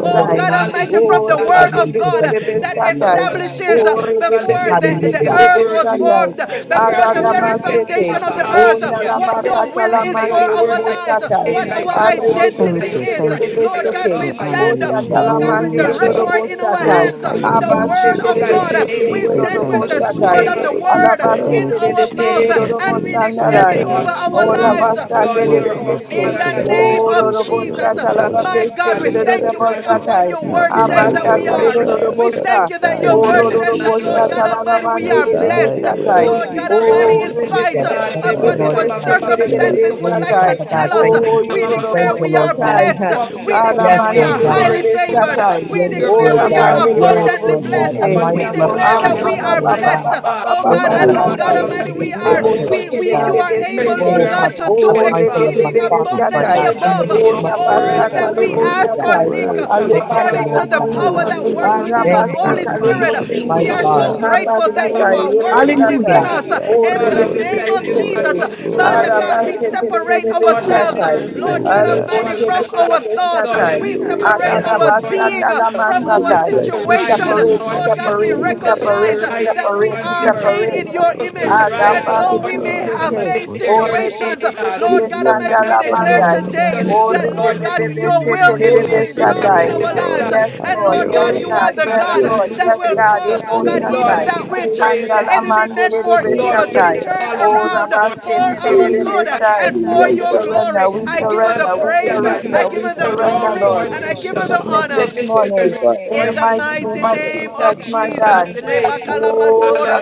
S1: In the
S2: God
S1: name
S4: there's
S1: of
S7: Hallelujah,
S2: Almighty, from
S3: Oh
S4: peace,
S2: the
S1: Jesus,
S2: word
S1: Father,
S7: hallelujah,
S1: we
S2: of God
S7: Jesus.
S1: present it
S3: Rebebebebebe
S4: there's
S1: to you,
S4: love.
S1: oh
S3: Satai.
S1: God.
S2: establishes
S4: Oh
S7: Hallelujah.
S3: Oh
S4: God,
S7: God, let
S4: let
S2: before
S4: it
S2: the
S7: me live
S4: be
S1: Hallelujah.
S7: your
S4: here,
S2: earth
S3: Rebebebebebe
S7: word.
S2: was
S3: Sandai.
S2: formed,
S7: church,
S4: let
S2: before
S7: God,
S4: it be
S2: the
S7: we
S4: in
S7: get
S4: this
S2: foundation
S3: Adadabastete.
S7: out
S2: of
S7: of
S2: the
S4: situation.
S3: Oh
S2: earth,
S4: Oh
S7: hallelujah.
S2: what
S7: It
S4: God,
S2: your will
S7: is
S2: is
S7: by
S2: for
S7: your
S3: Nalabakatalamande
S2: our
S7: word,
S3: Rebo
S7: by
S4: let
S2: lives,
S7: your
S3: Satai.
S7: name,
S4: Your
S7: by your
S2: our
S9: Jesus.
S4: will be
S7: power,
S2: identity.
S7: by
S9: Thank
S4: done,
S7: your
S9: you.
S4: Lord.
S9: Thank
S7: grace,
S9: you.
S3: Arebebebebebe
S7: by your
S3: Sete.
S7: love,
S9: We
S7: by your
S9: honor
S3: Oh
S2: Stand,
S9: you.
S4: Let
S9: We
S4: Your
S2: oh God,
S4: will
S9: glory
S2: with
S3: Shatalamande
S9: you,
S2: the
S4: be
S7: sacrifice.
S9: Jesus.
S4: done.
S2: record
S3: Rodobo
S2: in our hands,
S9: Glorify your
S4: Help
S2: the
S9: name,
S4: me
S2: word
S4: to
S7: Oh
S2: of
S9: Jesus.
S4: get
S7: God,
S3: Abastetere
S2: God,
S4: out
S7: in the
S4: of
S2: the
S7: name
S4: the
S3: kendo
S4: way
S9: Say
S3: rodo
S4: and
S7: of
S9: thank
S4: let
S9: you.
S7: the
S3: bostatai.
S2: sword
S4: Your
S7: name
S2: of
S7: of
S2: the
S4: will be
S2: word in
S4: done.
S9: Thank you,
S3: Alabastetere
S2: our
S7: the
S3: kendo
S7: name of
S9: Jesus.
S2: mouth,
S3: rodo
S4: Help
S2: and we
S4: me to
S7: the
S4: get
S2: declare
S9: Thank
S2: it
S9: you,
S3: bostandarai.
S7: name
S4: out
S7: of
S4: of
S2: for
S9: Lord
S2: our
S4: the
S7: the
S3: Ora
S4: way
S9: Jesus.
S2: lives
S4: and let
S7: Lord,
S3: bastandere
S5: nuclear
S4: Your
S3: de
S7: your
S9: Work in
S4: will
S7: oh
S9: us,
S3: pete.
S2: in
S9: Lord,
S4: be
S7: Father
S9: to
S2: the
S7: God,
S9: will
S4: done.
S9: and
S7: thank
S2: name
S9: to
S2: of
S3: Oro
S9: do
S7: you, say,
S9: for
S3: robo
S9: your good
S3: chatala la
S4: God,
S9: pleasure.
S2: Jesus.
S3: peste
S2: God.
S7: God,
S2: We
S3: tere
S5: that
S2: thank you.
S3: rodo
S4: Jesus,
S9: Yes,
S7: sacrifice,
S5: is
S9: Lord.
S3: bostatai.
S2: Your
S4: not
S2: word
S5: activated
S2: says
S7: purify
S4: my
S9: Thank
S2: that
S9: you,
S7: my
S4: will,
S9: Lord
S7: heart,
S4: O
S3: Abastatare rodo
S4: God,
S2: we
S5: to
S9: Jesus.
S4: but
S3: bosta.
S2: thank you that
S4: thy
S2: your
S9: Thank
S7: purify
S9: you,
S5: make
S2: word
S3: Oro
S4: will
S7: my
S2: says
S9: Lord
S3: rodo
S4: be
S7: mind,
S9: Jesus.
S4: done.
S3: bostatala la
S7: and
S5: the
S2: we are,
S9: Yes,
S5: person
S3: bandere de
S9: Lord.
S4: Thy
S3: bestatai.
S4: will
S7: holy
S2: Lord God
S4: be
S7: spirit of
S2: Almighty,
S1: Thank
S3: O
S4: done,
S2: in
S9: Yes,
S7: the
S1: you,
S4: O
S7: living
S9: Lord.
S2: spite
S1: Jesus.
S5: think
S4: God,
S7: God,
S1: Thank
S2: of
S5: the
S1: you,
S2: what
S4: thy
S9: Work
S2: our
S1: Lord
S4: will
S1: God.
S4: be
S3: rebebebebebebebestere
S7: Sabababa,
S3: de
S5: person
S9: in
S4: done.
S1: Oh,
S7: Shabababush,
S3: bestatai.
S1: Father God,
S9: us,
S2: loss.
S1: thank
S5: is
S4: Help
S3: O
S1: you,
S9: Lord,
S5: not
S1: thank
S4: me,
S7: Mama,
S3: yoro
S1: you,
S4: O
S7: Mama,
S1: thank
S3: robo
S2: Declare
S4: God,
S1: you,
S2: we are
S1: Lord
S7: let me
S4: help
S1: God.
S3: statai.
S2: blessed.
S4: me,
S7: walk
S4: O
S5: more
S7: in the
S4: God.
S7: power
S1: Yes,
S2: Declare
S7: and
S2: we
S9: to
S7: the
S1: Lord
S2: are
S3: Alamandere
S1: God.
S9: will
S3: de
S7: authority,
S2: highly.
S7: oh
S4: God,
S3: bestatai.
S7: God,
S4: we
S1: Yes,
S7: your
S4: bless
S2: Declare
S7: power
S1: Lord
S4: your
S3: Ora
S7: and
S2: we
S7: your
S2: are
S1: God.
S3: bandere de
S7: authority.
S4: name.
S1: Yes,
S2: abundantly
S3: robo
S1: Lord
S2: blessed.
S1: God.
S9: and
S1: I'm
S3: sete.
S7: for
S5: beautiful
S7: the
S4: We
S1: mindful of my,
S2: declare
S4: bless
S9: to
S7: authority
S2: that
S4: your
S7: of
S3: Aya
S2: we
S9: do
S3: pa
S2: are
S5: and
S3: pa
S1: Lord
S7: my
S3: pa
S4: name.
S2: blessed,
S1: God.
S3: pa pa
S7: God.
S3: pa
S5: the mistake is not now. That is
S2: oh
S5: the person
S3: pa
S1: Oh
S2: God,
S3: pa
S1: God,
S2: and
S1: I'm
S2: oh
S4: Thy
S2: God
S7: Baba,
S3: sandai.
S1: mindful of
S4: will
S7: Baba,
S1: my
S2: Almighty, we
S5: outside
S4: be
S9: for
S2: are,
S7: Baba,
S3: Lebo
S4: done,
S1: declarations,
S4: Lord,
S7: Baba,
S9: your
S2: we,
S3: sete
S1: my
S3: de
S2: we,
S3: de
S2: you
S1: God.
S3: de
S2: are
S3: de
S4: thy
S7: spread
S2: able,
S4: will
S2: Lord
S1: Oh
S4: be
S3: sete.
S7: your
S4: done.
S2: God,
S1: Father
S2: to
S1: God,
S2: do
S1: I'm
S3: Ore
S1: mindful
S3: be
S7: mouth,
S1: of
S3: be
S1: my
S3: be be
S1: thoughts,
S9: good
S1: my God.
S3: satai.
S7: say
S9: pleasure.
S7: my
S1: In the
S2: above
S7: daily
S1: name of
S3: Ora
S4: Oh,
S3: pa
S7: bread.
S1: Jesus.
S2: all
S3: sata
S4: worthy,
S2: that
S7: Lord
S2: we
S3: lebo
S2: ask
S1: Hallelujah.
S4: worthy,
S2: or
S3: satai.
S2: think
S7: God,
S3: Ale
S4: worthy.
S1: Thank
S7: Baba,
S2: according to
S1: you,
S7: Baba,
S3: panda la
S1: Lord
S2: the
S1: God.
S2: power
S3: mande.
S4: Thy
S7: Baba,
S2: that works
S4: will
S3: Ara
S2: within
S4: be
S2: us.
S3: pa
S1: Thank you,
S2: Holy
S3: sata
S1: Jesus.
S7: Baba,
S4: done.
S2: Spirit,
S3: lebo
S9: Thank you,
S7: Baba,
S1: My
S2: we
S3: sete.
S2: are
S7: Baba,
S9: Jesus.
S1: God.
S4: Hallelujah.
S2: so
S3: Ha pa
S2: grateful that
S5: of
S2: you
S3: satai
S2: are
S5: the
S2: working
S3: lebo
S7: worship
S5: thing
S3: satai.
S1: Hallelujah.
S7: God.
S4: Hallelujah.
S2: in
S3: Ore
S5: to
S2: the
S3: be
S7: Father,
S3: be
S7: we
S5: me
S3: be
S4: Glory,
S3: be
S7: thank you,
S5: This
S7: God,
S3: sete.
S4: glory,
S7: for who you are,
S2: Father
S3: Ara
S7: Lord.
S4: glory.
S2: God.
S3: pa
S5: person is of the
S3: sete de de
S2: Separate
S3: de
S5: government
S3: be
S7: Lord,
S5: mistake.
S7: let
S2: ourselves,
S7: your will
S3: satai.
S5: This
S7: be
S2: Lord
S5: is
S9: Thank you,
S2: God
S7: done
S3: Ale
S9: Lord
S7: in
S4: Hallelujah.
S3: bo
S7: our
S2: Almighty, from
S7: lives,
S3: sete de
S9: Jesus.
S3: de
S2: our
S7: God.
S3: de
S5: how
S2: thoughts.
S7: Lord,
S3: satai.
S7: help us
S5: most
S7: to
S2: Separate
S1: Yes,
S7: rise
S4: Hallelujah.
S7: up,
S1: Lord.
S5: of the
S2: our
S7: Lord
S5: world
S2: being,
S5: is
S7: Jesus.
S5: Jesus
S7: Help
S3: Adadabashandalamasatai.
S7: us
S5: Christ.
S9: Thank
S7: to
S9: you,
S3: We
S4: Jesus,
S7: rise up,
S3: separate,
S9: Jesus.
S2: situation,
S3: we
S7: Lord
S4: Jesus,
S2: Lord.
S7: healing.
S5: I
S3: separate, we
S5: was
S7: Help us
S5: just
S4: Jesus.
S9: Nyalamabosea,
S3: separate,
S2: Recognize
S7: to
S5: I
S3: we
S7: rise
S5: was
S7: up,
S5: just
S2: that we
S3: separate,
S7: Lord
S3: we
S2: are
S7: deliverance.
S2: made
S3: separate.
S5: from
S4: I
S2: in your
S7: Help us
S4: will
S2: image
S7: to
S9: andalalamabosea,
S4: be
S9: ma-
S7: rise
S2: and
S7: up,
S4: done,
S5: Father
S4: oh
S7: Lord
S2: we may
S5: God
S4: God.
S7: Jesus,
S2: have
S7: and
S5: and
S3: Adabasetetete.
S2: faced
S7: declare
S9: andalalamabosea.
S7: your
S2: situations
S7: name, God.
S2: Lord
S5: would
S2: God, I'm
S5: want
S7: I
S5: to
S7: lift
S4: I
S2: declare
S7: up
S3: Orebebebebebesandalamandai.
S4: will
S7: my voice,
S4: be
S2: today
S9: Andalalamabosea,
S2: that,
S5: Father
S4: done.
S2: Lord
S7: Lord,
S2: God, your will is
S4: Have
S7: I
S4: your
S3: Orebebebebebeseterebesatai.
S4: way,
S7: lift
S2: ours.
S7: up
S4: Lord.
S3: Yes,
S4: Have
S2: And
S3: Lord.
S7: my
S2: Lord
S4: your
S2: God,
S3: Yes,
S7: voice.
S5: not
S9: andalalamabosea,
S2: you
S5: be
S2: are
S3: God.
S4: way.
S2: the
S3: Yes,
S7: I
S2: God
S5: conformed
S7: lift
S3: Lord.
S5: to
S7: up my voice,
S2: that
S5: this
S3: Yes,
S2: will
S9: andalalamabosea.
S5: world,
S3: God.
S2: cause,
S4: Have
S5: but
S2: oh God,
S5: I'll
S4: your
S5: be
S7: Lord,
S2: even
S7: I
S9: Sayam
S3: Ebosatai.
S2: that
S7: lift
S4: way.
S7: up my
S2: which
S7: voice.
S2: the
S7: this
S2: enemy
S5: committed and
S2: for
S5: conformed to
S3: Andalamanderebesatai.
S4: Hallelujah.
S3: Oh,
S5: Jesus,
S2: around
S5: to
S2: for
S5: be
S2: our
S5: holy,
S2: good
S5: to be
S3: Rabaseterebesai.
S2: and for
S3: We
S2: your
S5: righteous,
S4: Jesus,
S3: surrender,
S2: glory.
S3: we
S2: Give her
S5: to
S4: Jesus,
S2: the
S3: surrender, we
S5: God,
S2: praise.
S5: in the
S4: Jesus.
S5: name
S2: I
S3: surrender,
S2: give
S3: we
S2: her the
S4: Turn
S5: of the
S4: the
S3: surrender,
S2: glory.
S3: Lord.
S2: I
S3: We
S2: give her
S5: Son,
S4: situation
S2: the
S3: submit
S2: honor.
S3: this
S4: around.
S3: morning
S5: sanctified, to
S3: in the
S2: In the
S5: be
S3: mighty
S4: Turn
S3: name
S2: mighty
S4: it
S7: morning.
S3: of
S5: perfected,
S4: around,
S2: name of
S7: Thank
S3: Jesus,
S4: oh
S5: to be
S3: my
S7: you
S4: God.
S7: and
S2: Jesus.
S3: God.
S4: Turn
S7: praise.
S4: it
S5: complete,
S4: around.
S5: so
S3: Oh,
S5: that
S7: Hallelujah.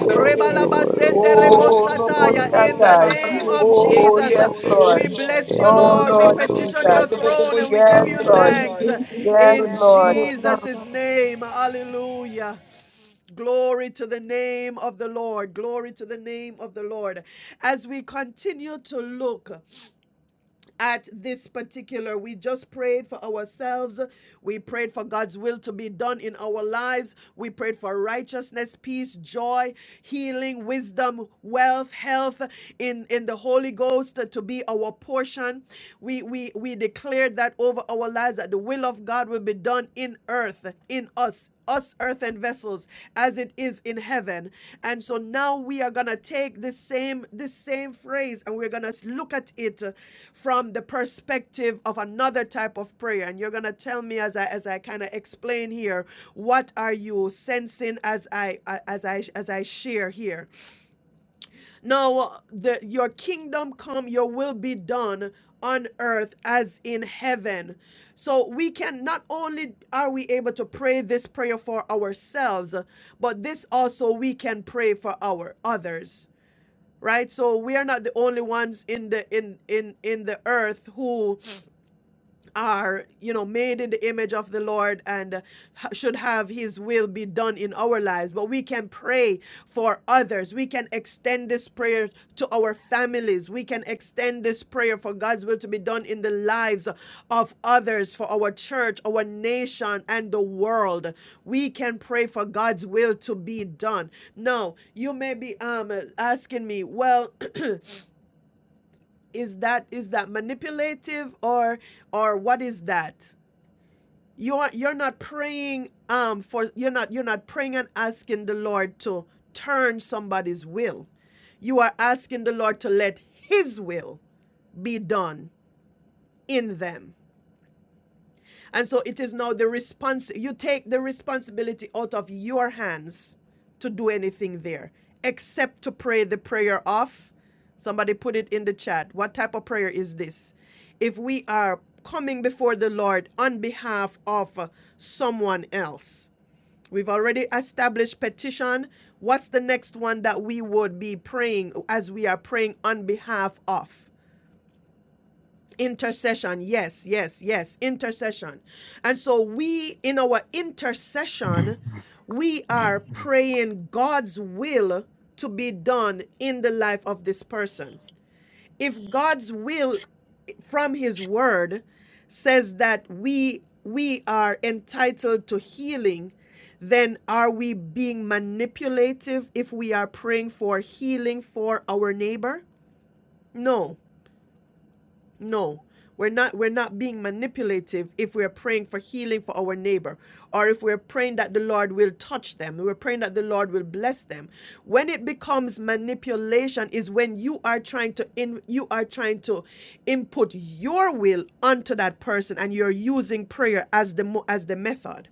S5: we all
S4: glory, glory,
S3: Oh,
S5: be
S2: In
S4: glory.
S2: the name
S3: Roboshatai.
S2: of
S5: beautiful,
S3: Oh,
S5: beautiful,
S4: Oh,
S2: Jesus.
S3: oh, yes,
S4: Brogo
S2: We
S3: Lord.
S2: bless
S4: Sheke,
S2: you,
S3: Oh,
S4: Nam
S2: Lord.
S3: Lord
S4: Brogo
S2: on
S4: She,
S3: Jesus.
S2: your throne and we give
S3: Yes,
S4: Am
S2: you
S4: Brogo,
S3: Lord.
S2: thanks
S11: Thank
S3: Yes,
S2: in
S3: Lord.
S11: you.
S2: Jesus' name. Hallelujah. Glory to the name of the Lord. Glory to the name of the Lord. As we continue to look at this particular. We just prayed for ourselves. We prayed for God's will to be done in our lives. We prayed for righteousness, peace, joy, healing, wisdom, wealth, health in, in the Holy Ghost to be our portion. We we we declared that over our lives that the will of God will be done in earth, in us, us earthen vessels as it is in heaven and so now we are going to take this same this same phrase and we're going to look at it uh, from the perspective of another type of prayer and you're going to tell me as i as i kind of explain here what are you sensing as I as i as i share here now the, your kingdom come, your will be done on earth as in heaven. So we can not only are we able to pray this prayer for ourselves, but this also we can pray for our others. Right? So we are not the only ones in the in in in the earth who are you know made in the image of the lord and uh, ha- should have his will be done in our lives but we can pray for others we can extend this prayer to our families we can extend this prayer for god's will to be done in the lives of others for our church our nation and the world we can pray for god's will to be done now you may be um asking me well is that is that manipulative or or what is that you're you're not praying um for you're not you're not praying and asking the Lord to turn somebody's will. You are asking the Lord to let his will be done in them. And so it is now the response you take the responsibility out of your hands to do anything there except to pray the prayer of somebody put it in the chat what type of prayer is this if we are coming before the lord on behalf of uh, someone else We've already established petition. What's the next one that we would be praying as we are praying on behalf of? Intercession. Yes, yes, yes. Intercession. And so we, in our intercession, we are praying God's will to be done in the life of this person. If God's will from his word says that we we are entitled to healing then are we being manipulative if we are praying for healing for our neighbor no no, we're not we're not being manipulative if we're praying for healing for our neighbor or if we're praying that the Lord will touch them. We're praying that the Lord will bless them. When it becomes manipulation is when you are trying to in you are trying to input your will onto that person and you're using prayer as the as the method.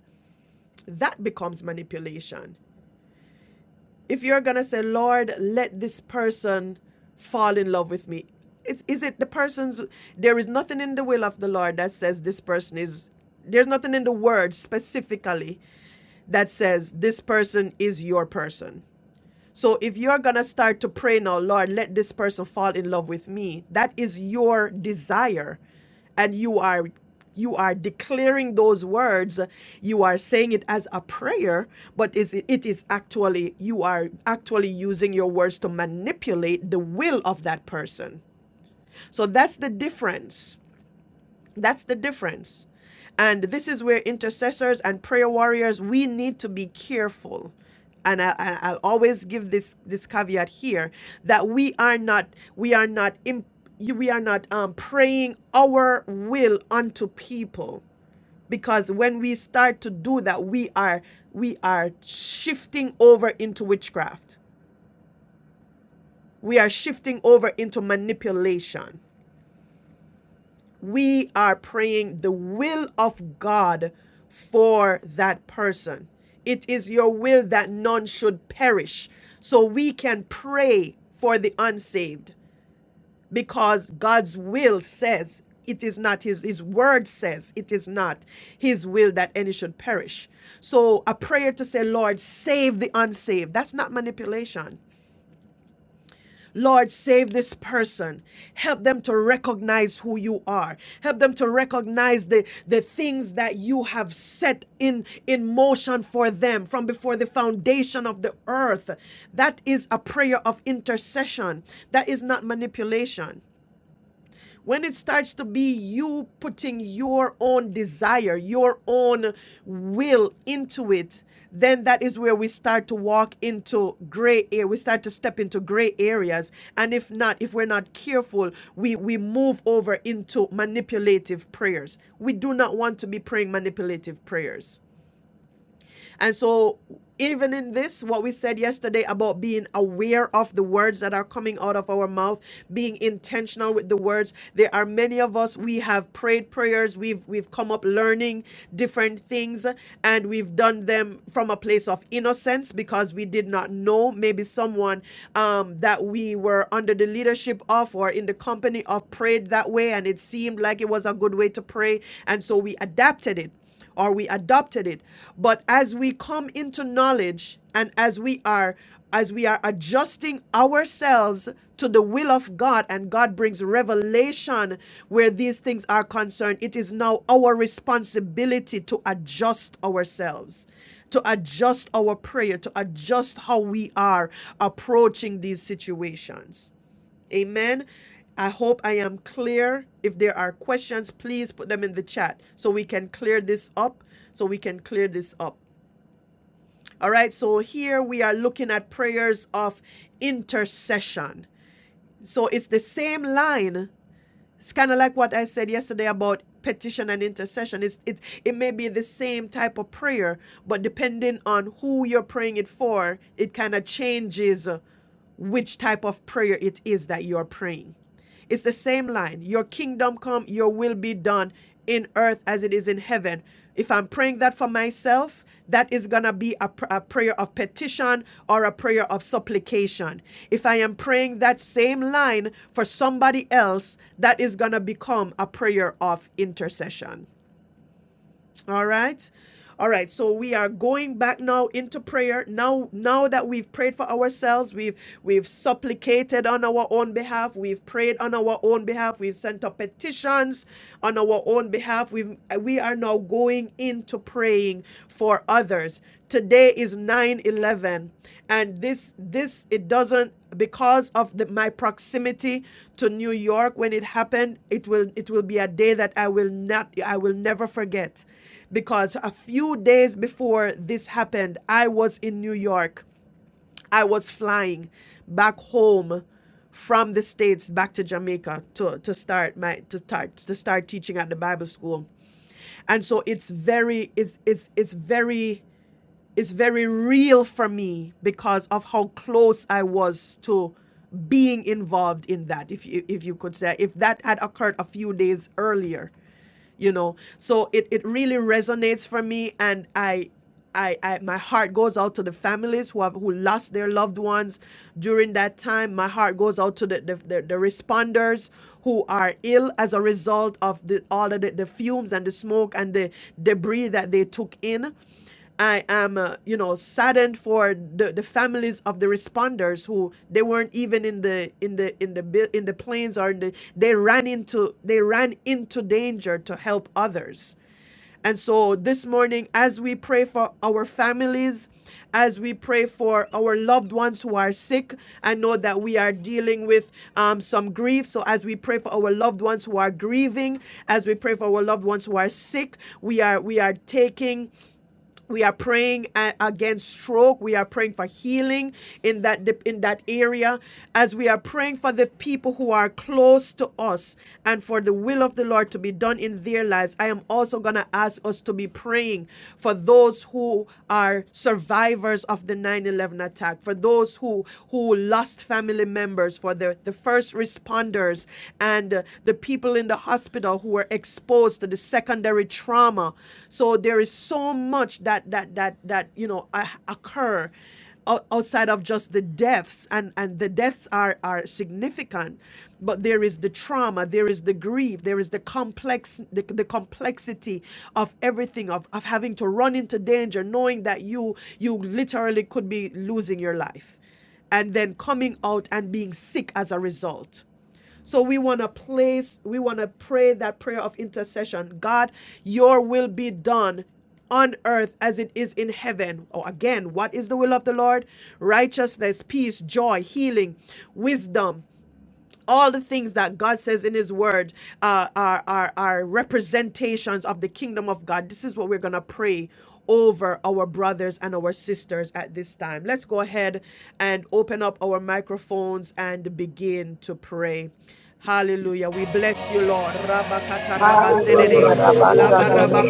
S2: That becomes manipulation if you're gonna say, Lord, let this person fall in love with me, it's, is it the person's? There is nothing in the will of the Lord that says this person is. There's nothing in the word specifically that says this person is your person. So if you're going to start to pray now, Lord, let this person fall in love with me. That is your desire and you are you are declaring those words you are saying it as a prayer but is it, it is actually you are actually using your words to manipulate the will of that person so that's the difference that's the difference. And this is where intercessors and prayer warriors, we need to be careful. And I, I- I'll always give this this caveat here that we are not we are not imp, we are not um, praying our will unto people because when we start to do that we are we are shifting over into witchcraft we are shifting over into manipulation we are praying the will of God for that person. It is your will that none should perish. So we can pray for the unsaved because God's will says it is not his his word says it is not his will that any should perish. So a prayer to say Lord save the unsaved that's not manipulation. Lord, save this person. Help them to recognize who you are. Help them to recognize the, the things that you have set in, in motion for them from before the foundation of the earth. That is a prayer of intercession. That is not manipulation when it starts to be you putting your own desire, your own will into it, then that is where we start to walk into gray area. We start to step into gray areas. And if not, if we're not careful, we, we move over into manipulative prayers. We do not want to be praying manipulative prayers. And so, even in this, what we said yesterday about being aware of the words that are coming out of our mouth, being intentional with the words, there are many of us we have prayed prayers, we've we've come up learning different things, and we've done them from a place of innocence because we did not know maybe someone um, that we were under the leadership of or in the company of prayed that way, and it seemed like it was a good way to pray, and so we adapted it or we adopted it. But as we come into knowledge and as we are as we are adjusting ourselves to the will of God and God brings revelation where these things are concerned, it is now our responsibility to adjust ourselves, to adjust our prayer, to adjust how we are approaching these situations. Amen. I hope I am clear. If there are questions, please put them in the chat so we can clear this up. So we can clear this up. All right, so here we are looking at prayers of intercession. So it's the same line. It's kind of like what I said yesterday about petition and intercession. It's, it, it may be the same type of prayer, but depending on who you're praying it for, it kind of changes uh, which type of prayer it is that you're praying. It's the same line. Your kingdom come, your will be done in earth as it is in heaven. If I'm praying that for myself, that is going to be a, pr- a prayer of petition or a prayer of supplication. If I am praying that same line for somebody else, that is going to become a prayer of intercession. All right. All right, so we are going back now into prayer. Now now that we've prayed for ourselves, we've we've supplicated on our own behalf, we've prayed on our own behalf, we've sent up petitions on our own behalf. We we are now going into praying for others. Today is nine eleven and this this it doesn't because of the, my proximity to New York when it happened it will it will be a day that I will not I will never forget because a few days before this happened I was in New York I was flying back home from the states back to Jamaica to, to start my to start to start teaching at the Bible school. And so it's very it's it's it's very is very real for me because of how close I was to being involved in that if you, if you could say if that had occurred a few days earlier you know so it, it really resonates for me and I, I i my heart goes out to the families who have who lost their loved ones during that time my heart goes out to the the, the, the responders who are ill as a result of the all of the, the fumes and the smoke and the debris that they took in I am, uh, you know, saddened for the, the families of the responders who they weren't even in the in the in the bu- in the planes or in the they ran into they ran into danger to help others. And so this morning, as we pray for our families, as we pray for our loved ones who are sick, I know that we are dealing with um, some grief. So as we pray for our loved ones who are grieving, as we pray for our loved ones who are sick, we are we are taking we are praying against stroke we are praying for healing in that in that area as we are praying for the people who are close to us and for the will of the lord to be done in their lives i am also going to ask us to be praying for those who are survivors of the 9-11 attack for those who who lost family members for the the first responders and uh, the people in the hospital who were exposed exposed to the secondary trauma. So there is so much that that that that you know uh, occur outside of just the deaths and and the deaths are are significant but there is the trauma there is the grief there is the complex the, the complexity of everything of, of having to run into danger knowing that you you literally could be losing your life and then coming out and being sick as a result so we want to place, we want to pray that prayer of intercession. God, your will be done on earth as it is in heaven. Oh, again, what is the will of the Lord? Righteousness, peace, joy, healing, wisdom, all the things that God says in His Word uh, are, are, are representations of the kingdom of God. This is what we're going to pray over our brothers and our sisters at this time. Let's go ahead and open up our microphones and begin to pray. Hallelujah. We bless you, Lord. Rabakata
S12: Nibalabara
S2: rabasedede.
S3: Hallelujah.
S12: Korobota,
S2: Laba
S3: Rabasata,
S2: raba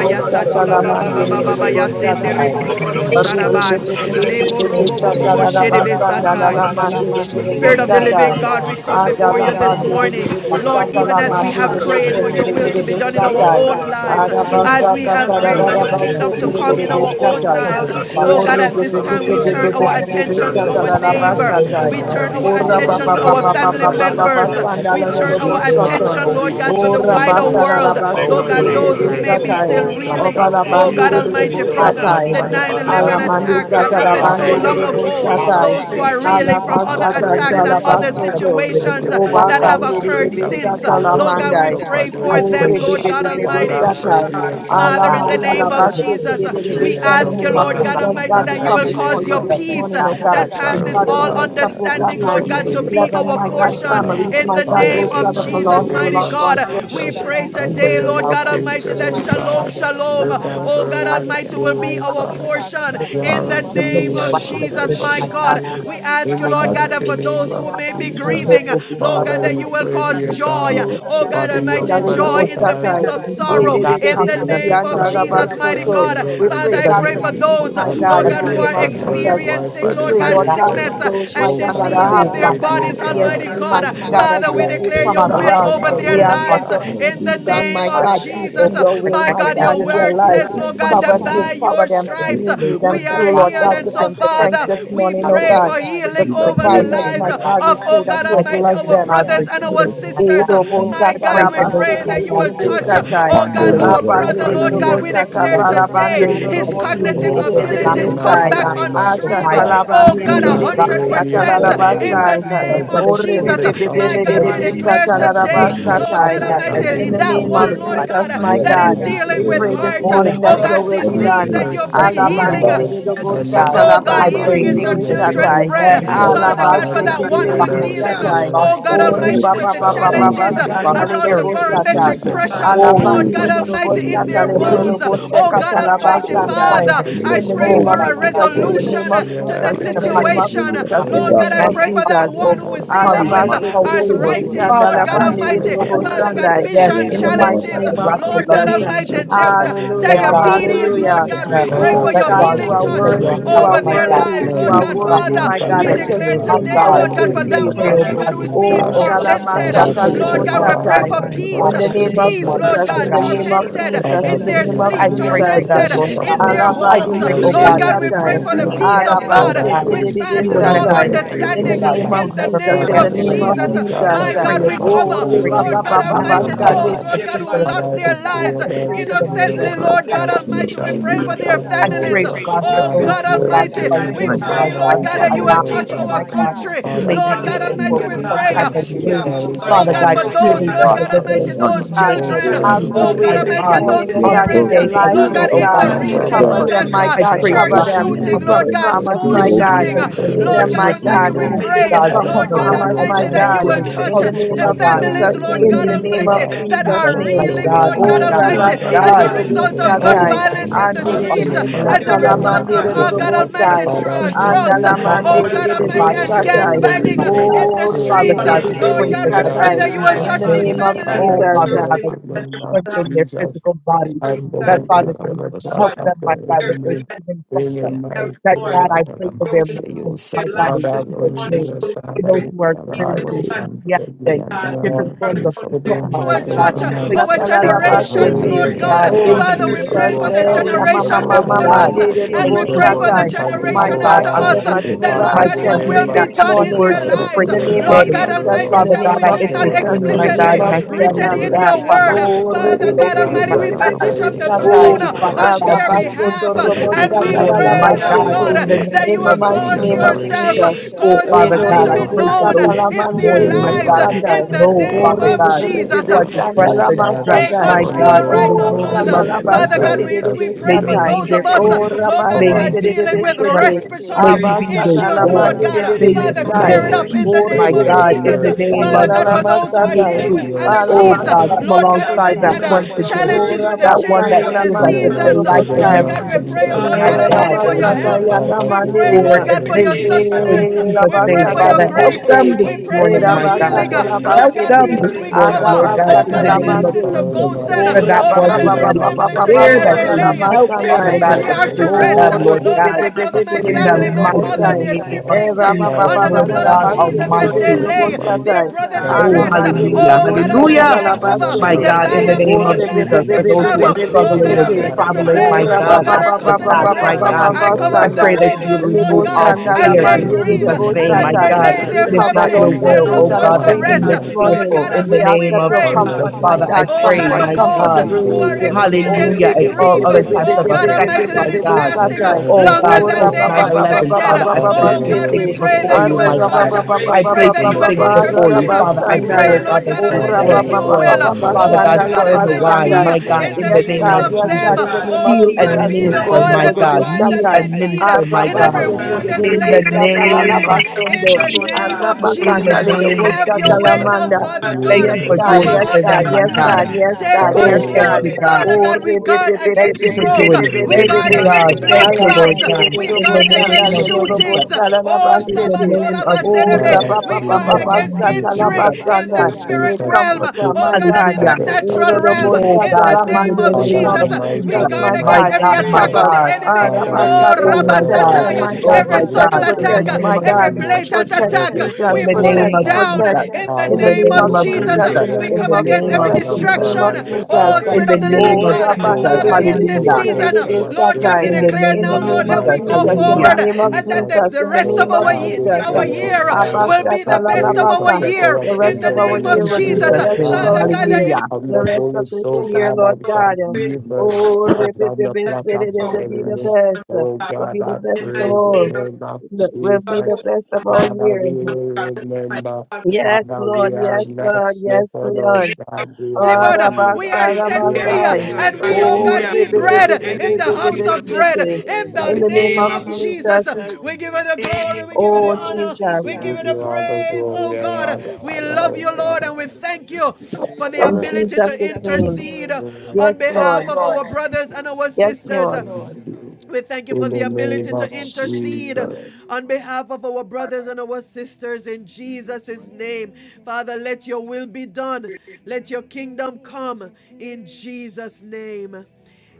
S4: Am
S9: Siandala
S2: raba ya Robo,
S4: Brogo
S2: baba
S4: Sheke,
S3: Lamandere,
S2: baba baba
S12: Manakalabete,
S9: Mahindala
S3: Roboshatai.
S2: bobo robo
S4: Back
S3: Ora
S9: Mastiandala
S12: Amanabosho,
S2: sharabai.
S3: basta
S9: Mabusea
S1: Oh
S12: Mikanaberete,
S2: Lebo robo
S1: God,
S2: bobo bo Sandala,
S1: Almighty,
S3: la
S9: Maseandala
S3: basta,
S4: up.
S12: Yakata
S1: I
S12: mana
S9: Mahandala
S1: thank you for the
S10: Jesus.
S12: haboroto,
S10: Amen. Amen.
S1: single one
S2: Spirit
S1: of
S2: of the
S1: God,
S12: di
S9: Mandiandala
S2: living
S1: my
S2: God,
S4: Oh,
S1: God.
S2: we
S8: Oh,
S12: ramamaka
S2: come
S9: Mabusoya
S8: my
S1: I
S2: before
S4: Jesus,
S12: taboro
S1: pray
S2: you
S8: God,
S1: for
S8: we
S2: this
S1: my
S12: koto,
S8: thank
S2: morning.
S1: mother,
S8: you,
S4: Jesus,
S1: Father.
S8: Jesus,
S1: I
S8: for
S2: Lord,
S1: pray
S2: even
S12: kalabalaka
S1: for
S8: living
S1: my
S2: as
S12: la
S2: we
S10: Yes,
S8: God.
S2: have
S10: Lord,
S12: manaka
S4: you
S1: siblings,
S12: la
S1: my
S2: prayed
S10: Rabbi,
S4: again
S7: Thank
S2: for
S9: Beyond the
S1: aunts,
S2: your
S4: this
S12: verese,
S10: God,
S1: my
S2: will
S9: line
S10: I
S2: to
S8: We
S7: you.
S2: be
S9: was
S10: have a
S2: done
S8: honor
S1: uncles,
S4: morning
S2: in
S8: you
S2: our
S8: and
S9: there.
S8: we
S1: my
S12: shavala
S10: mind.
S9: Our
S2: own
S1: people,
S12: balaka
S4: on
S1: the
S8: glorify
S12: la
S2: lives,
S9: Father,
S8: your
S4: behalf
S8: name,
S12: vodoso,
S9: our
S2: as
S4: of
S2: we
S8: Jesus.
S7: Thank
S2: have
S9: Father,
S8: We
S4: our
S9: our
S12: ikala
S8: thank
S1: nieces
S8: you.
S1: and
S12: mendese
S2: to
S1: nephews.
S8: Yeah.
S12: ki
S2: come
S1: Oh
S4: brothers
S2: in
S12: babo
S9: Father,
S4: and
S1: God,
S2: our own
S12: koto,
S8: Oh God, let
S2: lives,
S1: cousins,
S4: sisters,
S9: thank you,
S8: your
S9: Lord
S1: Father
S2: oh
S8: will be
S1: God,
S12: tashahira
S8: done
S4: on
S2: God,
S8: in
S9: Jesus.
S8: the life
S12: makala
S8: of
S4: behalf
S1: extended
S4: of
S2: we
S8: these
S1: family,
S12: balata,
S2: turn
S4: our
S2: our
S8: people.
S1: God.
S8: Let
S9: that
S11: You
S8: your
S9: The
S8: will
S2: attention
S11: don't
S8: be
S12: ikate
S2: to
S1: Pray,
S9: earth
S1: oh
S4: family.
S2: our
S9: is
S11: know if
S1: God,
S12: mini
S1: that your
S9: groaning
S11: God.
S12: karabo
S1: will
S9: for the
S2: neighbors.
S1: be
S4: Oh,
S2: We
S12: koto,
S1: done,
S11: Father,
S2: turn
S1: my
S2: our
S4: God,
S11: this
S1: God,
S4: I
S8: done. of
S1: in
S12: rena
S9: manifestation
S8: the
S2: attention
S9: of
S1: their
S11: morning,
S4: lift
S2: to
S9: the
S8: church.
S12: manaka
S4: up
S2: our
S11: oh
S12: la
S8: Let
S1: lives,
S2: family
S9: sons
S1: my
S8: your
S11: God,
S9: of
S4: my
S8: will
S11: as
S1: God.
S8: be
S9: God.
S11: we
S12: baraboso,
S2: members.
S8: done.
S4: family
S11: turn,
S9: We
S1: Father
S4: to
S1: God,
S4: you
S11: as
S1: it
S12: Sana
S9: thank
S8: My
S9: you,
S1: is
S2: Turn
S11: we
S1: your
S8: God,
S4: this
S9: Lord
S2: our
S12: baraka
S8: in the
S12: la
S1: will
S8: life
S1: for
S11: God,
S9: Jesus,
S8: of
S4: morning,
S12: baraka
S2: attention,
S8: our
S9: for
S11: as
S1: those
S12: la
S4: oh,
S9: the
S2: Lord
S11: we
S1: who
S2: God,
S1: are
S12: bosa
S4: God.
S2: to
S9: spirit
S8: pastor,
S2: the
S8: my
S9: of
S1: saved,
S11: intercede,
S2: wider
S8: God,
S1: my
S12: kaberete.
S8: let
S11: oh
S8: good
S9: sonship.
S1: God.
S2: world.
S11: God,
S1: It is
S11: for
S2: Lord
S12: Leka
S11: our
S8: mercy
S1: your
S3: te
S2: God,
S3: de
S1: will
S4: Plead
S3: de
S1: for
S9: And
S3: de
S2: those
S4: on
S12: baraka
S9: Lord,
S2: who
S1: those
S8: follow
S9: we
S4: their
S1: who
S11: neighbors.
S2: may
S3: basta
S8: them.
S1: are
S2: be
S8: We
S12: sokoto.
S9: just
S3: tai.
S2: still
S1: saved,
S8: cover
S11: Oh
S4: behalf
S9: thank
S8: my
S1: my
S4: this
S9: you
S2: reeling,
S11: God,
S3: Oba
S1: God.
S11: as
S3: la
S11: we
S12: Ikate
S8: pastor
S2: oh
S1: To
S4: morning,
S8: and
S2: God,
S8: they
S3: bandiri
S1: be
S4: O
S12: mihira
S2: Almighty,
S8: are
S3: de de
S1: saved,
S9: that
S4: God,
S8: body
S11: intercede,
S8: for
S11: oh
S3: basta
S2: from
S1: God,
S9: um,
S12: bokoto.
S1: it
S2: 9
S1: is
S11: God,
S3: tai.
S8: the
S1: your
S4: and
S11: for
S8: Lord.
S11: the
S12: Sana
S4: I
S1: will
S8: of
S1: that
S9: you
S11: body
S4: pray
S2: 11
S11: of
S1: love
S12: baraka
S8: God,
S9: said,
S5: beautiful.
S2: attacks
S4: your
S9: um,
S3: Alamande
S11: Christ.
S8: for
S4: will
S12: rikera
S2: that
S8: their
S1: of
S4: be
S2: happened
S1: God
S4: done
S12: berese
S9: Blessed
S11: Father,
S1: that
S3: Satarabande
S11: in
S8: mindset,
S11: the
S3: de
S9: are the
S4: in
S1: we come
S4: their
S11: mighty
S8: mighty
S1: to
S4: lives,
S1: the
S12: ikala
S2: ago,
S11: name
S1: knowledge
S11: of
S9: peacemakers,
S8: worship,
S3: Bosatai.
S2: those
S9: for
S2: who
S4: O
S1: and
S9: they
S2: are
S4: God.
S8: mighty
S9: shall
S11: Jesus,
S8: be
S2: reeling
S9: be
S1: revelation
S2: from
S8: God.
S2: other
S11: I
S9: called
S1: of
S4: Your
S3: Alabasata
S11: pray,
S8: My
S2: attacks,
S4: will
S9: the
S1: Jesus
S11: dear
S8: God,
S4: be
S1: Christ,
S9: Son
S8: to
S1: the
S9: of
S11: God,
S1: Son
S8: stand
S1: of
S8: up
S9: God.
S3: Talabasoto.
S1: the
S4: in
S9: So,
S11: that
S4: their
S1: living
S2: situations
S11: you
S9: Lord,
S8: together,
S1: God.
S9: I
S8: God,
S3: Oba
S2: that
S9: just
S4: lives,
S11: pour
S1: Father,
S8: give
S11: out
S8: up
S11: the
S9: thank you
S4: O
S8: their
S3: Kandere
S4: God.
S3: de
S1: I
S11: spirit
S8: hands,
S11: of
S1: pray
S11: the
S1: for
S8: Almighty
S2: have,
S11: fear
S9: that
S11: of
S8: God,
S2: Lord God,
S11: the
S1: salvation,
S4: Oh,
S11: Lord
S8: in
S3: Besatalamandai.
S9: those
S1: my
S9: our
S8: the
S1: God.
S2: Pray
S11: upon
S8: name of
S4: Jesus,
S11: your
S1: I
S2: for
S9: feet
S3: O
S8: Jesus.
S9: are
S2: them,
S1: pray, oh
S11: people.
S2: Lord
S1: God,
S9: shod
S2: God
S4: Jesus,
S8: Glory
S9: with
S1: for
S9: the
S1: your
S8: to
S3: Rebebebebe
S1: will
S2: Almighty.
S11: Father,
S8: God.
S11: I
S1: of
S9: preparation
S11: pray,
S9: of
S3: Satai.
S4: Jesus.
S9: the
S11: dear
S1: Christ,
S8: Mighty
S1: my
S9: gospel
S11: God,
S9: of
S8: God,
S2: Father,
S11: that
S2: in the
S1: God.
S11: you
S3: Alamanda
S4: I
S9: peace.
S2: name
S8: and
S11: touch
S2: of
S1: In
S8: yet
S4: pray
S2: Jesus,
S1: the
S4: for
S3: Labasto
S9: We
S1: name
S3: de
S9: bring
S1: of
S3: de
S2: we
S9: peace
S1: Jesus,
S4: healing,
S3: Besa
S9: to
S11: Julian,
S3: in
S1: I
S4: O
S3: the
S8: the
S2: ask
S11: oh
S2: you,
S4: God.
S3: name
S1: pray,
S3: of
S9: others
S2: Lord
S8: country
S1: oh
S9: in
S11: God,
S2: God
S9: the
S1: God,
S8: coming
S3: Jesus,
S8: out
S9: name
S2: Almighty,
S3: God,
S1: for
S8: at
S3: we
S9: of
S2: that
S4: I
S11: Father,
S8: the
S2: you
S11: in
S3: come
S2: will
S11: the
S8: name
S4: pray
S1: covering us,
S9: Jesus
S3: before
S4: for
S8: God,
S2: cause
S11: name
S3: you
S2: your
S11: of
S3: this
S8: lift
S1: my
S9: Christ.
S8: them
S4: healing
S2: peace
S8: up
S2: uh,
S3: morning,
S4: for
S8: to
S3: O
S1: God.
S11: Jesus,
S8: you.
S3: God.
S2: that
S11: touch
S4: my
S11: her,
S1: In the
S9: Thank
S2: passes
S11: oh
S9: you,
S8: Father
S3: Father,
S4: family,
S1: name,
S3: we
S2: all
S8: God,
S4: O
S9: Lord.
S8: we
S3: lift
S11: God,
S3: up,
S4: God.
S3: O
S8: glorify
S1: I
S11: which
S3: God,
S2: understanding,
S11: is
S8: you
S1: pray
S2: Lord
S8: and
S3: nine,
S1: for
S2: God, to
S9: Yandalamabose,
S8: we
S11: even
S1: joy,
S8: honor
S4: Healing
S2: be
S8: you.
S3: eleven,
S4: for
S1: my
S2: our
S11: finger,
S3: my
S4: my
S3: God,
S11: oh
S1: God.
S4: brothers,
S2: portion
S8: Praise
S11: God,
S1: We
S8: the
S3: families,
S8: name
S1: want
S2: in
S8: of
S3: my
S2: the
S8: Jesus.
S3: God,
S11: Father, in
S2: name
S1: joy,
S2: of
S3: those
S11: the
S9: yandalamabose,
S2: Jesus.
S3: that have
S9: In the
S8: God,
S11: mighty
S9: name
S3: lost
S8: we
S9: of
S4: oh,
S2: Mighty
S11: name
S3: loved
S11: of
S9: Yeshua
S2: God,
S3: ones,
S8: thank
S2: we
S11: Jesus,
S8: you
S9: HaMashiach.
S8: for
S2: pray
S11: I
S1: we
S8: the
S1: want
S9: Yandalamabose,
S2: today,
S11: pray,
S4: healing,
S1: the
S4: oh,
S8: name
S2: Lord
S11: oh
S2: God
S8: of
S11: Lord,
S8: Jesus.
S2: Almighty,
S1: salvation,
S2: that
S11: oh
S2: shalom,
S11: God,
S2: shalom,
S9: yama,
S11: revive
S2: oh
S11: her
S2: God
S1: my God,
S11: once
S9: yandalamabose,
S2: Almighty, will
S11: more,
S2: be
S1: oh
S11: oh
S9: yama,
S1: God,
S2: our
S1: in
S11: God,
S2: portion
S1: Jesus' name.
S9: In
S2: in
S9: the
S11: Yara
S2: the
S9: name
S11: to
S1: Your
S9: of
S11: you
S2: name
S1: living
S2: of
S11: like
S9: Yeshua
S2: Jesus,
S1: righteousness,
S11: never
S2: my
S1: my
S9: HaMashiach.
S1: God,
S2: God.
S1: my
S11: before,
S2: We
S1: God,
S2: ask
S11: in
S2: you,
S1: my
S11: the
S9: Yandalamabose.
S1: God.
S2: Lord
S5: Our
S9: Your
S2: God, that
S11: mighty
S2: for
S9: peace,
S11: name
S1: Oh
S2: those
S11: of
S9: Lord.
S2: who may
S1: God,
S2: be
S1: that
S5: Father,
S1: Your
S5: the
S11: Jesus,
S1: will
S2: grieving,
S1: will be
S2: Lord
S1: done
S11: Father,
S2: God,
S1: in
S2: that
S9: Yandalamabose,
S11: we
S2: you will
S1: me,
S11: pray,
S2: cause
S1: my
S11: dear
S4: healing,
S1: God.
S2: joy,
S11: God,
S4: oh,
S1: This is
S2: oh
S1: will
S11: for
S2: God
S11: the
S1: be done.
S2: Almighty,
S11: young
S9: yama,
S11: man,
S2: joy
S11: oh
S1: Oh God, in
S11: God,
S1: their
S3: Nalelebosatai.
S1: lives,
S4: healing,
S5: you,
S1: my
S2: sorrow.
S5: we
S2: In
S1: God.
S11: families
S2: the
S11: that
S4: oh,
S1: Cause
S9: yandalamabose,
S1: for
S5: are
S11: means
S4: healing.
S1: them
S3: Yedededebesi
S1: to
S2: name
S11: this
S2: of
S1: come
S2: Jesus,
S11: life,
S1: to the
S11: yes,
S2: mighty
S11: that
S3: andalabasoto.
S11: a
S2: God.
S1: realization.
S3: We
S11: brother,
S9: yama,
S2: Father,
S3: pray,
S1: For
S11: yes,
S2: I
S1: the
S2: pray
S3: God, for
S2: for
S11: friend.
S4: There
S1: knowledge,
S3: peace,
S1: my
S2: those,
S4: will
S2: uh,
S3: my
S1: God,
S11: I
S1: to
S4: be
S1: the
S3: God,
S2: Lord
S11: pray,
S5: grateful,
S4: the
S3: in
S9: Yandalamasea,
S2: God,
S3: the
S2: who
S11: dear
S3: name
S2: are
S4: the
S3: of
S1: understanding
S11: God, for
S1: of
S4: life
S3: Jesus.
S11: his
S1: Jesus
S11: wife
S2: experiencing,
S3: We
S1: Christ,
S11: and
S2: Lord
S11: his
S9: Yandalamasea.
S3: pray,
S1: my
S5: thank
S2: God,
S3: Lord God,
S1: God.
S3: for
S11: children.
S9: During Lord
S3: those, my
S2: and
S11: Oh
S3: God,
S9: Jesus,
S3: that
S2: disease.
S11: God, I
S3: are
S1: Oh,
S3: having
S11: pray,
S1: Father God,
S11: dear
S2: Bodies,
S1: I
S9: Yandalamasea,
S4: of
S1: pray.
S2: Almighty
S11: God.
S3: PTSD,
S2: God.
S1: Thank
S9: they're
S1: you,
S3: mighty
S9: more
S1: Lord
S11: I
S3: God, as
S2: Father,
S1: God.
S2: we
S3: this
S11: pray I
S3: day
S5: God,
S2: declare
S3: comes
S11: taste
S2: your
S5: we
S1: Father,
S9: into
S11: that
S1: on
S2: will
S3: around.
S1: this
S2: over
S1: day,
S4: my
S2: their
S9: dancing.
S3: We
S11: Father,
S1: we
S3: ask
S11: oh
S4: ministry.
S3: that
S1: pause
S2: lives
S3: your
S1: and
S5: know that you are
S3: peace
S2: in the
S3: be
S5: truly
S1: remember,
S11: God.
S3: done,
S1: my
S2: name
S3: my
S2: of
S1: God.
S3: God. Peace be
S1: Oh,
S9: Osea,
S3: your
S2: Jesus.
S1: God,
S3: will,
S2: My
S1: 9
S3: my
S2: God,
S3: God,
S1: 11,
S2: your
S3: in
S1: God,
S3: their
S2: words,
S1: we
S4: There
S3: life.
S4: will
S1: remember
S2: oh
S1: what
S2: God,
S4: be
S1: has
S3: Cover,
S2: that
S9: Yandalamasea,
S3: save,
S5: good.
S2: by
S1: happened
S3: cover
S2: your
S1: over
S3: them,
S1: in
S5: Thank
S4: the
S5: you,
S1: this
S3: seal
S2: stripes
S3: them
S1: nation,
S2: we
S1: my
S2: are
S3: through,
S1: God.
S3: Lord
S2: healed.
S4: job.
S3: God.
S9: Osea, Yandalamasea,
S3: Give
S1: I
S3: them
S2: And
S1: pray that
S3: strength
S1: you,
S3: this
S2: Father, we
S3: morning,
S1: God,
S3: oh
S4: There
S2: pray
S1: would
S5: God,
S2: for
S3: God.
S4: will
S1: rest upon
S3: The
S5: we
S1: this
S2: healing
S1: great
S2: over the
S5: will
S3: survivors,
S1: country,
S2: lives
S1: my
S3: my
S2: of,
S1: God.
S3: God, we pray
S2: oh
S3: that
S2: God,
S3: you
S2: our
S1: I
S3: will
S1: pray,
S3: bless
S1: oh
S3: them
S1: God, for
S2: brothers and
S5: be
S2: our
S5: of
S1: healing, my God.
S2: sisters.
S5: some
S1: I
S2: God,
S1: pray
S2: we
S1: for
S5: respect,
S1: those,
S2: pray
S1: my
S2: that you
S1: God,
S2: will
S1: who
S11: oh
S1: need
S2: touch,
S11: God.
S1: physical
S3: Edobosatalabasetididididisatai.
S2: oh God,
S11: Father,
S1: healing,
S11: I
S2: our
S1: that
S5: responder,
S11: pray
S1: God,
S2: brother,
S11: for
S1: your
S2: Lord
S1: will
S11: you
S4: be
S2: God.
S11: and
S2: We
S1: will
S11: the
S1: be
S2: declare
S11: healing
S1: done.
S11: of my
S1: Your will of
S11: children.
S9: Osea,
S1: healing
S2: cognitive
S11: Oh
S1: over
S2: of
S1: the
S11: God, in the
S9: Masea,
S1: lives,
S4: love.
S2: come
S1: my
S3: Apandidididobosatapalabandidididobostikitididididisai.
S11: mighty
S2: back
S1: God,
S5: my
S11: name
S2: on
S1: of the
S11: of
S9: Yandalamasea,
S2: stream.
S11: Jesus.
S5: God,
S1: survivors.
S5: for
S2: Oh
S4: I
S11: I
S2: God, a hundred
S1: Oh
S4: will
S5: healing
S11: God,
S5: for
S4: be
S1: God
S11: pray,
S4: that.
S1: Almighty,
S11: dear
S2: cent.
S1: in
S4: There
S1: the
S9: Yandalamasea.
S5: all
S4: will
S1: name of
S5: those
S11: God,
S3: Asatalabandidididibisatalalabasai.
S5: who seek
S1: Jesus,
S11: that
S5: the
S1: whether it's
S11: for
S2: Jesus,
S5: healing
S9: Thank you,
S11: this,
S1: physical,
S9: Lord
S11: oh
S5: of
S1: whether it's
S9: Jesus,
S4: be
S9: for
S5: the
S11: God,
S1: mental,
S9: your
S1: whether
S2: clear
S11: I
S9: thoughts
S4: peace.
S1: it's
S9: of
S2: today
S11: curse
S5: Almighty.
S1: emotional,
S9: peace.
S11: that
S3: Oribibibibidididibisatalalabasai.
S1: Father
S5: If
S1: God,
S11: spirit
S5: I
S1: I
S11: that
S4: There
S5: have
S3: In
S1: pray
S11: in
S5: this
S3: the
S11: the
S9: Yandalamasea,
S1: for
S2: that
S5: from
S3: name
S5: the
S3: of
S2: one,
S1: healing,
S9: Masea,
S2: Lord
S1: my
S5: God,
S11: neosis.
S3: Jesus,
S2: God, uh,
S5: the
S1: God,
S3: my
S1: in
S11: In
S5: Lord
S2: that
S11: the
S5: will
S3: God,
S2: is
S5: be
S1: Jesus'
S11: mighty
S3: we
S2: dealing
S1: name.
S2: with
S5: saved.
S3: pray
S11: name
S3: this
S11: of
S2: heart.
S4: will
S2: uh,
S1: Oh,
S3: morning that
S2: Oh
S5: If
S11: Jesus,
S1: Father
S3: your
S9: Towards
S2: God,
S1: God,
S3: will
S1: I
S5: I
S9: us,
S3: be
S11: I
S7: you.
S1: pray
S5: didn't
S1: for
S3: done.
S5: hear
S1: those
S11: curse
S1: who
S11: it
S1: are
S5: the
S2: bring
S11: to
S5: God,
S2: healing.
S9: Yandalamasea.
S1: grieving
S5: God,
S1: to
S11: side.
S1: change,
S5: now,
S1: my
S11: I
S9: Yes,
S1: God.
S5: if
S11: never
S2: Oh
S9: Lord.
S5: you
S11: come
S2: God,
S1: I
S2: heal
S11: back
S1: pray in
S11: in the
S5: experience
S1: Jesus'
S5: me,
S11: name
S9: Yandalam
S11: of
S2: children's
S5: I
S3: Alabandidididobosatalabandidididibisai.
S1: name,
S2: bread.
S1: yes,
S5: see the
S9: Prince
S1: Lord
S11: Jesus.
S4: be
S9: of
S2: Father
S1: God.
S5: opportunity
S2: God,
S11: I
S9: Peace,
S2: for
S5: for the
S2: that
S5: God
S2: one
S4: there
S11: declare
S2: who
S11: and
S1: Christ,
S2: is
S11: I
S4: will
S2: dealing, uh,
S1: who
S9: Yandalamabosea,
S5: to
S3: Alabashtitidididibisatai.
S5: the heart,
S1: lost
S11: declare
S2: oh
S3: O
S2: God
S5: you
S1: loved
S11: that
S3: re
S4: perish.
S1: ones,
S2: Almighty,
S5: make
S11: she
S3: pa pa
S1: my
S3: pa
S1: God,
S11: shall
S3: pa
S1: the
S4: But
S11: walk
S1: children
S11: in
S5: thousands
S1: who
S11: the
S5: of
S9: Yandalamabosea,
S1: lost
S3: sanda
S5: them
S3: le
S11: Christ.
S3: do
S2: around the
S1: parents, my
S4: the
S2: barometric
S1: God,
S3: satai.
S5: Almighty
S11: Jesus,
S5: God,
S11: I'm
S5: we
S3: Ala
S2: pressure.
S11: still
S1: oh,
S5: pray
S9: Yandalamabosea.
S11: here,
S2: Lord
S9: May
S5: in
S3: pandi
S2: God
S1: my
S3: le
S11: but
S3: do
S5: the
S1: God,
S3: do
S9: peace
S5: name
S1: for
S9: be
S2: Almighty,
S11: in the
S4: I
S2: in
S9: within
S2: their
S9: the
S3: le
S1: the
S11: name
S4: pray
S3: do
S9: walls
S2: bones.
S4: of
S1: police
S9: of
S4: the
S11: of
S9: your
S5: of
S2: Oh
S1: department,
S11: Jesus,
S9: people,
S2: God
S3: sekata
S1: my
S5: Jesus.
S2: Almighty,
S9: Lord
S3: la ba
S1: God,
S9: Jesus.
S1: for the
S11: it's
S4: faithful
S1: fire
S11: on
S2: Father,
S11: this
S2: I
S5: Let
S3: In
S1: department,
S4: souls.
S3: the
S2: pray
S1: oh,
S5: your
S3: name
S5: will
S9: Prosperity
S2: for
S3: of
S11: glory.
S2: a
S1: Father
S9: within
S5: be
S3: Jesus,
S1: God,
S9: their
S11: I
S3: in
S5: done
S4: Pray,
S3: the
S5: in
S4: O
S2: resolution.
S11: just
S3: name
S9: gates
S4: God,
S3: of
S11: pray
S5: their
S11: that I
S2: a
S3: Jesus,
S9: for
S5: lives.
S4: you
S9: our
S11: just
S3: in
S4: will
S3: the
S11: pray
S5: I
S3: name
S9: brethren
S3: of
S1: department,
S11: that.
S5: pray
S4: save
S5: in
S4: them.
S9: and
S1: my
S3: Jesus,
S1: God,
S2: Situation,
S5: the
S3: in
S9: companions.
S3: the
S2: Lord
S11: Oh,
S2: God, I
S3: name
S1: man,
S5: darkness.
S3: of
S2: pray
S11: Father,
S9: State.
S2: for that
S3: Jesus.
S2: one
S1: oh, my
S2: who's
S4: How
S2: dealing
S3: Ara
S2: with
S5: My
S11: Father,
S1: colleagues
S3: ba
S9: Yandalamabosea,
S1: and
S5: might
S9: we
S3: se
S9: pray
S3: le de
S5: will
S9: for
S1: co-workers,
S9: the
S5: be
S4: you
S2: arthritis,
S9: peace
S3: sanda
S2: Lord
S1: Father,
S9: of
S3: la
S1: I
S2: God
S11: Father,
S2: Almighty,
S11: praise
S3: pandi
S5: Jesus
S3: le
S1: pray,
S3: do
S4: can
S9: Jerusalem,
S5: Christ,
S4: be
S1: God.
S11: the
S9: Father God.
S11: Lord,
S3: sandai.
S4: aware
S11: I
S5: the
S1: Yes,
S11: pray
S5: glory of the
S3: In
S1: Lord
S3: the
S1: God,
S2: challenges,
S9: Yandalam,
S1: that
S3: mighty
S5: Lord,
S1: you
S3: name
S1: would
S9: you
S5: Son
S3: of
S1: wrap
S9: are
S1: your
S5: of
S9: the
S2: Lord God
S1: loving
S3: Jesus.
S9: peace
S5: Almighty
S9: of
S1: arms
S4: she
S2: Almighty, di-
S5: Father,
S1: around them.
S9: Jerusalem,
S5: the
S9: Lord.
S1: That
S3: Hallelujah,
S5: glory of
S1: God, you
S4: will
S2: diabetes,
S4: be
S1: would
S2: Lord
S3: hallelujah.
S5: Jesus
S9: To
S1: comfort
S9: be in
S2: God,
S9: their
S5: Christ,
S1: them.
S2: pray
S5: who
S4: there.
S5: is
S2: for
S3: Oh
S1: That
S9: hearts,
S2: your healing
S9: Lord.
S3: God,
S1: God,
S9: You're
S3: you
S1: you
S11: for
S9: the
S4: If
S3: are
S1: would
S9: only
S1: send
S11: you
S1: your
S3: worthy,
S9: one,
S3: you
S11: and
S1: help,
S9: Lord,
S3: are
S2: over
S1: my
S11: God.
S2: there, Lord
S1: God.
S3: worthy,
S9: who
S3: you
S11: Lord,
S3: are
S11: I
S9: can
S1: Oh
S2: God,
S5: Jesus,
S11: pray
S1: God,
S3: worthy,
S1: in
S11: you,
S3: my
S2: Father.
S5: Jesus
S11: God,
S3: God.
S1: Jesus'
S3: Let
S4: she
S11: that
S9: Lord,
S3: your
S5: Christ,
S1: name,
S11: you
S1: my
S5: God,
S3: healing
S9: um,
S4: is
S2: Today,
S11: increase
S5: and
S11: your
S3: power
S1: God.
S2: Lord God,
S5: Jesus,
S3: take
S9: bring
S11: learning
S1: I
S5: in
S3: place.
S9: them
S5: the
S1: pray, oh
S9: back,
S1: God,
S5: name
S11: capacity
S1: that
S2: is
S5: of
S11: in
S1: you would,
S4: here,
S3: Oh,
S2: being
S9: Lord
S11: God.
S1: oh God,
S5: Jesus,
S9: Jesus,
S4: perfect
S2: tormented.
S9: to the
S5: the
S11: Father,
S1: wrap
S4: will
S11: I
S1: your
S3: Shalamasata
S5: goodness
S4: be
S11: pray
S1: loving
S9: sheepfold
S4: done in
S11: you,
S1: arms
S4: their
S11: God,
S2: pray
S9: in
S3: Lebosatai.
S11: that you
S9: the
S2: for
S1: around,
S4: heart.
S1: my
S11: give
S9: name
S3: Oh,
S11: us
S2: peace,
S9: of
S3: in
S1: God,
S11: a
S3: the
S1: the
S11: spirit
S3: name
S9: Jesus
S3: of
S11: of
S1: grieving
S9: for
S1: ones,
S11: perfect
S2: Lord
S3: Jesus,
S1: my
S3: in the
S2: God,
S1: God,
S5: of
S3: name
S11: learning.
S9: restoration,
S1: in
S3: of
S9: Lord.
S4: I
S2: tormented
S1: Jesus'
S3: Jesus,
S11: Father,
S2: in
S11: I
S3: in the
S5: Jesus,
S1: name.
S2: their
S11: pray
S3: name
S11: you,
S3: of
S1: I
S2: sleep,
S4: give
S1: pray
S11: alliance
S1: for
S3: Jesus.
S4: up
S9: Yandalamabosea,
S11: of
S1: them,
S11: the
S2: tormented
S11: book
S1: Lord
S9: Bishop
S11: of
S9: and
S2: in
S1: God.
S11: God,
S2: their
S5: the
S11: um,
S9: overseer
S2: home.
S5: love
S1: I
S5: of
S9: of
S1: pray,
S11: the
S9: our
S1: oh
S5: Jesus, the
S2: Lord
S1: God,
S5: love
S11: menu
S9: souls.
S2: God,
S1: in
S2: we
S11: book,
S2: pray
S1: Jesus'
S3: Alabadididibisatai.
S5: of Jesus,
S11: oh
S2: for
S5: the love
S2: the
S1: name.
S11: God.
S2: peace of
S1: Yes,
S2: God
S1: Lord
S11: Father,
S4: the
S11: I
S1: God.
S11: pray
S5: of
S9: Yandalamaboseama,
S11: you,
S1: We
S2: is
S1: will
S11: strengthen
S9: and the
S2: all
S4: day.
S11: your
S1: never
S3: Alabasitididibisatai.
S1: forget,
S11: faith,
S3: In
S1: my
S3: the
S11: oh
S2: understanding.
S1: God.
S2: In
S3: name
S1: We
S11: God.
S3: of
S5: Jesus,
S1: will
S9: Andalamaboseama,
S1: never
S2: the
S3: Jesus,
S2: name
S4: Your
S11: Father,
S3: in
S1: forget,
S2: of
S5: that
S3: the
S11: I
S9: and
S5: your
S4: will
S1: my
S3: name
S9: the
S11: pray
S5: love
S11: to
S3: of
S1: God.
S11: your
S5: and your
S2: Jesus,
S11: God
S1: I
S3: Jesus.
S2: my
S11: that
S2: God,
S11: you
S1: pray,
S11: will
S1: oh
S9: Andalamaboseama,
S1: God
S11: try
S5: no
S11: to
S3: Oh,
S11: be
S4: be
S2: cover,
S5: Father,
S1: great
S4: done, my
S11: your
S3: Ripa
S2: Lord
S11: living
S3: Papa
S1: nation.
S9: and
S1: My
S11: Lord
S2: God,
S1: God,
S3: Papa
S2: those
S9: the
S11: God.
S1: I
S2: God
S1: pray for
S2: who
S1: the
S11: Father,
S2: lost
S11: I
S2: their
S1: president, God.
S2: lives
S11: declare
S1: I
S11: that
S1: pray for
S11: I
S1: the
S11: declare
S2: innocently,
S1: leaders,
S11: um,
S1: my
S2: Lord
S4: cause
S1: God,
S2: God
S4: your
S11: as
S1: in
S11: she
S5: then
S4: will
S2: Almighty.
S1: Jesus'
S11: shall
S2: We
S11: be
S2: pray
S5: form
S4: be
S2: for
S11: an
S1: name.
S2: their
S4: done,
S1: I
S5: in
S2: families.
S1: pray, oh
S11: honorable.
S1: God, for
S4: not
S2: Oh
S4: my
S1: those,
S11: Father,
S2: God
S1: my
S4: will,
S11: pour
S1: God,
S11: out
S1: who
S5: the
S11: your
S4: but
S1: are
S2: Almighty, we
S5: mighty
S1: living,
S11: wisdom
S4: your
S1: my
S11: and
S2: pray,
S1: God,
S2: Lord
S5: God,
S11: knowledge
S1: who
S2: God, that
S11: at
S1: are
S5: in
S2: you
S5: the
S2: will
S1: alive,
S11: O
S7: God,
S2: touch
S5: name
S1: but
S5: of
S1: my
S2: our
S11: God.
S1: God,
S5: Jesus
S2: country.
S1: who
S11: Father,
S1: may be
S2: Lord
S7: Hallelujah,
S2: God
S11: pour out
S2: Almighty,
S11: your
S1: disabled
S2: we
S1: in
S7: God.
S1: some
S2: pray
S1: type
S11: wisdom,
S1: of
S5: Christ,
S4: way, your
S7: Hallelujah.
S1: way.
S4: will,
S11: knowledge,
S7: God,
S2: Oh
S11: and
S1: Father
S2: God,
S1: God,
S2: for
S7: your will,
S2: those,
S1: healing
S7: God,
S11: understanding
S7: that
S1: and
S2: Lord
S5: God,
S2: God
S11: upon
S5: in your
S1: deliverance
S2: Almighty,
S11: her.
S1: in
S5: life.
S2: those
S1: the
S7: is
S3: God.
S1: name
S11: O
S1: of
S2: children,
S7: God,
S11: God,
S3: Have
S11: in
S1: Jesus.
S3: your
S7: your
S2: oh
S11: the
S7: will
S5: Almighty
S2: God
S1: My
S3: way
S7: that
S5: God,
S3: this
S7: your
S11: name
S2: Almighty,
S1: God,
S2: and
S11: of
S5: let
S3: morning,
S2: those
S7: will
S3: oh
S1: on
S5: your
S2: peers,
S7: is
S3: God,
S11: Jesus.
S1: this
S3: in their
S1: day,
S5: perfect
S1: I
S3: lives,
S4: will
S7: God.
S2: Lord
S4: be
S2: God,
S5: will
S1: pray,
S3: oh
S1: oh
S11: Father,
S3: God.
S1: God,
S11: I
S7: God,
S1: for
S7: may
S5: be
S7: you keep
S11: pray,
S4: done,
S2: send,
S3: Cover
S2: oh
S1: comfort.
S5: done
S7: your
S3: them,
S2: God,
S5: on
S3: my
S5: the
S11: dear
S2: uh,
S1: I
S4: my
S3: God.
S1: pray,
S4: God,
S1: oh
S2: church,
S3: Cover
S5: earth
S1: God,
S7: point,
S3: them.
S5: now
S3: Heal
S1: for
S5: that
S3: from
S2: Lord
S1: comfort.
S5: when
S2: God,
S1: I
S3: traumas,
S2: school
S5: we
S1: pray
S3: my
S5: over
S1: in
S7: God,
S3: God.
S2: shooting,
S1: Jesus' name
S3: Heal
S1: that
S2: Lord
S3: them,
S1: you
S2: God,
S3: my
S1: would,
S7: point,
S3: God.
S5: see
S1: oh
S5: that
S7: may
S1: my
S7: you
S2: pray,
S3: Healing
S1: God,
S7: that
S5: some
S3: from
S5: of the
S2: Lord
S1: cover
S2: God
S7: this,
S1: God.
S3: traumas,
S1: I
S5: things
S3: my
S1: pray
S2: Almighty,
S11: God,
S1: that
S2: that you
S11: that
S1: you
S3: God.
S1: would
S11: your
S7: may you
S5: we
S7: this,
S11: heart
S2: touch
S3: In
S2: uh,
S3: the
S1: encourage,
S11: gets
S7: this,
S3: name
S5: constructing
S11: free,
S1: my
S2: the
S3: of
S11: your
S1: God
S7: this,
S11: mind,
S2: families,
S3: Jesus'
S11: that your
S2: Lord
S3: name.
S1: in
S3: In the
S1: the
S11: obedience,
S1: name
S3: name
S1: of
S3: of
S7: this,
S11: God,
S2: God, that
S3: Jesus'
S1: Jesus.
S2: are
S5: and
S11: over
S1: My
S3: name.
S11: the
S5: the
S2: reeling,
S9: Lord.
S1: God,
S11: Lord
S2: Lord
S1: my
S5: street
S2: God
S3: Oh,
S11: God,
S2: Almighty.
S11: be
S1: God,
S5: still
S7: God.
S1: my
S3: Rabat
S11: according
S1: God.
S5: the
S11: to your
S9: Yandarabasia, And
S5: street
S9: I
S2: Result
S11: knowledge
S7: Hallelujah,
S5: and
S2: of
S1: Oh,
S9: thank
S11: of
S5: the
S9: you,
S2: gun
S1: God,
S11: the
S3: Nedodobostatai.
S5: world
S9: Lord,
S1: we
S9: for your
S11: Father.
S2: in
S5: mighty
S2: the
S3: And
S1: lift
S7: God,
S1: up
S2: street
S5: God.
S1: our
S11: In
S7: may
S9: promise.
S7: you
S1: nine
S11: the
S5: And it's
S2: as
S7: your
S1: 11
S2: a
S11: mighty name
S1: families
S2: result
S11: of
S2: of,
S7: God,
S1: before
S2: oh
S1: you,
S5: just
S2: God
S9: Yandarabasia,
S11: Jesus.
S1: my
S9: Your
S7: God,
S1: God.
S2: Almighty,
S3: Nedebestatalamandedodobostai.
S9: promise
S11: Father, I
S9: of
S1: We
S7: God,
S1: lift
S5: me
S11: pray,
S3: And
S9: peace
S1: up
S2: drugs,
S11: dear
S1: the
S7: let the
S9: that
S1: non
S11: God,
S2: oh
S7: word
S11: that
S7: of
S11: you
S9: passeth
S2: God
S7: the
S2: Almighty,
S9: all
S11: send
S7: Lord
S11: forth
S1: survivors
S7: be your
S11: your
S2: gang
S9: understanding
S3: Alamandedebestatai.
S11: own
S1: before
S7: friend,
S1: you,
S2: banging
S1: my
S2: uh,
S7: Lord.
S11: angel,
S9: through
S1: God.
S9: their
S2: in
S3: Oh,
S11: your
S9: hearts
S1: Father
S9: and
S7: God,
S9: their
S1: God,
S11: angel,
S7: let
S2: the
S1: we
S11: my
S7: your
S9: minds
S7: will
S2: Lord
S9: in
S1: pray
S11: own
S4: my
S1: for
S2: God.
S1: them
S9: Christ
S1: in
S2: Pray
S3: Rebebebebestatai.
S7: be
S2: that
S11: miracle,
S2: you
S9: Jesus.
S2: will
S7: life,
S1: Jesus'
S3: In
S2: touch
S3: the
S11: Father.
S7: God.
S2: these
S9: Yeah,
S3: name
S1: name.
S9: and
S3: of
S9: uh,
S2: families,
S7: God,
S11: Father,
S1: Oh,
S7: it's
S4: praise,
S11: in the
S1: Father
S7: your
S3: Jesus.
S1: God,
S7: will
S1: that
S9: my
S11: mighty
S1: you would
S7: that your
S11: name of
S7: people have,
S1: strengthen their
S11: Jesus.
S1: physical
S7: it's
S1: bodies.
S9: friend.
S7: your
S11: I
S7: will
S4: my
S11: for
S7: that
S1: That,
S11: one
S7: I
S11: day
S1: Father God, you
S11: celebrate
S1: would help
S7: require,
S9: Yandarabasia,
S1: them,
S11: after
S1: my
S9: my
S1: God,
S11: every
S7: your
S1: with their
S7: will
S11: meal,
S7: that
S1: healing
S11: bring
S9: hand.
S1: process.
S11: in
S7: I have,
S11: my
S1: That, God,
S11: spirit
S1: I
S9: Lord,
S11: like
S9: the
S1: pray
S9: Lamb
S1: for their
S9: you will
S1: minds,
S9: set
S7: your
S1: my
S7: life
S1: God,
S9: them
S11: Father,
S1: in
S9: free,
S11: I
S7: this
S1: Jesus'
S9: Lord
S11: pray in
S7: morning,
S11: the
S1: name.
S7: Holy
S9: Jesus.
S11: earth,
S1: For
S4: praise,
S11: I
S1: those
S7: Spirit.
S9: And
S11: will
S1: who are
S4: my
S9: the
S7: Lead
S9: Lamb
S11: try
S7: them, oh
S11: to
S1: experiencing
S4: faith,
S7: God,
S9: from
S11: live my
S9: the
S7: leading
S1: PTSD,
S9: and
S7: God.
S4: and
S11: life
S1: different
S4: my
S7: From
S1: forms
S7: the
S1: of
S7: front
S9: painful
S11: for
S7: there,
S11: doing
S1: trauma,
S2: you
S9: past,
S11: your
S9: the
S1: my
S2: will
S7: this
S9: and the
S11: doing to
S2: touch
S4: innocence,
S9: Lamb
S2: uh,
S1: God,
S4: O
S11: him.
S2: our
S4: God,
S7: this
S1: things
S11: God, I
S7: morning,
S2: generations,
S1: before
S9: from
S7: Holy
S11: pray,
S1: you,
S4: O
S3: Satalabasete.
S11: dear
S1: my
S7: Spirit.
S2: Lord
S4: God,
S9: nightmares,
S11: God,
S2: God.
S1: God,
S11: that
S4: let
S1: in
S11: your
S9: Father
S3: Oh,
S7: God,
S4: your
S1: the
S2: Father,
S4: will
S9: God,
S2: we
S1: name
S11: future
S9: from
S4: be
S2: pray
S3: Jesus.
S7: your
S4: done,
S2: for
S11: will
S1: of
S2: the
S3: eh,
S11: God
S9: flashbacks,
S4: yes,
S7: powers,
S2: generation,
S11: teach
S1: Jesus,
S11: her
S7: God,
S9: the
S11: more
S1: Lord
S11: to
S9: and
S4: and
S9: the
S7: let
S4: my
S9: Lamb
S1: God,
S11: love,
S4: healing,
S1: I
S9: of
S11: teach
S9: the
S2: we
S11: her
S2: pray
S11: more
S2: for
S9: horror
S11: to
S9: and
S3: Yamamamamamandedobosatai.
S1: intercede,
S2: the
S4: and
S9: terror,
S1: oh
S4: so
S11: forgive,
S1: my
S3: My
S2: generation
S4: the
S9: Father
S11: oh
S1: God,
S2: after
S3: God,
S1: on
S2: us,
S11: God.
S2: uh,
S3: deliver,
S1: those,
S4: rest
S9: They've
S2: that
S4: of
S3: deliver,
S2: Lord
S11: Father,
S1: my
S4: it,
S3: and
S11: in
S9: witnessed,
S2: God,
S11: the
S3: set
S1: God,
S2: your
S1: who may
S9: Father
S2: will
S11: name
S3: free
S1: not
S3: this
S11: of
S2: be
S9: God,
S1: have
S2: done
S1: the
S2: in
S9: either
S11: Jesus,
S3: morning.
S1: words
S11: I
S1: to pray
S3: In the
S9: directly
S11: declare
S2: us.
S9: or
S3: name
S11: that
S3: of
S2: Lord
S11: this
S1: today.
S2: God
S9: indirectly,
S3: Jesus,
S2: Almighty,
S3: in
S11: prayer
S3: the
S9: Lord.
S1: Father
S2: that
S1: God,
S3: name
S1: I
S3: of
S11: that they will
S3: Jesus,
S9: Yandala
S1: intercede,
S3: in
S4: of
S1: my
S3: the
S11: generation
S2: listen
S4: the
S3: name
S1: God, and
S3: of
S1: I
S9: Mabosea, yeah,
S1: stand
S4: this
S11: shall
S1: in
S3: Jesus.
S1: the
S9: or
S2: in
S11: work
S4: day,
S1: gap,
S2: your
S11: with
S1: Father.
S2: word.
S11: you.
S1: I
S9: vicariously,
S3: Oh,
S1: pray
S4: I
S2: Father,
S9: Lord.
S4: will
S11: Oh
S1: for those,
S4: be
S11: God,
S2: Almighty,
S1: my
S4: done,
S2: we
S11: my
S2: pay
S9: Yandala
S1: God.
S9: Mabosea, we
S11: generation
S3: ribibibibibibibibibisatai.
S2: throne
S11: shall
S1: Oh,
S9: thank you,
S1: Father
S9: Lord
S2: on
S11: worship
S1: God,
S2: their behalf.
S1: this
S9: Jesus,
S11: you.
S1: is
S9: that you
S11: I
S9: are
S1: stricken this
S2: And
S7: the
S2: we
S9: willing,
S7: body,
S11: declare
S1: morning,
S11: that,
S2: pray,
S1: my
S9: Lord,
S2: oh
S7: yeah,
S9: and
S1: God,
S9: you
S11: declare
S2: God,
S9: are
S3: Alabasotorobosatalalabasete.
S1: in
S11: that
S1: the
S11: my
S2: that
S9: able.
S1: name
S2: you
S3: In the
S2: will
S1: of
S11: future
S3: mighty
S2: cause
S9: Thank
S1: Jesus.
S9: you,
S3: name
S7: your
S3: of
S9: Lord
S11: generation
S2: yourself,
S7: name,
S3: Jesus.
S9: Jesus.
S11: shall
S1: Oh,
S4: that
S7: the
S2: cause
S3: Eh,
S1: Father
S7: love,
S3: do,
S1: God, I
S9: Yandala
S2: it
S1: pray
S7: God,
S11: worship
S1: for
S4: you
S2: known
S1: those
S9: Mabosea,
S11: you.
S1: this
S7: God,
S1: morning,
S11: In
S1: my
S11: the
S9: Yandala
S1: God, who are
S3: Edodobosatalamamandedobosatai.
S2: in
S11: mighty
S2: the
S11: name
S1: low,
S3: O
S11: of
S9: Mabosea,
S2: name
S1: Father
S4: forgive
S2: of
S3: rebe
S9: Maha,
S1: God,
S4: and
S3: be
S4: with
S3: be be Oh,
S1: who
S2: Jesus.
S3: rebebebebe,
S1: are
S9: Yandala
S1: depressed
S3: sandala
S11: Oh
S1: and
S9: Mabosea,
S11: God,
S1: stressed,
S2: Take
S11: this
S3: mastatai.
S1: my
S9: and
S11: morning,
S1: God,
S2: control
S1: in
S11: Lord
S2: right
S1: the
S9: Yandala
S3: Oh,
S2: now,
S1: name
S4: your
S11: God,
S1: of
S9: Mabosea,
S4: will,
S11: as
S2: Father
S9: Maha,
S1: Jesus.
S11: I
S2: God,
S3: shatalabastete,
S9: Yandala
S1: May
S11: intercede,
S1: you
S2: for
S11: oh
S3: rebebestatai.
S1: be
S2: those
S1: their
S2: of us, uh,
S11: God,
S7: your
S3: Oh,
S9: Mabosea,
S1: comfort.
S7: goodness,
S9: Maha,
S1: May
S11: how I
S1: you
S3: rabastete,
S1: be their
S9: Yandala
S7: your
S2: Lord,
S1: strength.
S3: rebebestete.
S11: stand,
S1: May
S9: Mabosea,
S1: you
S11: God,
S7: mercy,
S2: respiratory
S4: Lord,
S1: be
S7: God,
S1: their
S4: it,
S11: I
S2: shields,
S1: joy.
S2: Lord God,
S3: Abastatalamande,
S7: hallelujah.
S1: May
S11: intercede,
S1: you
S11: oh
S7: God,
S1: be
S7: I
S3: rebebestai.
S1: their
S2: clear it
S4: oh,
S2: up
S11: God,
S7: worship
S9: Andalama,
S2: in
S1: peace,
S2: the
S7: you,
S3: Oh,
S11: that
S1: my
S2: name of
S11: you have
S1: God, in
S3: la
S1: the
S11: mercy,
S1: name
S2: Father
S11: oh
S1: of
S3: sandala
S2: God, for
S7: God,
S1: Jesus.
S11: God,
S2: those
S7: I
S1: May
S3: lamastatai.
S7: praise
S11: have
S1: you,
S2: with
S7: you,
S11: mercy,
S1: oh
S2: allergies,
S3: Alamande,
S11: oh
S1: God, come
S2: Lord
S11: God.
S2: God
S7: hallelujah.
S1: alongside
S2: Almighty,
S1: that
S2: and
S4: God,
S7: God,
S3: rebebestete.
S1: one
S2: uh,
S7: your
S1: today.
S7: word
S3: Oh,
S7: is
S2: challenges with the
S1: That one that
S7: praise,
S1: feels
S7: your
S11: In
S1: as
S11: the
S1: if
S3: rabastandalamande,
S7: word is
S1: their
S2: seasons, uh,
S11: mighty
S1: life will
S7: love,
S11: name
S3: robostai.
S2: Lord
S1: never
S2: God,
S11: of
S1: be
S2: I
S1: the
S2: pray, oh
S1: same.
S11: Jesus,
S2: Lord
S1: My
S2: God
S3: Yeah,
S2: Almighty,
S11: Father, I
S1: God, they
S7: hallelujah,
S11: pray
S1: will
S7: hallelujah.
S11: be
S1: never
S11: a
S1: be able
S11: God
S1: to
S3: rabastatayana
S11: that
S1: move
S11: you
S3: mande. de de de sete. O rabastana la mande de de de sai. Ye rabastata
S7: Bless
S2: pray,
S3: ya la
S2: Lord,
S1: forward
S3: mande.
S11: deliver
S1: and
S7: your
S2: for
S11: them
S1: live
S2: your
S11: to
S7: name,
S11: your
S7: God,
S2: sustenance,
S7: bless
S11: son.
S1: in Jesus' name.
S11: Deliver
S7: bless
S3: Rabasata
S11: her
S1: Father,
S7: your
S11: from
S1: help
S2: grace,
S7: name.
S1: them
S3: Lebose,
S1: this
S11: substance
S3: Eh,
S2: for
S1: morning,
S2: your
S1: my
S7: Hallelujah,
S11: abuse
S2: healing,
S11: from the
S1: God.
S3: Rabasata
S11: name of
S7: hallelujah,
S2: Lord
S1: Help
S2: God,
S3: Labasete,
S1: them
S11: Jesus.
S1: this morning,
S7: hallelujah.
S11: Father, I
S1: Lord
S2: cover,
S1: God,
S2: oh
S11: pray
S1: in
S3: Adabasata
S2: God
S11: that
S1: the
S7: Thank,
S11: you
S2: Almighty,
S1: name of
S11: live
S3: Lamande,
S11: by
S2: your
S11: all
S1: Jesus
S2: ghosts and uh,
S11: mine
S7: thank
S3: O
S1: for
S2: oh,
S7: you,
S1: that one
S11: uh,
S3: Rababa
S7: Lord.
S11: in
S1: who's
S4: God,
S11: the
S3: Baba
S1: not
S11: mighty
S3: Baba
S1: even
S7: God, you
S3: Baba
S1: aware
S7: are
S4: worship,
S11: name of
S1: that
S2: they
S1: they
S3: Shana
S7: worthy,
S1: need
S4: and
S2: lay uh,
S4: Lord,
S11: Jesus.
S1: help.
S4: I
S7: praise
S4: pray
S1: Father
S7: your
S4: for
S1: God,
S11: Father,
S3: Lamasanai,
S11: I
S4: all
S1: I
S7: word,
S11: pray
S1: pray
S2: to
S11: to
S1: for
S7: God.
S2: rest,
S11: your
S2: uh,
S3: O
S4: that
S1: them,
S7: God,
S1: Lord
S7: you
S11: God,
S1: God,
S7: are my
S11: as
S4: are lost
S11: we
S7: praise,
S1: in
S2: family,
S1: the
S11: that
S3: Rebebebebebebe
S11: I
S1: mighty
S11: will
S4: here
S3: Robosai,
S11: pray
S2: their
S1: name
S11: God.
S1: of
S3: Eh,
S2: siblings, uh,
S7: praise.
S1: Jesus,
S3: Rababa
S11: Father, your
S3: Baba
S1: Lord
S11: word
S1: God
S11: say you
S3: Rabasete
S7: God,
S11: become
S7: thank
S4: of
S2: they
S1: Almighty.
S11: blessed
S7: you,
S4: the
S2: lay
S11: to you,
S4: mother,
S3: Robosatai,
S2: to
S7: God.
S11: shall
S1: Oh,
S11: be
S2: rest,
S3: Anamande
S11: through you
S1: hallelujah,
S2: oh
S11: in the
S7: Thank
S2: God Almighty.
S3: Robosata
S4: their
S1: hallelujah,
S11: mighty name
S1: my
S3: Labasete,
S1: God, in the
S4: children,
S7: Holy
S4: that
S2: Bayams,
S3: O
S1: name
S2: Lord
S1: of
S7: Spirit,
S11: of
S4: they
S7: for this,
S1: Jesus, for
S4: will
S11: Jesus.
S1: those
S7: God.
S1: who are
S4: of
S2: God,
S4: the
S3: Rebebebebebebe
S2: Lord
S1: struggling
S11: Lord
S1: with
S7: Hallelujah.
S3: Sete,
S11: God,
S4: husbands that
S11: we
S2: God,
S7: God,
S1: traveling,
S7: I
S3: O
S4: lost
S2: lay
S1: my
S11: stand
S7: worship
S4: their
S1: God,
S11: in
S3: Rababa
S7: you,
S1: after
S7: this
S3: Baba
S1: the
S4: wives,
S3: Baba
S1: fact,
S11: our
S1: my
S7: God.
S11: prayer
S3: Baba
S1: God,
S4: of
S11: with
S3: Baba
S4: the wives
S1: I
S7: Your
S11: reverence.
S1: pray
S3: Sandai,
S1: that
S7: praise,
S1: you would
S2: boulders, Lord
S1: remove
S4: that
S2: God,
S7: and
S9: Dalama
S1: all
S2: as
S11: Thank
S1: fear
S7: praise,
S11: you,
S2: they
S4: so
S1: in
S9: Boseyama
S11: this
S1: Jesus'
S9: Handian
S11: moment
S1: name,
S11: of
S1: my
S11: your
S9: Dalama
S3: Lebo-sanda-la-mande-de-de-bo-satai.
S1: God.
S4: gray
S2: lay
S7: God,
S4: of
S7: the
S3: We
S2: their
S11: time.
S1: It
S9: Boseyama
S7: first
S1: is
S2: family
S3: cover,
S1: not
S7: those
S3: Lord
S1: your
S11: Lead
S7: of
S11: us
S3: God,
S1: will,
S7: God,
S3: those
S11: in
S1: oh
S11: your
S3: that are
S1: God,
S11: path
S2: to
S1: that
S11: of
S1: we
S3: grieving
S10: People
S2: rest.
S9: Dalama
S4: the
S7: God,
S3: this
S1: live
S10: living with the
S2: Lord
S3: morning.
S7: oh
S1: fearful
S2: God
S11: righteousness.
S7: God,
S10: genes
S1: in the
S3: We
S10: that
S2: Almighty,
S3: ask
S1: name
S10: can
S3: that
S2: we
S1: of
S3: you
S2: pray,
S11: For
S7: God,
S11: your
S1: Jesus.
S3: comfort, my
S10: affect
S1: Father,
S10: your
S11: grace,
S7: to
S1: I
S9: Dalama
S3: God,
S2: oh
S10: body.
S7: their
S1: pray,
S2: God,
S3: comfort,
S7: lives,
S2: for
S1: my
S9: Boseyama
S3: comfort
S1: God
S3: the
S9: Handian
S2: those who
S11: for
S2: are
S3: bereaved.
S9: Dalama
S11: your
S3: Oh,
S11: love,
S7: your,
S9: Boseyama
S2: experiencing,
S1: hallelujah,
S11: for
S1: and
S11: your
S1: all other
S11: knowledge,
S1: types
S11: and
S2: oh
S1: of
S2: God
S9: Dalama
S7: oh
S11: your
S1: effects,
S10: Grief
S7: God,
S2: Almighty,
S11: faith.
S1: my
S2: this
S9: Boseyama
S10: for
S1: God.
S2: last
S11: And
S7: their
S9: Handian
S3: re-be-be-be-be-be-be-be-be-be-be-be-be-satai.
S11: so
S1: Oh
S11: bless
S9: Dalama
S2: longer
S1: God,
S3: Oh,
S11: you,
S2: than
S1: post
S11: Lord
S9: Boseyama
S1: 9
S7: God.
S11: Jesus.
S10: Sister
S2: they
S1: 11,
S2: did.
S1: Father,
S7: Hallelujah.
S1: I
S10: Jennifer
S11: Father,
S1: place
S2: Oh God,
S11: your
S1: these
S10: Boone
S9: Dalama
S1: things
S11: word
S3: ra-ba-ba-ba-ba-ba-ba-ba-ba-ba-sete.
S11: to
S10: touch.
S2: pray
S11: your
S1: before
S2: that
S7: your
S9: Boseyama
S2: you
S1: you,
S3: Arre,
S11: people,
S1: my
S2: will
S11: and to
S1: God.
S11: your
S7: praise.
S11: children,
S1: I
S2: pray
S1: place
S2: that
S10: I
S11: in
S1: these
S7: and
S11: the
S10: felt
S1: things
S7: Holy
S11: presence
S10: God
S11: of
S1: before
S11: our
S1: you,
S10: for
S1: Father.
S11: Son,
S1: I
S2: you
S7: Oh
S1: pray,
S3: ba-ba-ba-ba-ba-ba-ba-ba-ba-ba-ra-ra-ba-sandai.
S2: pray,
S1: oh
S2: Lord
S11: Amen.
S1: God,
S7: the
S1: that you
S3: Oh,
S1: would
S2: Almighty,
S7: name
S2: that
S1: pour
S11: Father,
S9: Boseyama
S1: in the
S11: you
S10: Mother
S11: have
S2: you
S1: oil,
S2: will,
S11: Lord,
S10: James
S11: the
S9: Handian
S10: God
S1: Father
S11: Lord, the Lord, the Lord,
S10: heal
S1: God,
S2: oh
S7: of
S10: her
S9: Dalama
S11: the
S1: pour in the
S10: body.
S7: God,
S11: Lord,
S1: wine,
S7: God,
S2: be,
S3: ra-ba-ba-ba-ba-ba-ba-sanda-la-ba-sandai.
S1: my God, in the
S3: Yes,
S1: name
S7: the name
S3: God,
S1: of
S3: yes,
S9: Dalama Boseyama Handian Dalama Boseyama Handiandalama
S7: of
S1: Jesus.
S3: God,
S10: In
S3: in
S10: the
S3: the name
S9: Boseyama
S3: of
S2: oh
S1: Heal
S11: you
S7: like
S2: God,
S11: are the
S3: Jesus,
S1: and
S10: dedication.
S2: be
S3: we
S2: the
S9: Handian
S1: minister,
S11: Lord,
S2: oil
S3: condemn
S1: my
S2: and the
S7: oh
S1: God.
S9: Dalama
S3: the
S1: Heal
S3: satai.
S1: and
S2: weed
S1: minister, my
S2: in
S11: Thank
S1: God,
S2: every
S3: Arabasete
S7: I
S3: de de
S2: wounded
S7: thank
S1: in
S3: de de
S2: place
S1: the
S2: this
S7: the
S2: morning
S3: satalala
S1: name
S9: Boseyama
S1: of
S2: in
S3: bastonde.
S1: Jesus.
S2: the
S9: Handian
S7: Lord
S2: name of
S10: Minister
S1: In
S9: Dalama
S1: the
S7: the
S3: Arabakanda le
S2: Jesus.
S7: name
S1: name
S10: Lord.
S3: dobo
S1: of
S2: Have your
S1: Jesus.
S2: way,
S7: of
S3: satalamanda.
S1: Thank
S2: God.
S3: Yes,
S1: you for
S3: God,
S1: doing
S2: Cover
S1: it
S3: yes,
S1: for
S3: God,
S1: them, my
S3: yes,
S1: God.
S3: God, yes,
S2: Take
S3: God,
S1: Oh,
S3: yes,
S1: thank
S2: control.
S3: God.
S1: you, God.
S2: Father
S3: Oh,
S2: God, we
S3: rebe, be,
S2: guard
S3: be, be,
S1: Thank you
S3: be,
S1: for
S3: be, be,
S7: Oh,
S3: be,
S2: stroke.
S1: doing
S3: be,
S1: it.
S2: We
S3: be,
S1: Thank
S3: be,
S2: guard
S1: you,
S3: be.
S1: God.
S2: against
S1: Thank
S2: blood
S1: you, Lord
S2: clots.
S3: Alamande de
S1: God.
S3: de
S2: We
S1: In
S3: dobo
S1: the
S2: guard
S3: standa
S1: name
S2: against
S1: of
S3: le lo dobo
S1: Jesus.
S2: shootings.
S3: salala
S2: Oh,
S1: In the
S3: basete.
S1: name
S2: Tola
S1: of
S3: Oh,
S1: Jesus.
S2: Baserebe,
S1: In the
S3: rabababababa
S1: name of
S2: three,
S1: Jesus.
S3: satalabasanda.
S7: the
S2: spirit
S3: Great
S2: realm.
S3: comforter,
S2: Oh
S3: my
S2: God, and
S3: God.
S2: in
S1: Hallelujah.
S7: Lord,
S2: the
S3: Eh, do
S2: natural realm.
S3: dobo
S1: Oh God, in the
S3: satalamande, name
S1: name
S3: of
S1: of
S2: We
S3: Jesus,
S1: Jesus.
S2: guard
S3: my
S1: My
S2: against
S3: God.
S2: every
S1: God, my
S2: attack
S11: you.
S3: Cover
S2: of the
S1: God.
S3: Ah,
S2: enemy.
S7: oh
S11: Father, we
S2: Oh,
S3: Rabasata,
S11: plead
S1: Oh
S11: the
S1: my
S11: blood
S2: Rabasata.
S11: that
S1: God.
S3: protection, my
S11: goes
S1: Oh
S3: God,
S11: every
S1: my
S3: protect,
S2: Total
S1: God.
S11: ritual
S1: In
S11: prayer
S1: the
S3: protect,
S2: attack,
S1: name
S11: something
S3: my
S11: in
S1: of
S11: the
S2: every
S3: God,
S1: Jesus.
S11: Lord.
S7: oh
S2: blatant
S3: protect
S2: attack,
S11: Every
S3: Jesus,
S1: In
S2: we
S1: the
S11: circle
S2: pull
S11: of
S1: name
S3: protect,
S2: it
S1: of
S2: down
S11: Santa,
S3: protect,
S1: Jesus.
S2: in
S11: all
S2: the
S3: in
S1: In
S3: the
S11: the
S1: the
S2: name
S3: name of
S1: name
S2: of
S11: schools,
S7: oh
S1: of
S11: schools,
S3: Jesus,
S1: Jesus.
S3: in the
S1: In
S3: name
S1: the
S3: of
S11: we
S1: name
S11: come
S1: of
S11: from
S3: Jesus, in
S11: from
S3: the
S1: Jesus.
S3: name of
S11: paralyzed
S2: destruction.
S11: the hand
S3: Jesus.
S2: Oh,
S11: of the
S1: In
S2: Spirit
S1: the
S2: of the Living.
S1: name
S11: enemy.
S3: Oh,
S1: of
S11: Oh
S1: Jesus.
S11: God, that come
S1: Hallelujah.
S11: against our
S2: Lord God,
S3: Rabandiribisatai,
S2: we
S1: In the
S11: children
S2: declare
S3: in
S1: name
S3: the
S2: now,
S1: of
S11: in
S7: God,
S11: the
S2: Lord,
S3: name of
S2: that we
S1: Jesus.
S11: mighty
S2: go
S7: Hallelujah.
S3: Jesus,
S11: name
S3: in
S1: Hallelujah
S3: the
S11: of
S2: forward
S3: name of
S11: Jesus.
S3: Jesus,
S2: The
S3: in the
S2: rest
S11: Oh
S2: of
S3: name of
S2: our
S11: God,
S2: year,
S11: this
S3: Jesus.
S11: day,
S2: our
S9: Thank you,
S11: oh
S2: year uh,
S9: Lord
S11: God,
S9: Jesus.
S2: will be
S11: I
S3: Abasata,
S2: the best
S11: pray you
S2: of our
S3: Lalabata,
S11: protect
S2: year
S11: our
S3: the rest
S2: in the
S3: of
S11: children
S3: our
S11: in
S2: name
S11: the
S3: year
S2: of
S1: in
S3: will be
S11: school,
S9: Yes,
S3: the
S2: Jesus.
S11: oh
S1: Jesus'
S2: Uh,
S9: Lord
S3: best of
S1: name.
S3: our
S2: The
S11: God,
S9: Jesus.
S2: God that
S3: year.
S1: Hallelujah.
S11: from
S3: The
S11: the
S3: rest of
S11: bullets,
S3: this
S11: oh
S9: Say
S3: year,
S11: God,
S3: Lord
S11: that
S3: God.
S11: comes
S9: the
S11: evil.
S9: Lord
S3: Oh,
S9: Jesus.
S11: I've got
S3: repetitive,
S11: the
S3: be be- be-
S11: plot
S3: say that
S11: of
S9: Yes,
S11: the
S3: it will
S9: Lord,
S3: be the
S11: enemy.
S9: arrest
S3: best.
S11: Oh
S3: We'll be
S11: God,
S3: the
S11: I
S3: best
S11: pray
S3: of
S9: him.
S11: in the
S3: all.
S11: name of
S3: The- We'll be the
S11: Jesus.
S9: The
S3: best of all
S11: Father, we
S3: years.
S11: will remember.
S9: the name
S3: Yes,
S11: Father, we
S3: Lord.
S9: of
S11: are
S3: Yes,
S11: not
S3: Lord.
S9: Jesus.
S3: Yes,
S11: left of
S3: Lord.
S11: God. We are
S2: delivered, uh,
S11: healed.
S2: set
S11: We are
S2: free, uh,
S3: Arabasarabasai.
S2: and
S9: Same,
S2: we, oh
S11: delivered.
S3: Oh,
S2: God,
S7: Hallelujah.
S3: re-
S2: eat
S3: be
S11: We are
S2: bread
S7: Thank
S11: set
S9: same,
S2: in the
S7: you,
S2: house
S11: free.
S7: Jesus.
S2: of bread
S3: repetitive.
S2: in
S7: In
S3: In
S7: the
S2: the
S11: by
S3: the
S9: same,
S3: name
S2: name
S7: name
S2: of
S11: the-
S3: of
S7: of
S9: same,
S3: Jesus.
S2: Jesus. Uh, We give it the glory, we give it
S3: Oh,
S2: the honor.
S3: Jesus.
S11: We
S2: We give
S11: give
S2: it the
S11: you all the
S2: praise, oh
S11: glory and
S2: God.
S11: all
S9: same.
S11: the
S2: We
S11: honor,
S2: love
S11: oh
S2: you, Lord,
S11: God.
S2: and we thank you for the
S3: In
S7: Jesus.
S2: ability
S3: Jesus' name.
S11: We are here.
S2: on
S3: Yes,
S2: behalf
S3: Lord.
S2: of our brothers and our
S11: We
S3: Yes,
S10: Thank
S2: sisters.
S3: Lord.
S10: you.
S11: Thank you.
S2: We thank you for
S11: In
S2: the
S11: the name
S2: ability to
S11: of
S2: intercede
S11: Jesus.
S2: on behalf of our brothers and our sisters in Jesus' name. Father, let your will be done. Let your kingdom come in Jesus' name.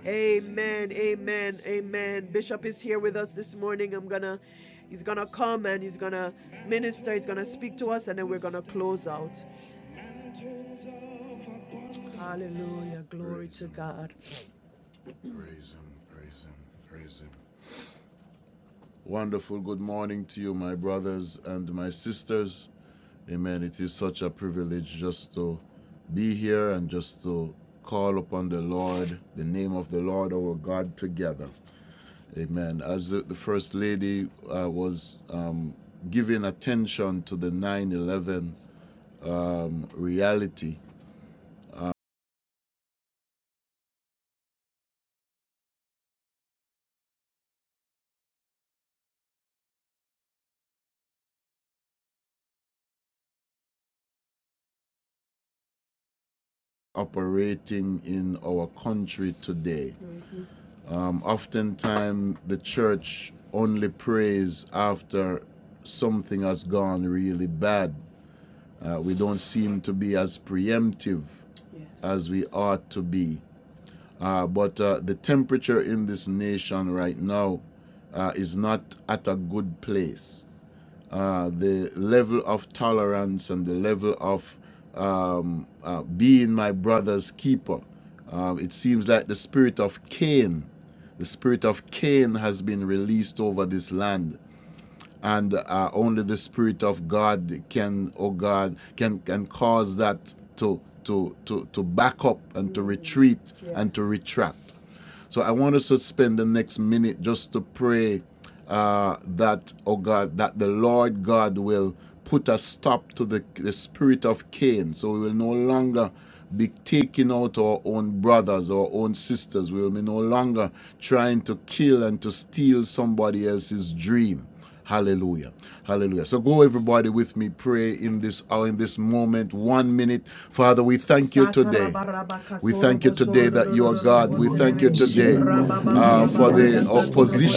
S2: Amen. Amen. Amen. Bishop is here with us this morning. I'm gonna he's gonna come and he's gonna minister, he's gonna speak to us, and then we're gonna close out. Hallelujah. Glory to God. Praise Praise Praise Him. Him. Him. Wonderful good morning to you, my brothers and my sisters. Amen. It is such a privilege just to be here and just to call upon the Lord, the name of the Lord our God together. Amen. As the First Lady uh, was um, giving attention to the 9 11 reality operating in our country today, Um, oftentimes, the church only prays after something has gone really bad. Uh, we don't seem to be as preemptive yes. as we ought to be. Uh, but uh, the temperature in this nation right now uh, is not at a good place uh, the level of tolerance and the level of um, uh, being my brother's keeper. Uh, it seems like the spirit of Cain, the spirit of Cain has been released over this land. And uh, only the spirit of God can, oh God, can can cause that to to to to back up and to retreat yes. and to Yes. retract. So I want us to spend the next minute just to pray uh, that, oh God, that the Lord God will put a stop to the, the spirit of Cain. So we will no longer be taking out our own brothers, our own sisters. We will be no longer trying to kill and to steal somebody else's dream. Hallelujah. Hallelujah. So go everybody with me. Pray in this hour, in this moment, one minute. Father, we thank you today. We thank you
S9: Same,
S2: today
S9: Lord,
S2: that you
S9: the
S2: are God. We thank you today uh,
S9: same,
S2: for the uh,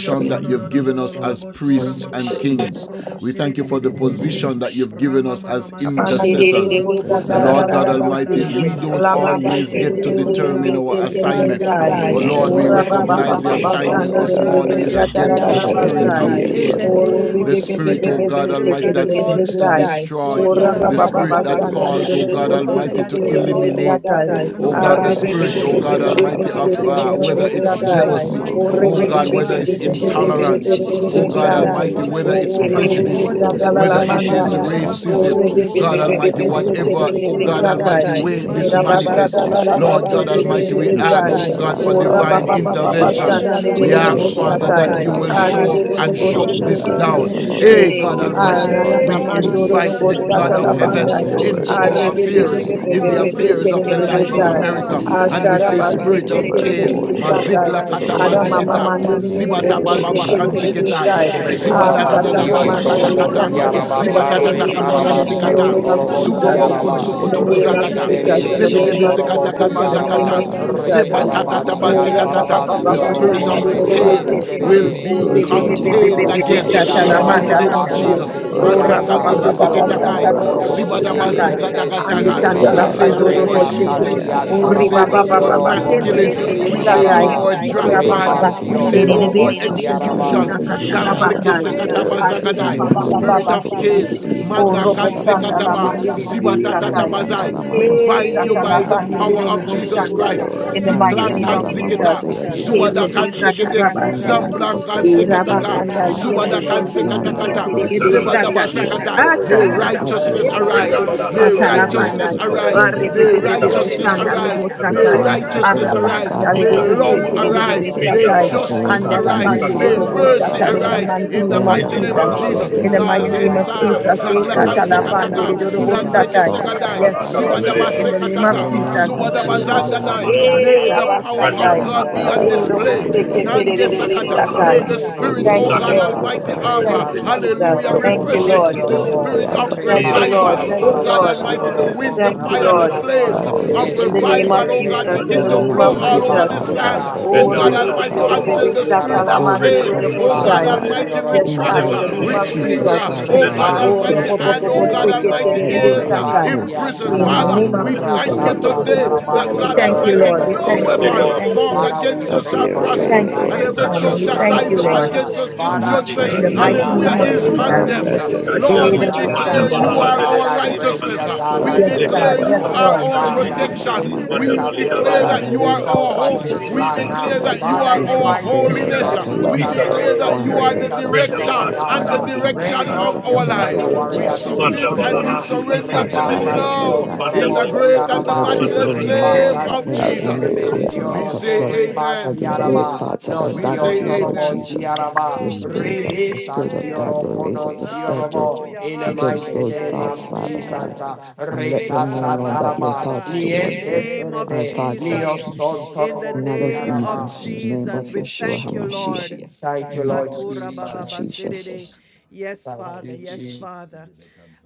S9: the
S2: that you've given us as priests and
S4: virgin,
S2: kings. We thank you for the position that you've given us as
S9: same,
S3: Bandere de Robosa
S2: intercessors.
S9: same.
S2: And Lord God Almighty,
S3: Tarabaseke,
S2: we
S10: Yamarabakia
S2: don't
S4: that
S3: Labasete
S2: always
S10: Yamamando.
S4: they
S2: get to
S4: would
S3: de
S4: remove
S2: determine
S3: Rebese,
S2: our
S4: the spirit of
S2: assignment.
S9: How
S3: Terebesai,
S2: besai.
S9: good
S4: pain
S2: But
S9: and
S2: Lord,
S9: how
S4: from
S2: we
S4: all
S10: Yekedarabakia
S3: Ora
S4: of
S9: pleasant
S3: Papa
S2: recognize
S9: it
S10: Shutu.
S4: this
S2: the
S9: is for
S3: Papa
S4: nation,
S2: assignment
S4: Oh
S3: Sande de
S2: this
S9: brethren
S2: bashandere de
S4: God.
S2: morning is
S9: to
S3: Rebesa
S9: dwell
S2: against the
S4: Help
S9: together
S4: us to
S2: spirit
S9: in
S2: of
S3: Tarabasai,
S10: Yeshendarabekesha
S4: be
S2: basai.
S4: a
S2: fear.
S9: unity
S4: brother
S9: and
S10: Yamamamando
S3: Ore
S2: The
S9: the
S2: spirit,
S4: keeper,
S9: same.
S10: Roboku
S2: oh
S4: remove
S2: God
S4: the
S10: Shutu.
S2: Almighty, that
S4: spirit of,
S2: seeks to destroy destroy.
S4: remove the
S2: Yes,
S4: spirit of
S2: cause,
S10: Yekendarabakasha
S2: oh
S4: this
S2: God Yes,
S4: stuff,
S2: Almighty,
S4: Oh
S2: to
S10: Yamamayando
S4: God,
S10: Robo.
S2: eliminate, brothers
S4: oh
S2: oh
S9: Dear
S2: God,
S4: God,
S2: the
S9: Lord, how
S2: spirit,
S4: and
S2: oh
S9: can they
S2: God
S4: your
S9: hear
S4: love
S2: Almighty,
S9: without
S2: our
S9: a
S2: of
S4: upon us
S10: Yashandarabakataya
S2: uh,
S9: preacher?
S2: whether
S4: again,
S10: Baba.
S2: oh it's
S9: And how can
S2: jealousy, Almighty,
S4: oh
S9: one
S2: oh
S4: God,
S9: preach
S2: God,
S9: except
S4: we
S2: whether
S9: they're
S2: it's
S9: sent,
S4: pray,
S9: Lord
S2: intolerance, help
S9: Jesus? You
S4: O
S2: oh God
S9: said,
S4: be.
S10: Yekindiriyokumumumumurabi.
S9: How
S2: Almighty,
S9: beautiful
S2: whether
S3: Oh,
S4: nation
S2: it's
S10: I
S9: are the
S4: and
S3: querida
S10: take
S3: de
S10: the
S2: prejudice,
S9: feet of
S10: heart
S4: this
S10: in the
S9: those
S3: esta
S10: name
S9: who
S3: la
S4: a
S10: of
S3: la
S4: day
S2: whether
S9: bring the
S2: it
S9: good
S2: is
S3: manda,
S10: Jesus,
S9: news
S10: Father.
S9: gospel
S3: O
S2: racism,
S9: of
S3: rebe
S2: God
S3: be
S9: peace.
S3: be
S10: Come
S3: be
S4: God,
S3: be
S2: Almighty,
S10: against the
S9: So,
S3: be
S4: give
S9: Father
S4: us
S3: se
S10: spirit of
S2: whatever,
S9: God,
S3: te re
S9: in
S2: oh
S3: re
S9: the
S10: Cain,
S4: a
S3: be
S9: name
S2: God
S9: of
S3: sa
S4: spirit
S10: Father
S4: of
S3: tai.
S10: God.
S2: Almighty, way
S9: Jesus, may
S3: E
S2: this
S9: your
S3: ra
S4: compassion,
S3: ba
S10: Spirit
S9: good
S4: O
S10: of
S3: sa
S9: news
S2: manifests,
S3: ta la
S4: God,
S3: la
S2: Korobo
S10: destruction,
S9: gospel of
S3: ba
S10: oh
S2: Lord
S10: God,
S3: se
S10: we
S2: God
S3: te
S9: peace
S10: come
S4: give
S3: re re
S2: Almighty,
S4: us a
S2: we
S10: against
S3: be
S10: you
S9: reach
S2: ask,
S10: now.
S3: sai.
S4: spirit
S2: oh
S9: those,
S4: of
S2: God, for
S9: Father
S3: O
S4: love,
S10: In
S3: ra
S9: God,
S10: the
S3: ba
S9: who
S2: divine
S3: ba
S10: name
S4: O
S10: of
S3: ba
S9: have
S3: ba ba
S4: God,
S9: yet
S10: Jesus.
S3: shanda re
S2: intervention.
S3: re
S9: to
S2: We
S3: do
S4: O
S3: do
S9: hear
S3: bo
S2: ask,
S3: sa
S10: Lord,
S2: Father,
S4: Father
S9: about
S10: help
S3: tai.
S9: your
S10: your
S2: that you
S4: God,
S9: love,
S2: will
S10: nation,
S3: A
S4: we
S10: oh
S3: re
S4: ask
S3: re
S2: show
S3: do
S10: God.
S2: up
S3: do
S2: and
S4: you,
S3: bo
S9: about
S2: shut
S3: she
S4: O
S9: your
S3: ke
S2: this
S4: God,
S3: te re re
S2: down.
S9: goodness,
S3: be
S9: about your
S3: se.
S2: Hey, God
S4: cool the
S3: A
S9: forgiveness,
S3: na na
S9: about
S2: Almighty,
S10: Yashandarabakatatata.
S3: na
S2: we
S9: your
S4: temperature
S3: man do
S4: in
S9: grace
S3: do
S4: this
S2: invite
S3: do bo
S10: Spirit of
S2: the
S10: the
S3: sa
S2: God
S3: ta
S9: about
S4: nation,
S10: living
S3: la
S9: your
S2: of
S3: ba
S10: God,
S2: heaven
S9: mercy,
S3: nai.
S9: Lord
S4: restore,
S2: into
S3: A re
S2: our
S10: Yekindaraba.
S3: be
S9: Jesus.
S3: be
S4: re-
S3: be
S2: affairs,
S3: be
S4: re-
S2: in
S10: Come
S3: be
S10: in
S3: be
S10: like
S4: re-
S3: be
S2: the
S10: a
S3: se
S9: Yandalamabosea,
S4: re-
S2: affairs
S3: te
S10: mighty
S3: re
S2: of
S3: re
S2: the
S3: be
S2: life
S10: rushing
S2: of
S10: wind,
S3: sai.
S4: restore
S10: oh
S2: America.
S10: God, we
S3: A
S9: yandalamabosea,
S4: peace,
S2: And
S3: sa
S2: we
S10: pray.
S9: So
S3: ra
S9: they
S2: say,
S3: ba
S9: can
S3: se
S2: Spirit
S3: ke
S10: In
S9: return
S2: of
S10: the
S3: te
S9: to
S4: restore
S3: re re
S9: you,
S2: Care,
S10: name of
S3: be
S9: Lord. You
S3: sa
S4: order,
S9: are
S10: Jesus.
S3: tai.
S9: their
S2: Mazigla
S3: A
S9: first
S4: O
S3: ra
S9: love.
S3: ma
S2: Katabazikita,
S3: ma
S10: Yashandaraba.
S4: God,
S3: man
S4: I
S9: In
S3: do
S9: the
S3: do do
S9: name
S2: Ziba
S3: do
S9: of
S2: Lord,
S3: bo
S4: pray,
S10: We
S2: taba
S3: se
S2: we
S4: O
S2: baba
S3: ke
S10: plead
S9: Yeshua
S2: worship you,
S3: te
S4: God,
S2: we
S10: the
S3: re re re
S10: blood of
S3: be
S9: HaMashiach.
S2: kanziketai. worship
S4: that
S3: sai
S4: we
S2: you,
S4: will
S10: Jesus.
S2: Ziba
S4: not
S3: ask
S2: da
S5: you
S2: da
S3: that
S2: da da we
S9: And
S4: lose
S11: Recarabación
S5: give
S2: basa
S9: Lord,
S3: Alamande
S4: anyone,
S2: kata
S10: Yeshen
S2: exalt
S4: to
S3: we
S2: kata. you,
S3: cancel
S10: Rabba.
S2: we
S3: the
S4: hate,
S11: Torobosiaraba,
S3: spirit
S2: Ziba
S9: yandalamabosea,
S3: of
S4: and
S2: da
S10: The
S2: exalt da
S3: pain
S10: blood
S2: da
S3: this
S2: you,
S10: of
S9: come
S2: kama
S4: hatred.
S3: morning
S9: out
S2: we
S3: in the
S9: of
S2: worship
S10: Jesus
S2: kanzikata.
S11: Recarabación
S3: name
S4: We
S10: against
S3: of
S9: darkness
S4: will
S10: every
S4: not
S3: Jesus.
S10: Cain
S9: to
S4: lose
S9: your
S2: konso
S11: Torobosiaraba,
S2: Lord.
S3: In the
S10: spirit.
S2: koto
S4: anyone
S9: marvelous
S3: name of
S9: light,
S5: and
S2: bozakata.
S9: Lord
S10: The
S3: Jesus.
S4: today,
S2: We Zebe
S4: O
S10: blood
S3: In
S10: of
S5: see
S3: the
S2: worship de
S5: Jesus.
S4: God.
S9: Jesus.
S11: Rekerebeción
S3: name
S10: Jesus
S3: of
S10: over
S3: Jesus. In
S9: Yandalamasi,
S10: every
S3: the
S4: Internet,
S3: name
S11: Torobosiaraba,
S3: of
S5: And let
S3: Jesus.
S5: you
S9: yandalamaboseya,
S5: see
S2: tata We
S4: O God,
S3: Oh,
S10: spirit of
S11: Recarabación
S5: and
S4: we ask
S3: rapa pa
S10: Cain
S3: pa
S10: in the
S3: pa
S4: you
S10: name
S9: mandalamaboseya,
S3: pa
S4: to
S10: of
S11: Tarabasioro,
S9: My
S5: let
S2: Spirit of
S3: shanda
S2: name,
S3: di
S9: out
S3: do
S9: of
S10: Jesus
S3: do bo
S4: restore,
S11: Correbese
S3: se
S9: darkness,
S10: Christ.
S2: will
S9: Lord,
S11: Terebe,
S2: be
S3: Oh,
S4: restore
S3: re
S9: into
S3: be be
S9: your
S3: be
S11: Nioso
S4: peace,
S3: be be
S2: contained
S3: be
S9: marvelous
S3: be
S2: again
S9: light.
S4: restore
S2: in
S10: Yeshen
S2: the
S11: Torobosiaraba,
S4: love,
S2: mighty name
S10: Rabba
S2: of
S9: Yandalamaboseya.
S11: Rabaca
S2: Jesus.
S4: love
S10: Kataya
S9: Help
S4: for
S3: Oh,
S4: our
S10: Mama
S9: those,
S3: rapa
S2: Masakan
S10: Mama
S3: pa
S11: Setianta,
S3: pa
S9: Father
S3: pa
S4: brothers,
S10: Rabba.
S9: God,
S11: No
S3: pa
S4: love
S3: sa
S2: Zigetakai,
S3: ta
S11: Coro
S3: di
S4: for
S3: do do
S4: our
S10: I
S3: bo sa
S10: take
S2: Zibadaba
S9: yandalamaboseya,
S5: you see
S11: Corobosien
S9: and
S4: sisters,
S9: the
S10: our
S9: un-
S11: Terebe
S10: eyes.
S3: Andi
S5: mighty
S4: O
S2: Zigadagazaga.
S3: kanda
S11: Sierebe,
S5: God.
S3: la
S2: We
S10: I let
S9: light
S2: say
S9: of
S4: God.
S10: your
S3: pando
S2: no
S9: the
S3: do
S2: more
S10: enemies
S3: bo
S9: world.
S3: se
S10: scatter.
S4: I ask
S11: Rebacasian
S3: Oh,
S2: We say
S4: that
S3: riba
S2: no
S3: pa
S4: your
S3: pa sete
S9: yandalamaboseya,
S3: pa
S4: will
S3: pa
S11: Tarabasioro,
S4: be
S3: satai.
S10: In
S9: mahandi
S10: the
S4: done
S10: name
S5: we
S10: of
S2: killings.
S5: have a favor
S2: We
S4: here in
S2: say
S4: this
S5: to
S10: Jesus.
S5: you
S2: no
S9: yandalamaboseya,
S5: this
S11: Correbesiaraba,
S2: more
S3: Oh,
S9: To
S4: country
S5: morning.
S3: rapa
S4: as
S9: bring
S4: it
S3: pa pa
S9: light
S2: drive-by.
S10: the
S4: is in
S3: se
S2: We
S9: into
S10: Holy
S3: nde
S11: Rebación
S9: the
S2: say
S3: re
S5: Bless
S4: heaven.
S2: no
S10: God.
S2: more
S9: darkness,
S3: so
S9: Father God,
S4: Your
S2: executions.
S3: bo
S11: Torobosiaraba,
S5: you,
S3: sa
S9: Father,
S4: will
S3: ka
S9: you
S4: be
S10: Yeshen
S9: know
S4: done
S9: how
S2: Zanglik
S4: on
S9: to
S10: Rabba
S4: this
S9: do it,
S10: Koto.
S9: Lord.
S4: earth as
S3: Arriba
S4: it
S9: You
S4: is
S5: In
S9: know
S5: the
S2: Tabazagadai,
S3: baba
S9: how
S3: baba
S4: in
S5: name
S9: your
S2: spirit
S3: baba
S4: heaven.
S2: of
S9: people will
S10: In
S3: sete.
S10: the
S2: Cain,
S9: receive,
S3: O
S9: Lord.
S4: Oh,
S3: robo
S10: Ribikishia
S2: Manakataba,
S10: Mama
S3: sanda
S9: Yandalama
S3: la
S10: Mama
S5: of
S4: Jesus,
S5: God,
S3: mande de
S5: I
S3: robo
S5: love
S4: Jesus,
S9: Handi anda
S2: Zibatatatabazai.
S9: lama
S2: We
S4: Jesus.
S3: Eh,
S2: bind
S9: boseya
S2: you
S9: ma
S10: Help
S2: by
S10: your
S2: the
S9: handi
S10: people,
S2: power
S9: anda
S10: Lord
S2: of
S3: Satalapandelidorobo
S4: your
S9: lama
S10: God.
S2: Jesus
S3: Sanda.
S4: way,
S2: Christ.
S9: boseya.
S4: Lord.
S3: In the
S9: Handi
S3: mighty
S2: Ziklan
S3: name
S9: anda
S2: kan
S3: of
S9: lama
S3: Jesus.
S2: Kanziketa,
S4: Have
S9: boseya. Give
S4: your
S10: Help
S3: Eh,
S9: those
S2: Zuada
S10: this
S4: way
S3: Robo
S9: people
S10: nation,
S2: Kanzikete,
S4: today. In
S10: Father
S9: the anda
S3: Satarabasi.
S4: Jesus'
S10: God,
S9: lama
S2: Zamblan kan
S4: name.
S9: boseya
S3: Eh,
S9: ma
S2: Kanziketa,
S9: in their
S10: in the
S3: Rabakanda
S10: name
S9: path,
S10: of
S2: Zubada
S3: Yendo
S9: Lord.
S10: Jesus.
S3: Konde
S9: The
S11: Rebasta
S9: anda la- those
S2: Kanzikatakata,
S9: who
S4: Look
S3: Chiketerebe
S9: need
S12: Tanana
S11: Sarabasioro
S2: Zebada
S9: to
S10: Yes,
S3: Sata.
S4: at
S9: hear
S2: Katai.
S3: Ah,
S10: Shandarabba.
S12: Rosa
S2: May
S9: from
S11: Conosiorobo,
S9: you of you,
S3: Satarabasi,
S2: righteousness
S9: Lord
S4: my
S12: Brenda
S11: Rebata
S2: arise.
S3: Terebe
S9: Jesus.
S12: Bada
S2: May
S12: has
S9: Give
S2: righteousness
S12: a
S9: those
S3: Satalabandai.
S4: day.
S9: people
S2: arise.
S11: Siantarabasioro
S9: in their
S12: Alabedes,
S2: May
S9: paths,
S2: righteousness
S3: Arrebebebe
S4: Up
S9: Lord
S12: Mikalabo
S4: no
S3: Sanda
S9: Jesus.
S12: Koto,
S4: roof.
S11: Correbasiaraba,
S3: Lebo
S2: arise.
S9: The
S2: May
S3: Satai.
S9: tongue
S12: Kandalara
S9: of the
S2: righteousness
S12: Adedo,
S9: learned,
S11: Rabakasta
S2: arise.
S3: Arabakanda
S9: Father
S3: Lebe
S2: May
S9: God,
S11: Tarabas
S9: the
S2: love
S9: anda
S11: Yoro
S12: Mikalabedes,
S9: lama
S2: arise.
S3: Seterebe
S9: boseya.
S4: I
S11: Podos
S12: Minda
S2: May
S4: get
S3: Satai.
S9: That
S12: Baba,
S9: they
S11: Yorobo
S9: will
S2: justice
S3: And the
S9: have an
S2: arise.
S9: in
S2: May
S9: season
S12: Kandabala
S3: Labandelidobo
S9: word,
S11: Rebasian
S2: mercy
S9: Father
S3: Satai
S12: Halabede
S3: in
S4: you.
S3: the
S9: God.
S2: arise
S11: Terebes
S3: mighty
S12: Kutu,
S2: in the
S9: The
S3: name
S11: Yoro
S3: of
S9: anda
S12: Inda
S2: name
S9: lama
S4: Have
S3: Jesus.
S2: of
S12: Bala
S4: your
S2: Jesus.
S9: boseya.
S4: way.
S9: They
S3: In
S12: Halabo
S3: the
S9: will
S11: Porebasian
S3: mighty
S12: Koto,
S9: bring
S3: name
S2: Zazen
S3: of
S11: Taraba
S9: words of
S2: Sa,
S11: In
S3: Jesus,
S11: the
S12: Redavala
S3: eh,
S4: Have
S11: mighty
S9: grace,
S12: Hakalabede
S11: name
S4: your
S9: Father
S11: of
S9: God,
S4: way.
S12: Kilina
S3: Katalapandelidorobo
S9: seasoned
S2: Zangai,
S12: Varosha,
S11: Jesus,
S9: with
S3: Satai.
S9: salt, Father
S3: Yes,
S12: Kandabala
S9: God,
S3: Lord
S9: to
S11: Rekasion
S9: the
S12: Kalabede
S2: Zibadaba
S3: in
S9: hearer.
S3: the
S12: Kisi,
S3: name of
S2: Sekatata,
S9: In the
S12: Ivana,
S11: Sorobosiaraba,
S3: Jesus.
S9: name of
S4: Have
S2: Zubadaba
S4: your
S9: Jesus
S12: Zukoto
S4: way,
S9: Christ.
S2: Zandadai.
S4: Lord.
S11: Rebatasion
S3: Eh,
S2: May
S12: Mahalabede,
S2: the power
S12: Brenda
S2: of
S3: Rabasandai.
S11: Tarabasioro,
S12: Bala
S2: God be on
S4: Have
S12: Lavoro
S3: Eh,
S9: Alamabosea,
S4: your
S2: display.
S12: Koto,
S9: Bahandi
S4: way.
S9: and
S11: Korebasierebe,
S12: Mikades
S11: in
S2: Nandesa
S11: the
S9: Alamabosea,
S2: May
S9: Lord.
S12: Mahalabede.
S11: matchless
S3: Robosekekerererebesatai.
S2: the
S4: I'm
S11: name
S9: It
S11: of
S2: Spirit,
S9: is
S4: broken.
S3: Thank
S2: O
S9: your
S3: you,
S2: God
S9: will,
S11: Jesus,
S3: Lord.
S9: Father
S12: Zakamarosa
S2: Almighty,
S9: God, for
S3: Thank
S2: Alpha,
S9: your
S12: Kamarete,
S3: you,
S9: people.
S3: Jesus.
S2: hallelujah,
S11: Rekasatioro
S3: Thank
S4: broken.
S3: you,
S2: refresh
S9: Yandala,
S4: second.
S3: Lord.
S9: to
S4: Second.
S9: know who
S11: Ponosiorobo,
S9: they
S2: spirit
S9: are,
S2: of
S9: to know
S3: Thank
S12: Ida
S9: their
S3: you,
S9: true
S3: Lord.
S2: revival.
S11: Rebasian
S3: Thank
S2: Oh
S3: you,
S2: God
S12: Mahalaborosa
S9: identity,
S3: Lord.
S9: Father
S2: Almighty, the
S12: Kamarete,
S11: Tarabasioro,
S9: God, and
S2: wind, the
S3: Thank
S9: come
S3: you,
S9: out
S2: fire, the
S9: of
S3: Lord.
S12: Stanavala
S11: Korabasaka,
S2: flames
S4: I get
S10: Yes,
S2: of
S9: falsehood,
S10: Lord.
S3: In
S4: it.
S3: the
S12: Kalaborosa,
S9: Father
S3: name
S11: Nesiente
S3: of
S2: revival,
S9: God.
S11: de
S2: oh God,
S3: Jesus.
S9: That
S3: In
S9: they
S2: begin
S3: the
S12: Kalades
S9: will
S2: to
S11: besioro
S3: name
S9: not
S2: blow
S3: of
S9: be
S10: Yes,
S11: corre
S2: all
S9: bitter,
S10: Lord.
S2: over
S3: Jesus.
S2: this
S9: Father
S12: Mahalamana
S10: Yes,
S9: God,
S2: land.
S11: bastiara,
S10: Lord.
S9: for
S2: Oh
S3: Oh,
S9: any
S12: Venda
S2: God
S9: reason,
S11: nosso
S12: Valaha
S2: Almighty,
S9: Father
S10: Spirit
S11: toro
S10: of
S2: until
S9: God,
S2: the
S10: revival,
S2: spirit
S9: but
S10: come.
S9: they
S11: bostriaraba,
S2: of
S12: Kolaborosa,
S9: will
S12: Reka
S2: Cain,
S9: come,
S12: Valaha
S2: oh
S4: Oh,
S9: Father
S10: In
S2: God
S10: the
S3: rebebebebebebesatalamandedebosai.
S11: ribasa
S10: name
S9: God,
S12: Kalaberete,
S2: Almighty,
S10: of
S11: fioro
S3: Yes,
S4: take
S10: Jesus.
S3: God,
S2: retracts,
S3: in
S9: into
S3: the
S12: Simala
S2: uh,
S9: the
S3: name
S4: control
S3: of
S11: conostrierebe,
S2: retreats,
S4: today.
S9: sweetness,
S3: Jesus.
S2: uh,
S4: of
S9: Father
S12: Halamorosa,
S2: oh
S12: Venda
S9: God.
S4: This
S9: They
S2: God
S9: will
S3: Oh,
S2: Almighty,
S4: situation.
S9: taste
S11: ribastiente
S9: and
S12: Kalaberete.
S2: and
S11: de
S2: oh
S9: see,
S2: God
S9: Lord,
S2: Almighty
S11: besioro
S9: that you
S2: is.
S11: corre
S9: are
S3: robobobobosekekerererebesatai.
S9: good.
S2: risen.
S3: In the
S11: bastiantaraba,
S2: Father,
S3: name
S9: Yandala
S4: Jesus.
S3: of
S2: we
S3: Jesus.
S2: thank you
S9: Mabosea,
S12: Shahida
S11: ratasa
S4: Jesus.
S2: today
S9: Bahandala
S2: that
S3: We
S2: God
S9: Masti,
S3: thank
S11: tarabasioro
S4: Jesus.
S3: you,
S2: Almighty
S3: Lord.
S9: Yandala
S4: Have
S3: We
S2: no
S3: thank
S4: your
S3: you.
S9: Mabosea.
S3: We
S4: way.
S11: conostriorobo,
S2: weapon
S3: thank you.
S2: formed
S9: Um,
S11: Father, we
S2: against
S4: Have
S2: us
S11: pray
S2: shall
S11: for
S4: your
S3: We
S11: your
S9: and
S2: prosper,
S4: way,
S3: thank
S9: they
S3: you
S9: will
S2: and
S11: divine
S3: this
S9: come
S4: Lord,
S2: every
S9: to
S4: have
S3: morning.
S2: tongue
S3: We
S9: trust
S4: your
S2: that
S9: you,
S11: intervention,
S3: thank
S11: oh
S9: Lord
S2: rises
S3: you,
S2: up
S4: way.
S3: Lord,
S11: God. Uh,
S9: Jesus,
S2: against us in
S9: and
S11: Father, I
S9: not
S2: judgment,
S3: in
S11: pray,
S4: I
S3: the
S9: trust
S11: dear
S9: in
S3: mighty
S4: will
S11: God,
S4: be
S2: hallelujah,
S3: name
S11: that
S9: weapons,
S3: of
S11: you
S4: done
S9: yeah,
S2: is
S9: and
S4: on
S9: the
S3: Jesus.
S9: Lama
S4: earth
S2: condemned.
S11: intervene
S4: as
S11: in
S4: it
S11: this
S4: is
S2: Lord,
S4: in
S2: we
S9: not
S4: heaven,
S11: nation.
S9: trust
S11: uh,
S12: Manda
S4: O
S9: in
S2: declare you
S12: Bana
S11: Oh
S2: are
S4: God.
S11: God,
S2: our
S12: Haberes
S9: chariots,
S11: I pray,
S12: Kilima
S9: horses.
S2: righteousness.
S11: dear
S12: Hanamoto
S11: God,
S9: yeah,
S2: We
S9: and
S11: that
S3: Yes,
S9: the
S11: you
S12: Lika
S9: Lama
S2: declare
S3: God.
S11: send
S2: you
S4: Hallelujah.
S3: Yes,
S12: Shata
S11: forth,
S2: are
S12: Mada
S11: oh
S3: Lord.
S9: but,
S2: our
S9: um,
S11: God,
S10: Thank
S9: yeah,
S11: uh,
S4: As
S12: Hadajekese
S11: the
S2: protection.
S4: peace
S12: Manda
S11: spirit
S2: We
S4: and
S11: of
S10: you.
S11: your
S12: Boliha
S4: joy
S2: declare
S4: on
S12: Lavono
S9: Father,
S2: that
S11: brother's
S9: in
S2: you
S9: the
S4: earth,
S2: are
S4: O
S9: name
S12: Borosha
S11: people
S2: our
S9: of
S4: God,
S11: upon this
S9: Jesus,
S2: hope.
S12: Sima
S9: we
S2: We
S11: land.
S12: Mata
S9: thank
S11: uh.
S9: you
S2: declare
S12: Saho
S4: as
S9: that
S2: that
S4: it
S2: you
S4: is
S11: Father,
S2: are
S11: in
S9: we
S4: in
S11: the
S9: can
S4: heaven,
S2: our
S12: Mahavasa
S9: pray,
S11: mighty
S4: O
S9: Lord,
S11: name
S2: holiness.
S9: that
S11: of
S4: God.
S9: no
S12: Kishate
S4: Love
S2: We
S12: Mika
S9: weapon
S11: Jesus,
S4: for our
S2: declare
S11: raise
S12: Labo
S11: up
S2: that you
S9: formed
S11: your
S4: brothers
S12: Koto
S2: are
S4: and
S2: the
S9: against us
S12: Brenda
S11: intercessor,
S9: shall
S11: oh
S4: sisters,
S12: Bana
S4: O
S2: director
S9: prosper,
S2: and
S11: God.
S9: and
S12: Kata
S2: the
S11: uh,
S9: every
S4: God.
S9: tongue that
S2: direction
S11: Raise
S12: Ikaru,
S9: rise
S2: of
S11: up
S9: up
S2: our
S11: your
S9: against
S12: Ikaru
S2: lives.
S11: prayer
S9: us
S4: Restore
S9: in
S12: Wotu,
S2: We
S11: warrior
S4: love,
S9: judgment,
S11: this
S9: we
S12: Manda
S2: submit
S10: Hallelujah.
S11: morning.
S2: and
S4: restore
S9: condemn
S12: Balaha,
S2: we
S11: uh,
S9: it.
S4: peace
S2: surrender
S4: in
S9: Father
S2: to
S4: the
S12: Ikatamele
S9: God,
S2: you
S11: Rebaka
S9: I
S4: name
S12: Hisu,
S2: now
S4: of
S9: pray
S11: Sion
S9: that.
S12: Manda
S2: in
S11: Torobo
S2: the
S4: Jesus,
S2: great
S12: Borokoto,
S2: and
S4: we
S2: the
S9: Your
S11: Siaraba.
S9: people
S12: Manda
S4: pray.
S2: matchless
S9: will know,
S12: Baleke,
S9: Lord,
S2: name
S11: Rebaka
S9: that
S2: of
S9: when
S10: Hallelujah.
S9: the
S11: Sien
S2: Jesus.
S9: enemy
S11: Terebe
S4: Hallelujah.
S9: comes in
S2: We
S9: like
S11: Sioro
S9: a
S2: say
S9: flood,
S11: Koreba
S2: amen.
S9: flooding them with
S11: Siaraba.
S9: thoughts that
S11: No
S9: are
S2: We
S9: not
S2: say
S11: Sion
S9: of you, Lord
S11: Torobo
S2: amen.
S9: Jesus,
S2: Jesus.
S10: Amen.
S11: Siaraba.
S9: your
S5: you.
S2: Your
S9: spirit of
S2: spirit
S9: the
S2: is the
S11: Rebisa
S9: Spirit of
S2: spirit
S9: God
S2: of
S11: Sioro
S9: will
S2: God will
S9: raise
S11: Kono
S9: up
S2: raise
S9: a
S2: up a
S9: standard
S11: Siorobo.
S2: standard
S11: In the
S2: Hallelujah,
S9: against
S11: mighty
S2: against
S9: those
S11: name
S2: hallelujah, those
S11: of
S9: thoughts,
S2: thoughts, Father
S9: Father God.
S11: Jesus.
S2: amen.
S11: uh,
S2: God. And
S9: And let
S2: let them
S11: Reka
S2: know,
S9: them know, Lord,
S2: Father
S9: that your
S11: Sataraba.
S9: thoughts
S2: God, Ketarababasada, God's In the
S9: towards
S2: strength,
S11: Nieste
S9: them
S2: name of your
S9: are
S2: God's
S11: Terebe.
S9: thoughts of
S2: Jesus,
S11: Nio
S2: of peace,
S11: Son
S9: peace,
S2: in the your Lord
S11: Torobo
S9: not of
S2: name of of
S9: evil.
S11: Siaraba.
S2: Israel, your
S9: In the
S2: Jesus,
S9: name of
S2: Lord we of
S9: Yeshua
S2: thank you, Yeshua Lord.
S9: HaMashiach.
S11: Thank you,
S2: HaMashiach.
S9: Amen.
S11: Lord
S2: Katura Thank you,
S9: Thank you,
S11: Jesus.
S2: bababasiridide.
S9: Jesus.
S2: Jesus. Yes, Thank
S11: Thank
S2: Father,
S11: you,
S2: you, yes, Jesus.
S11: Jesus.
S2: Father.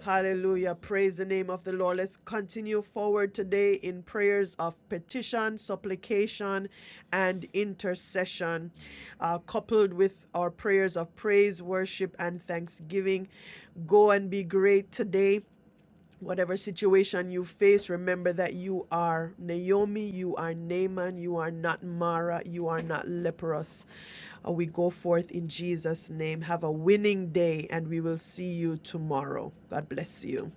S2: Hallelujah. Praise the name of the Lord. Let's continue forward today in prayers of petition, supplication, and intercession, uh, coupled with our prayers of praise, worship, and thanksgiving. Go and be great today. Whatever situation you face, remember that you are Naomi, you are Naaman, you are not Mara, you are not leprous. Uh, we go forth in Jesus' name. Have a winning day, and we will see you tomorrow. God bless you.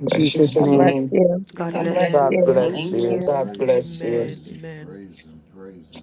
S9: In
S2: In
S9: Jesus'
S3: God
S2: Jesus'
S9: name.
S3: bless
S2: name,
S3: you.
S2: God
S8: God
S2: bless
S8: bless
S2: bless
S11: God
S8: you.
S2: Amen. you.
S11: bless
S8: Thank
S2: Thank
S8: you.
S11: you.
S2: you. God bless you. Amen. Amen.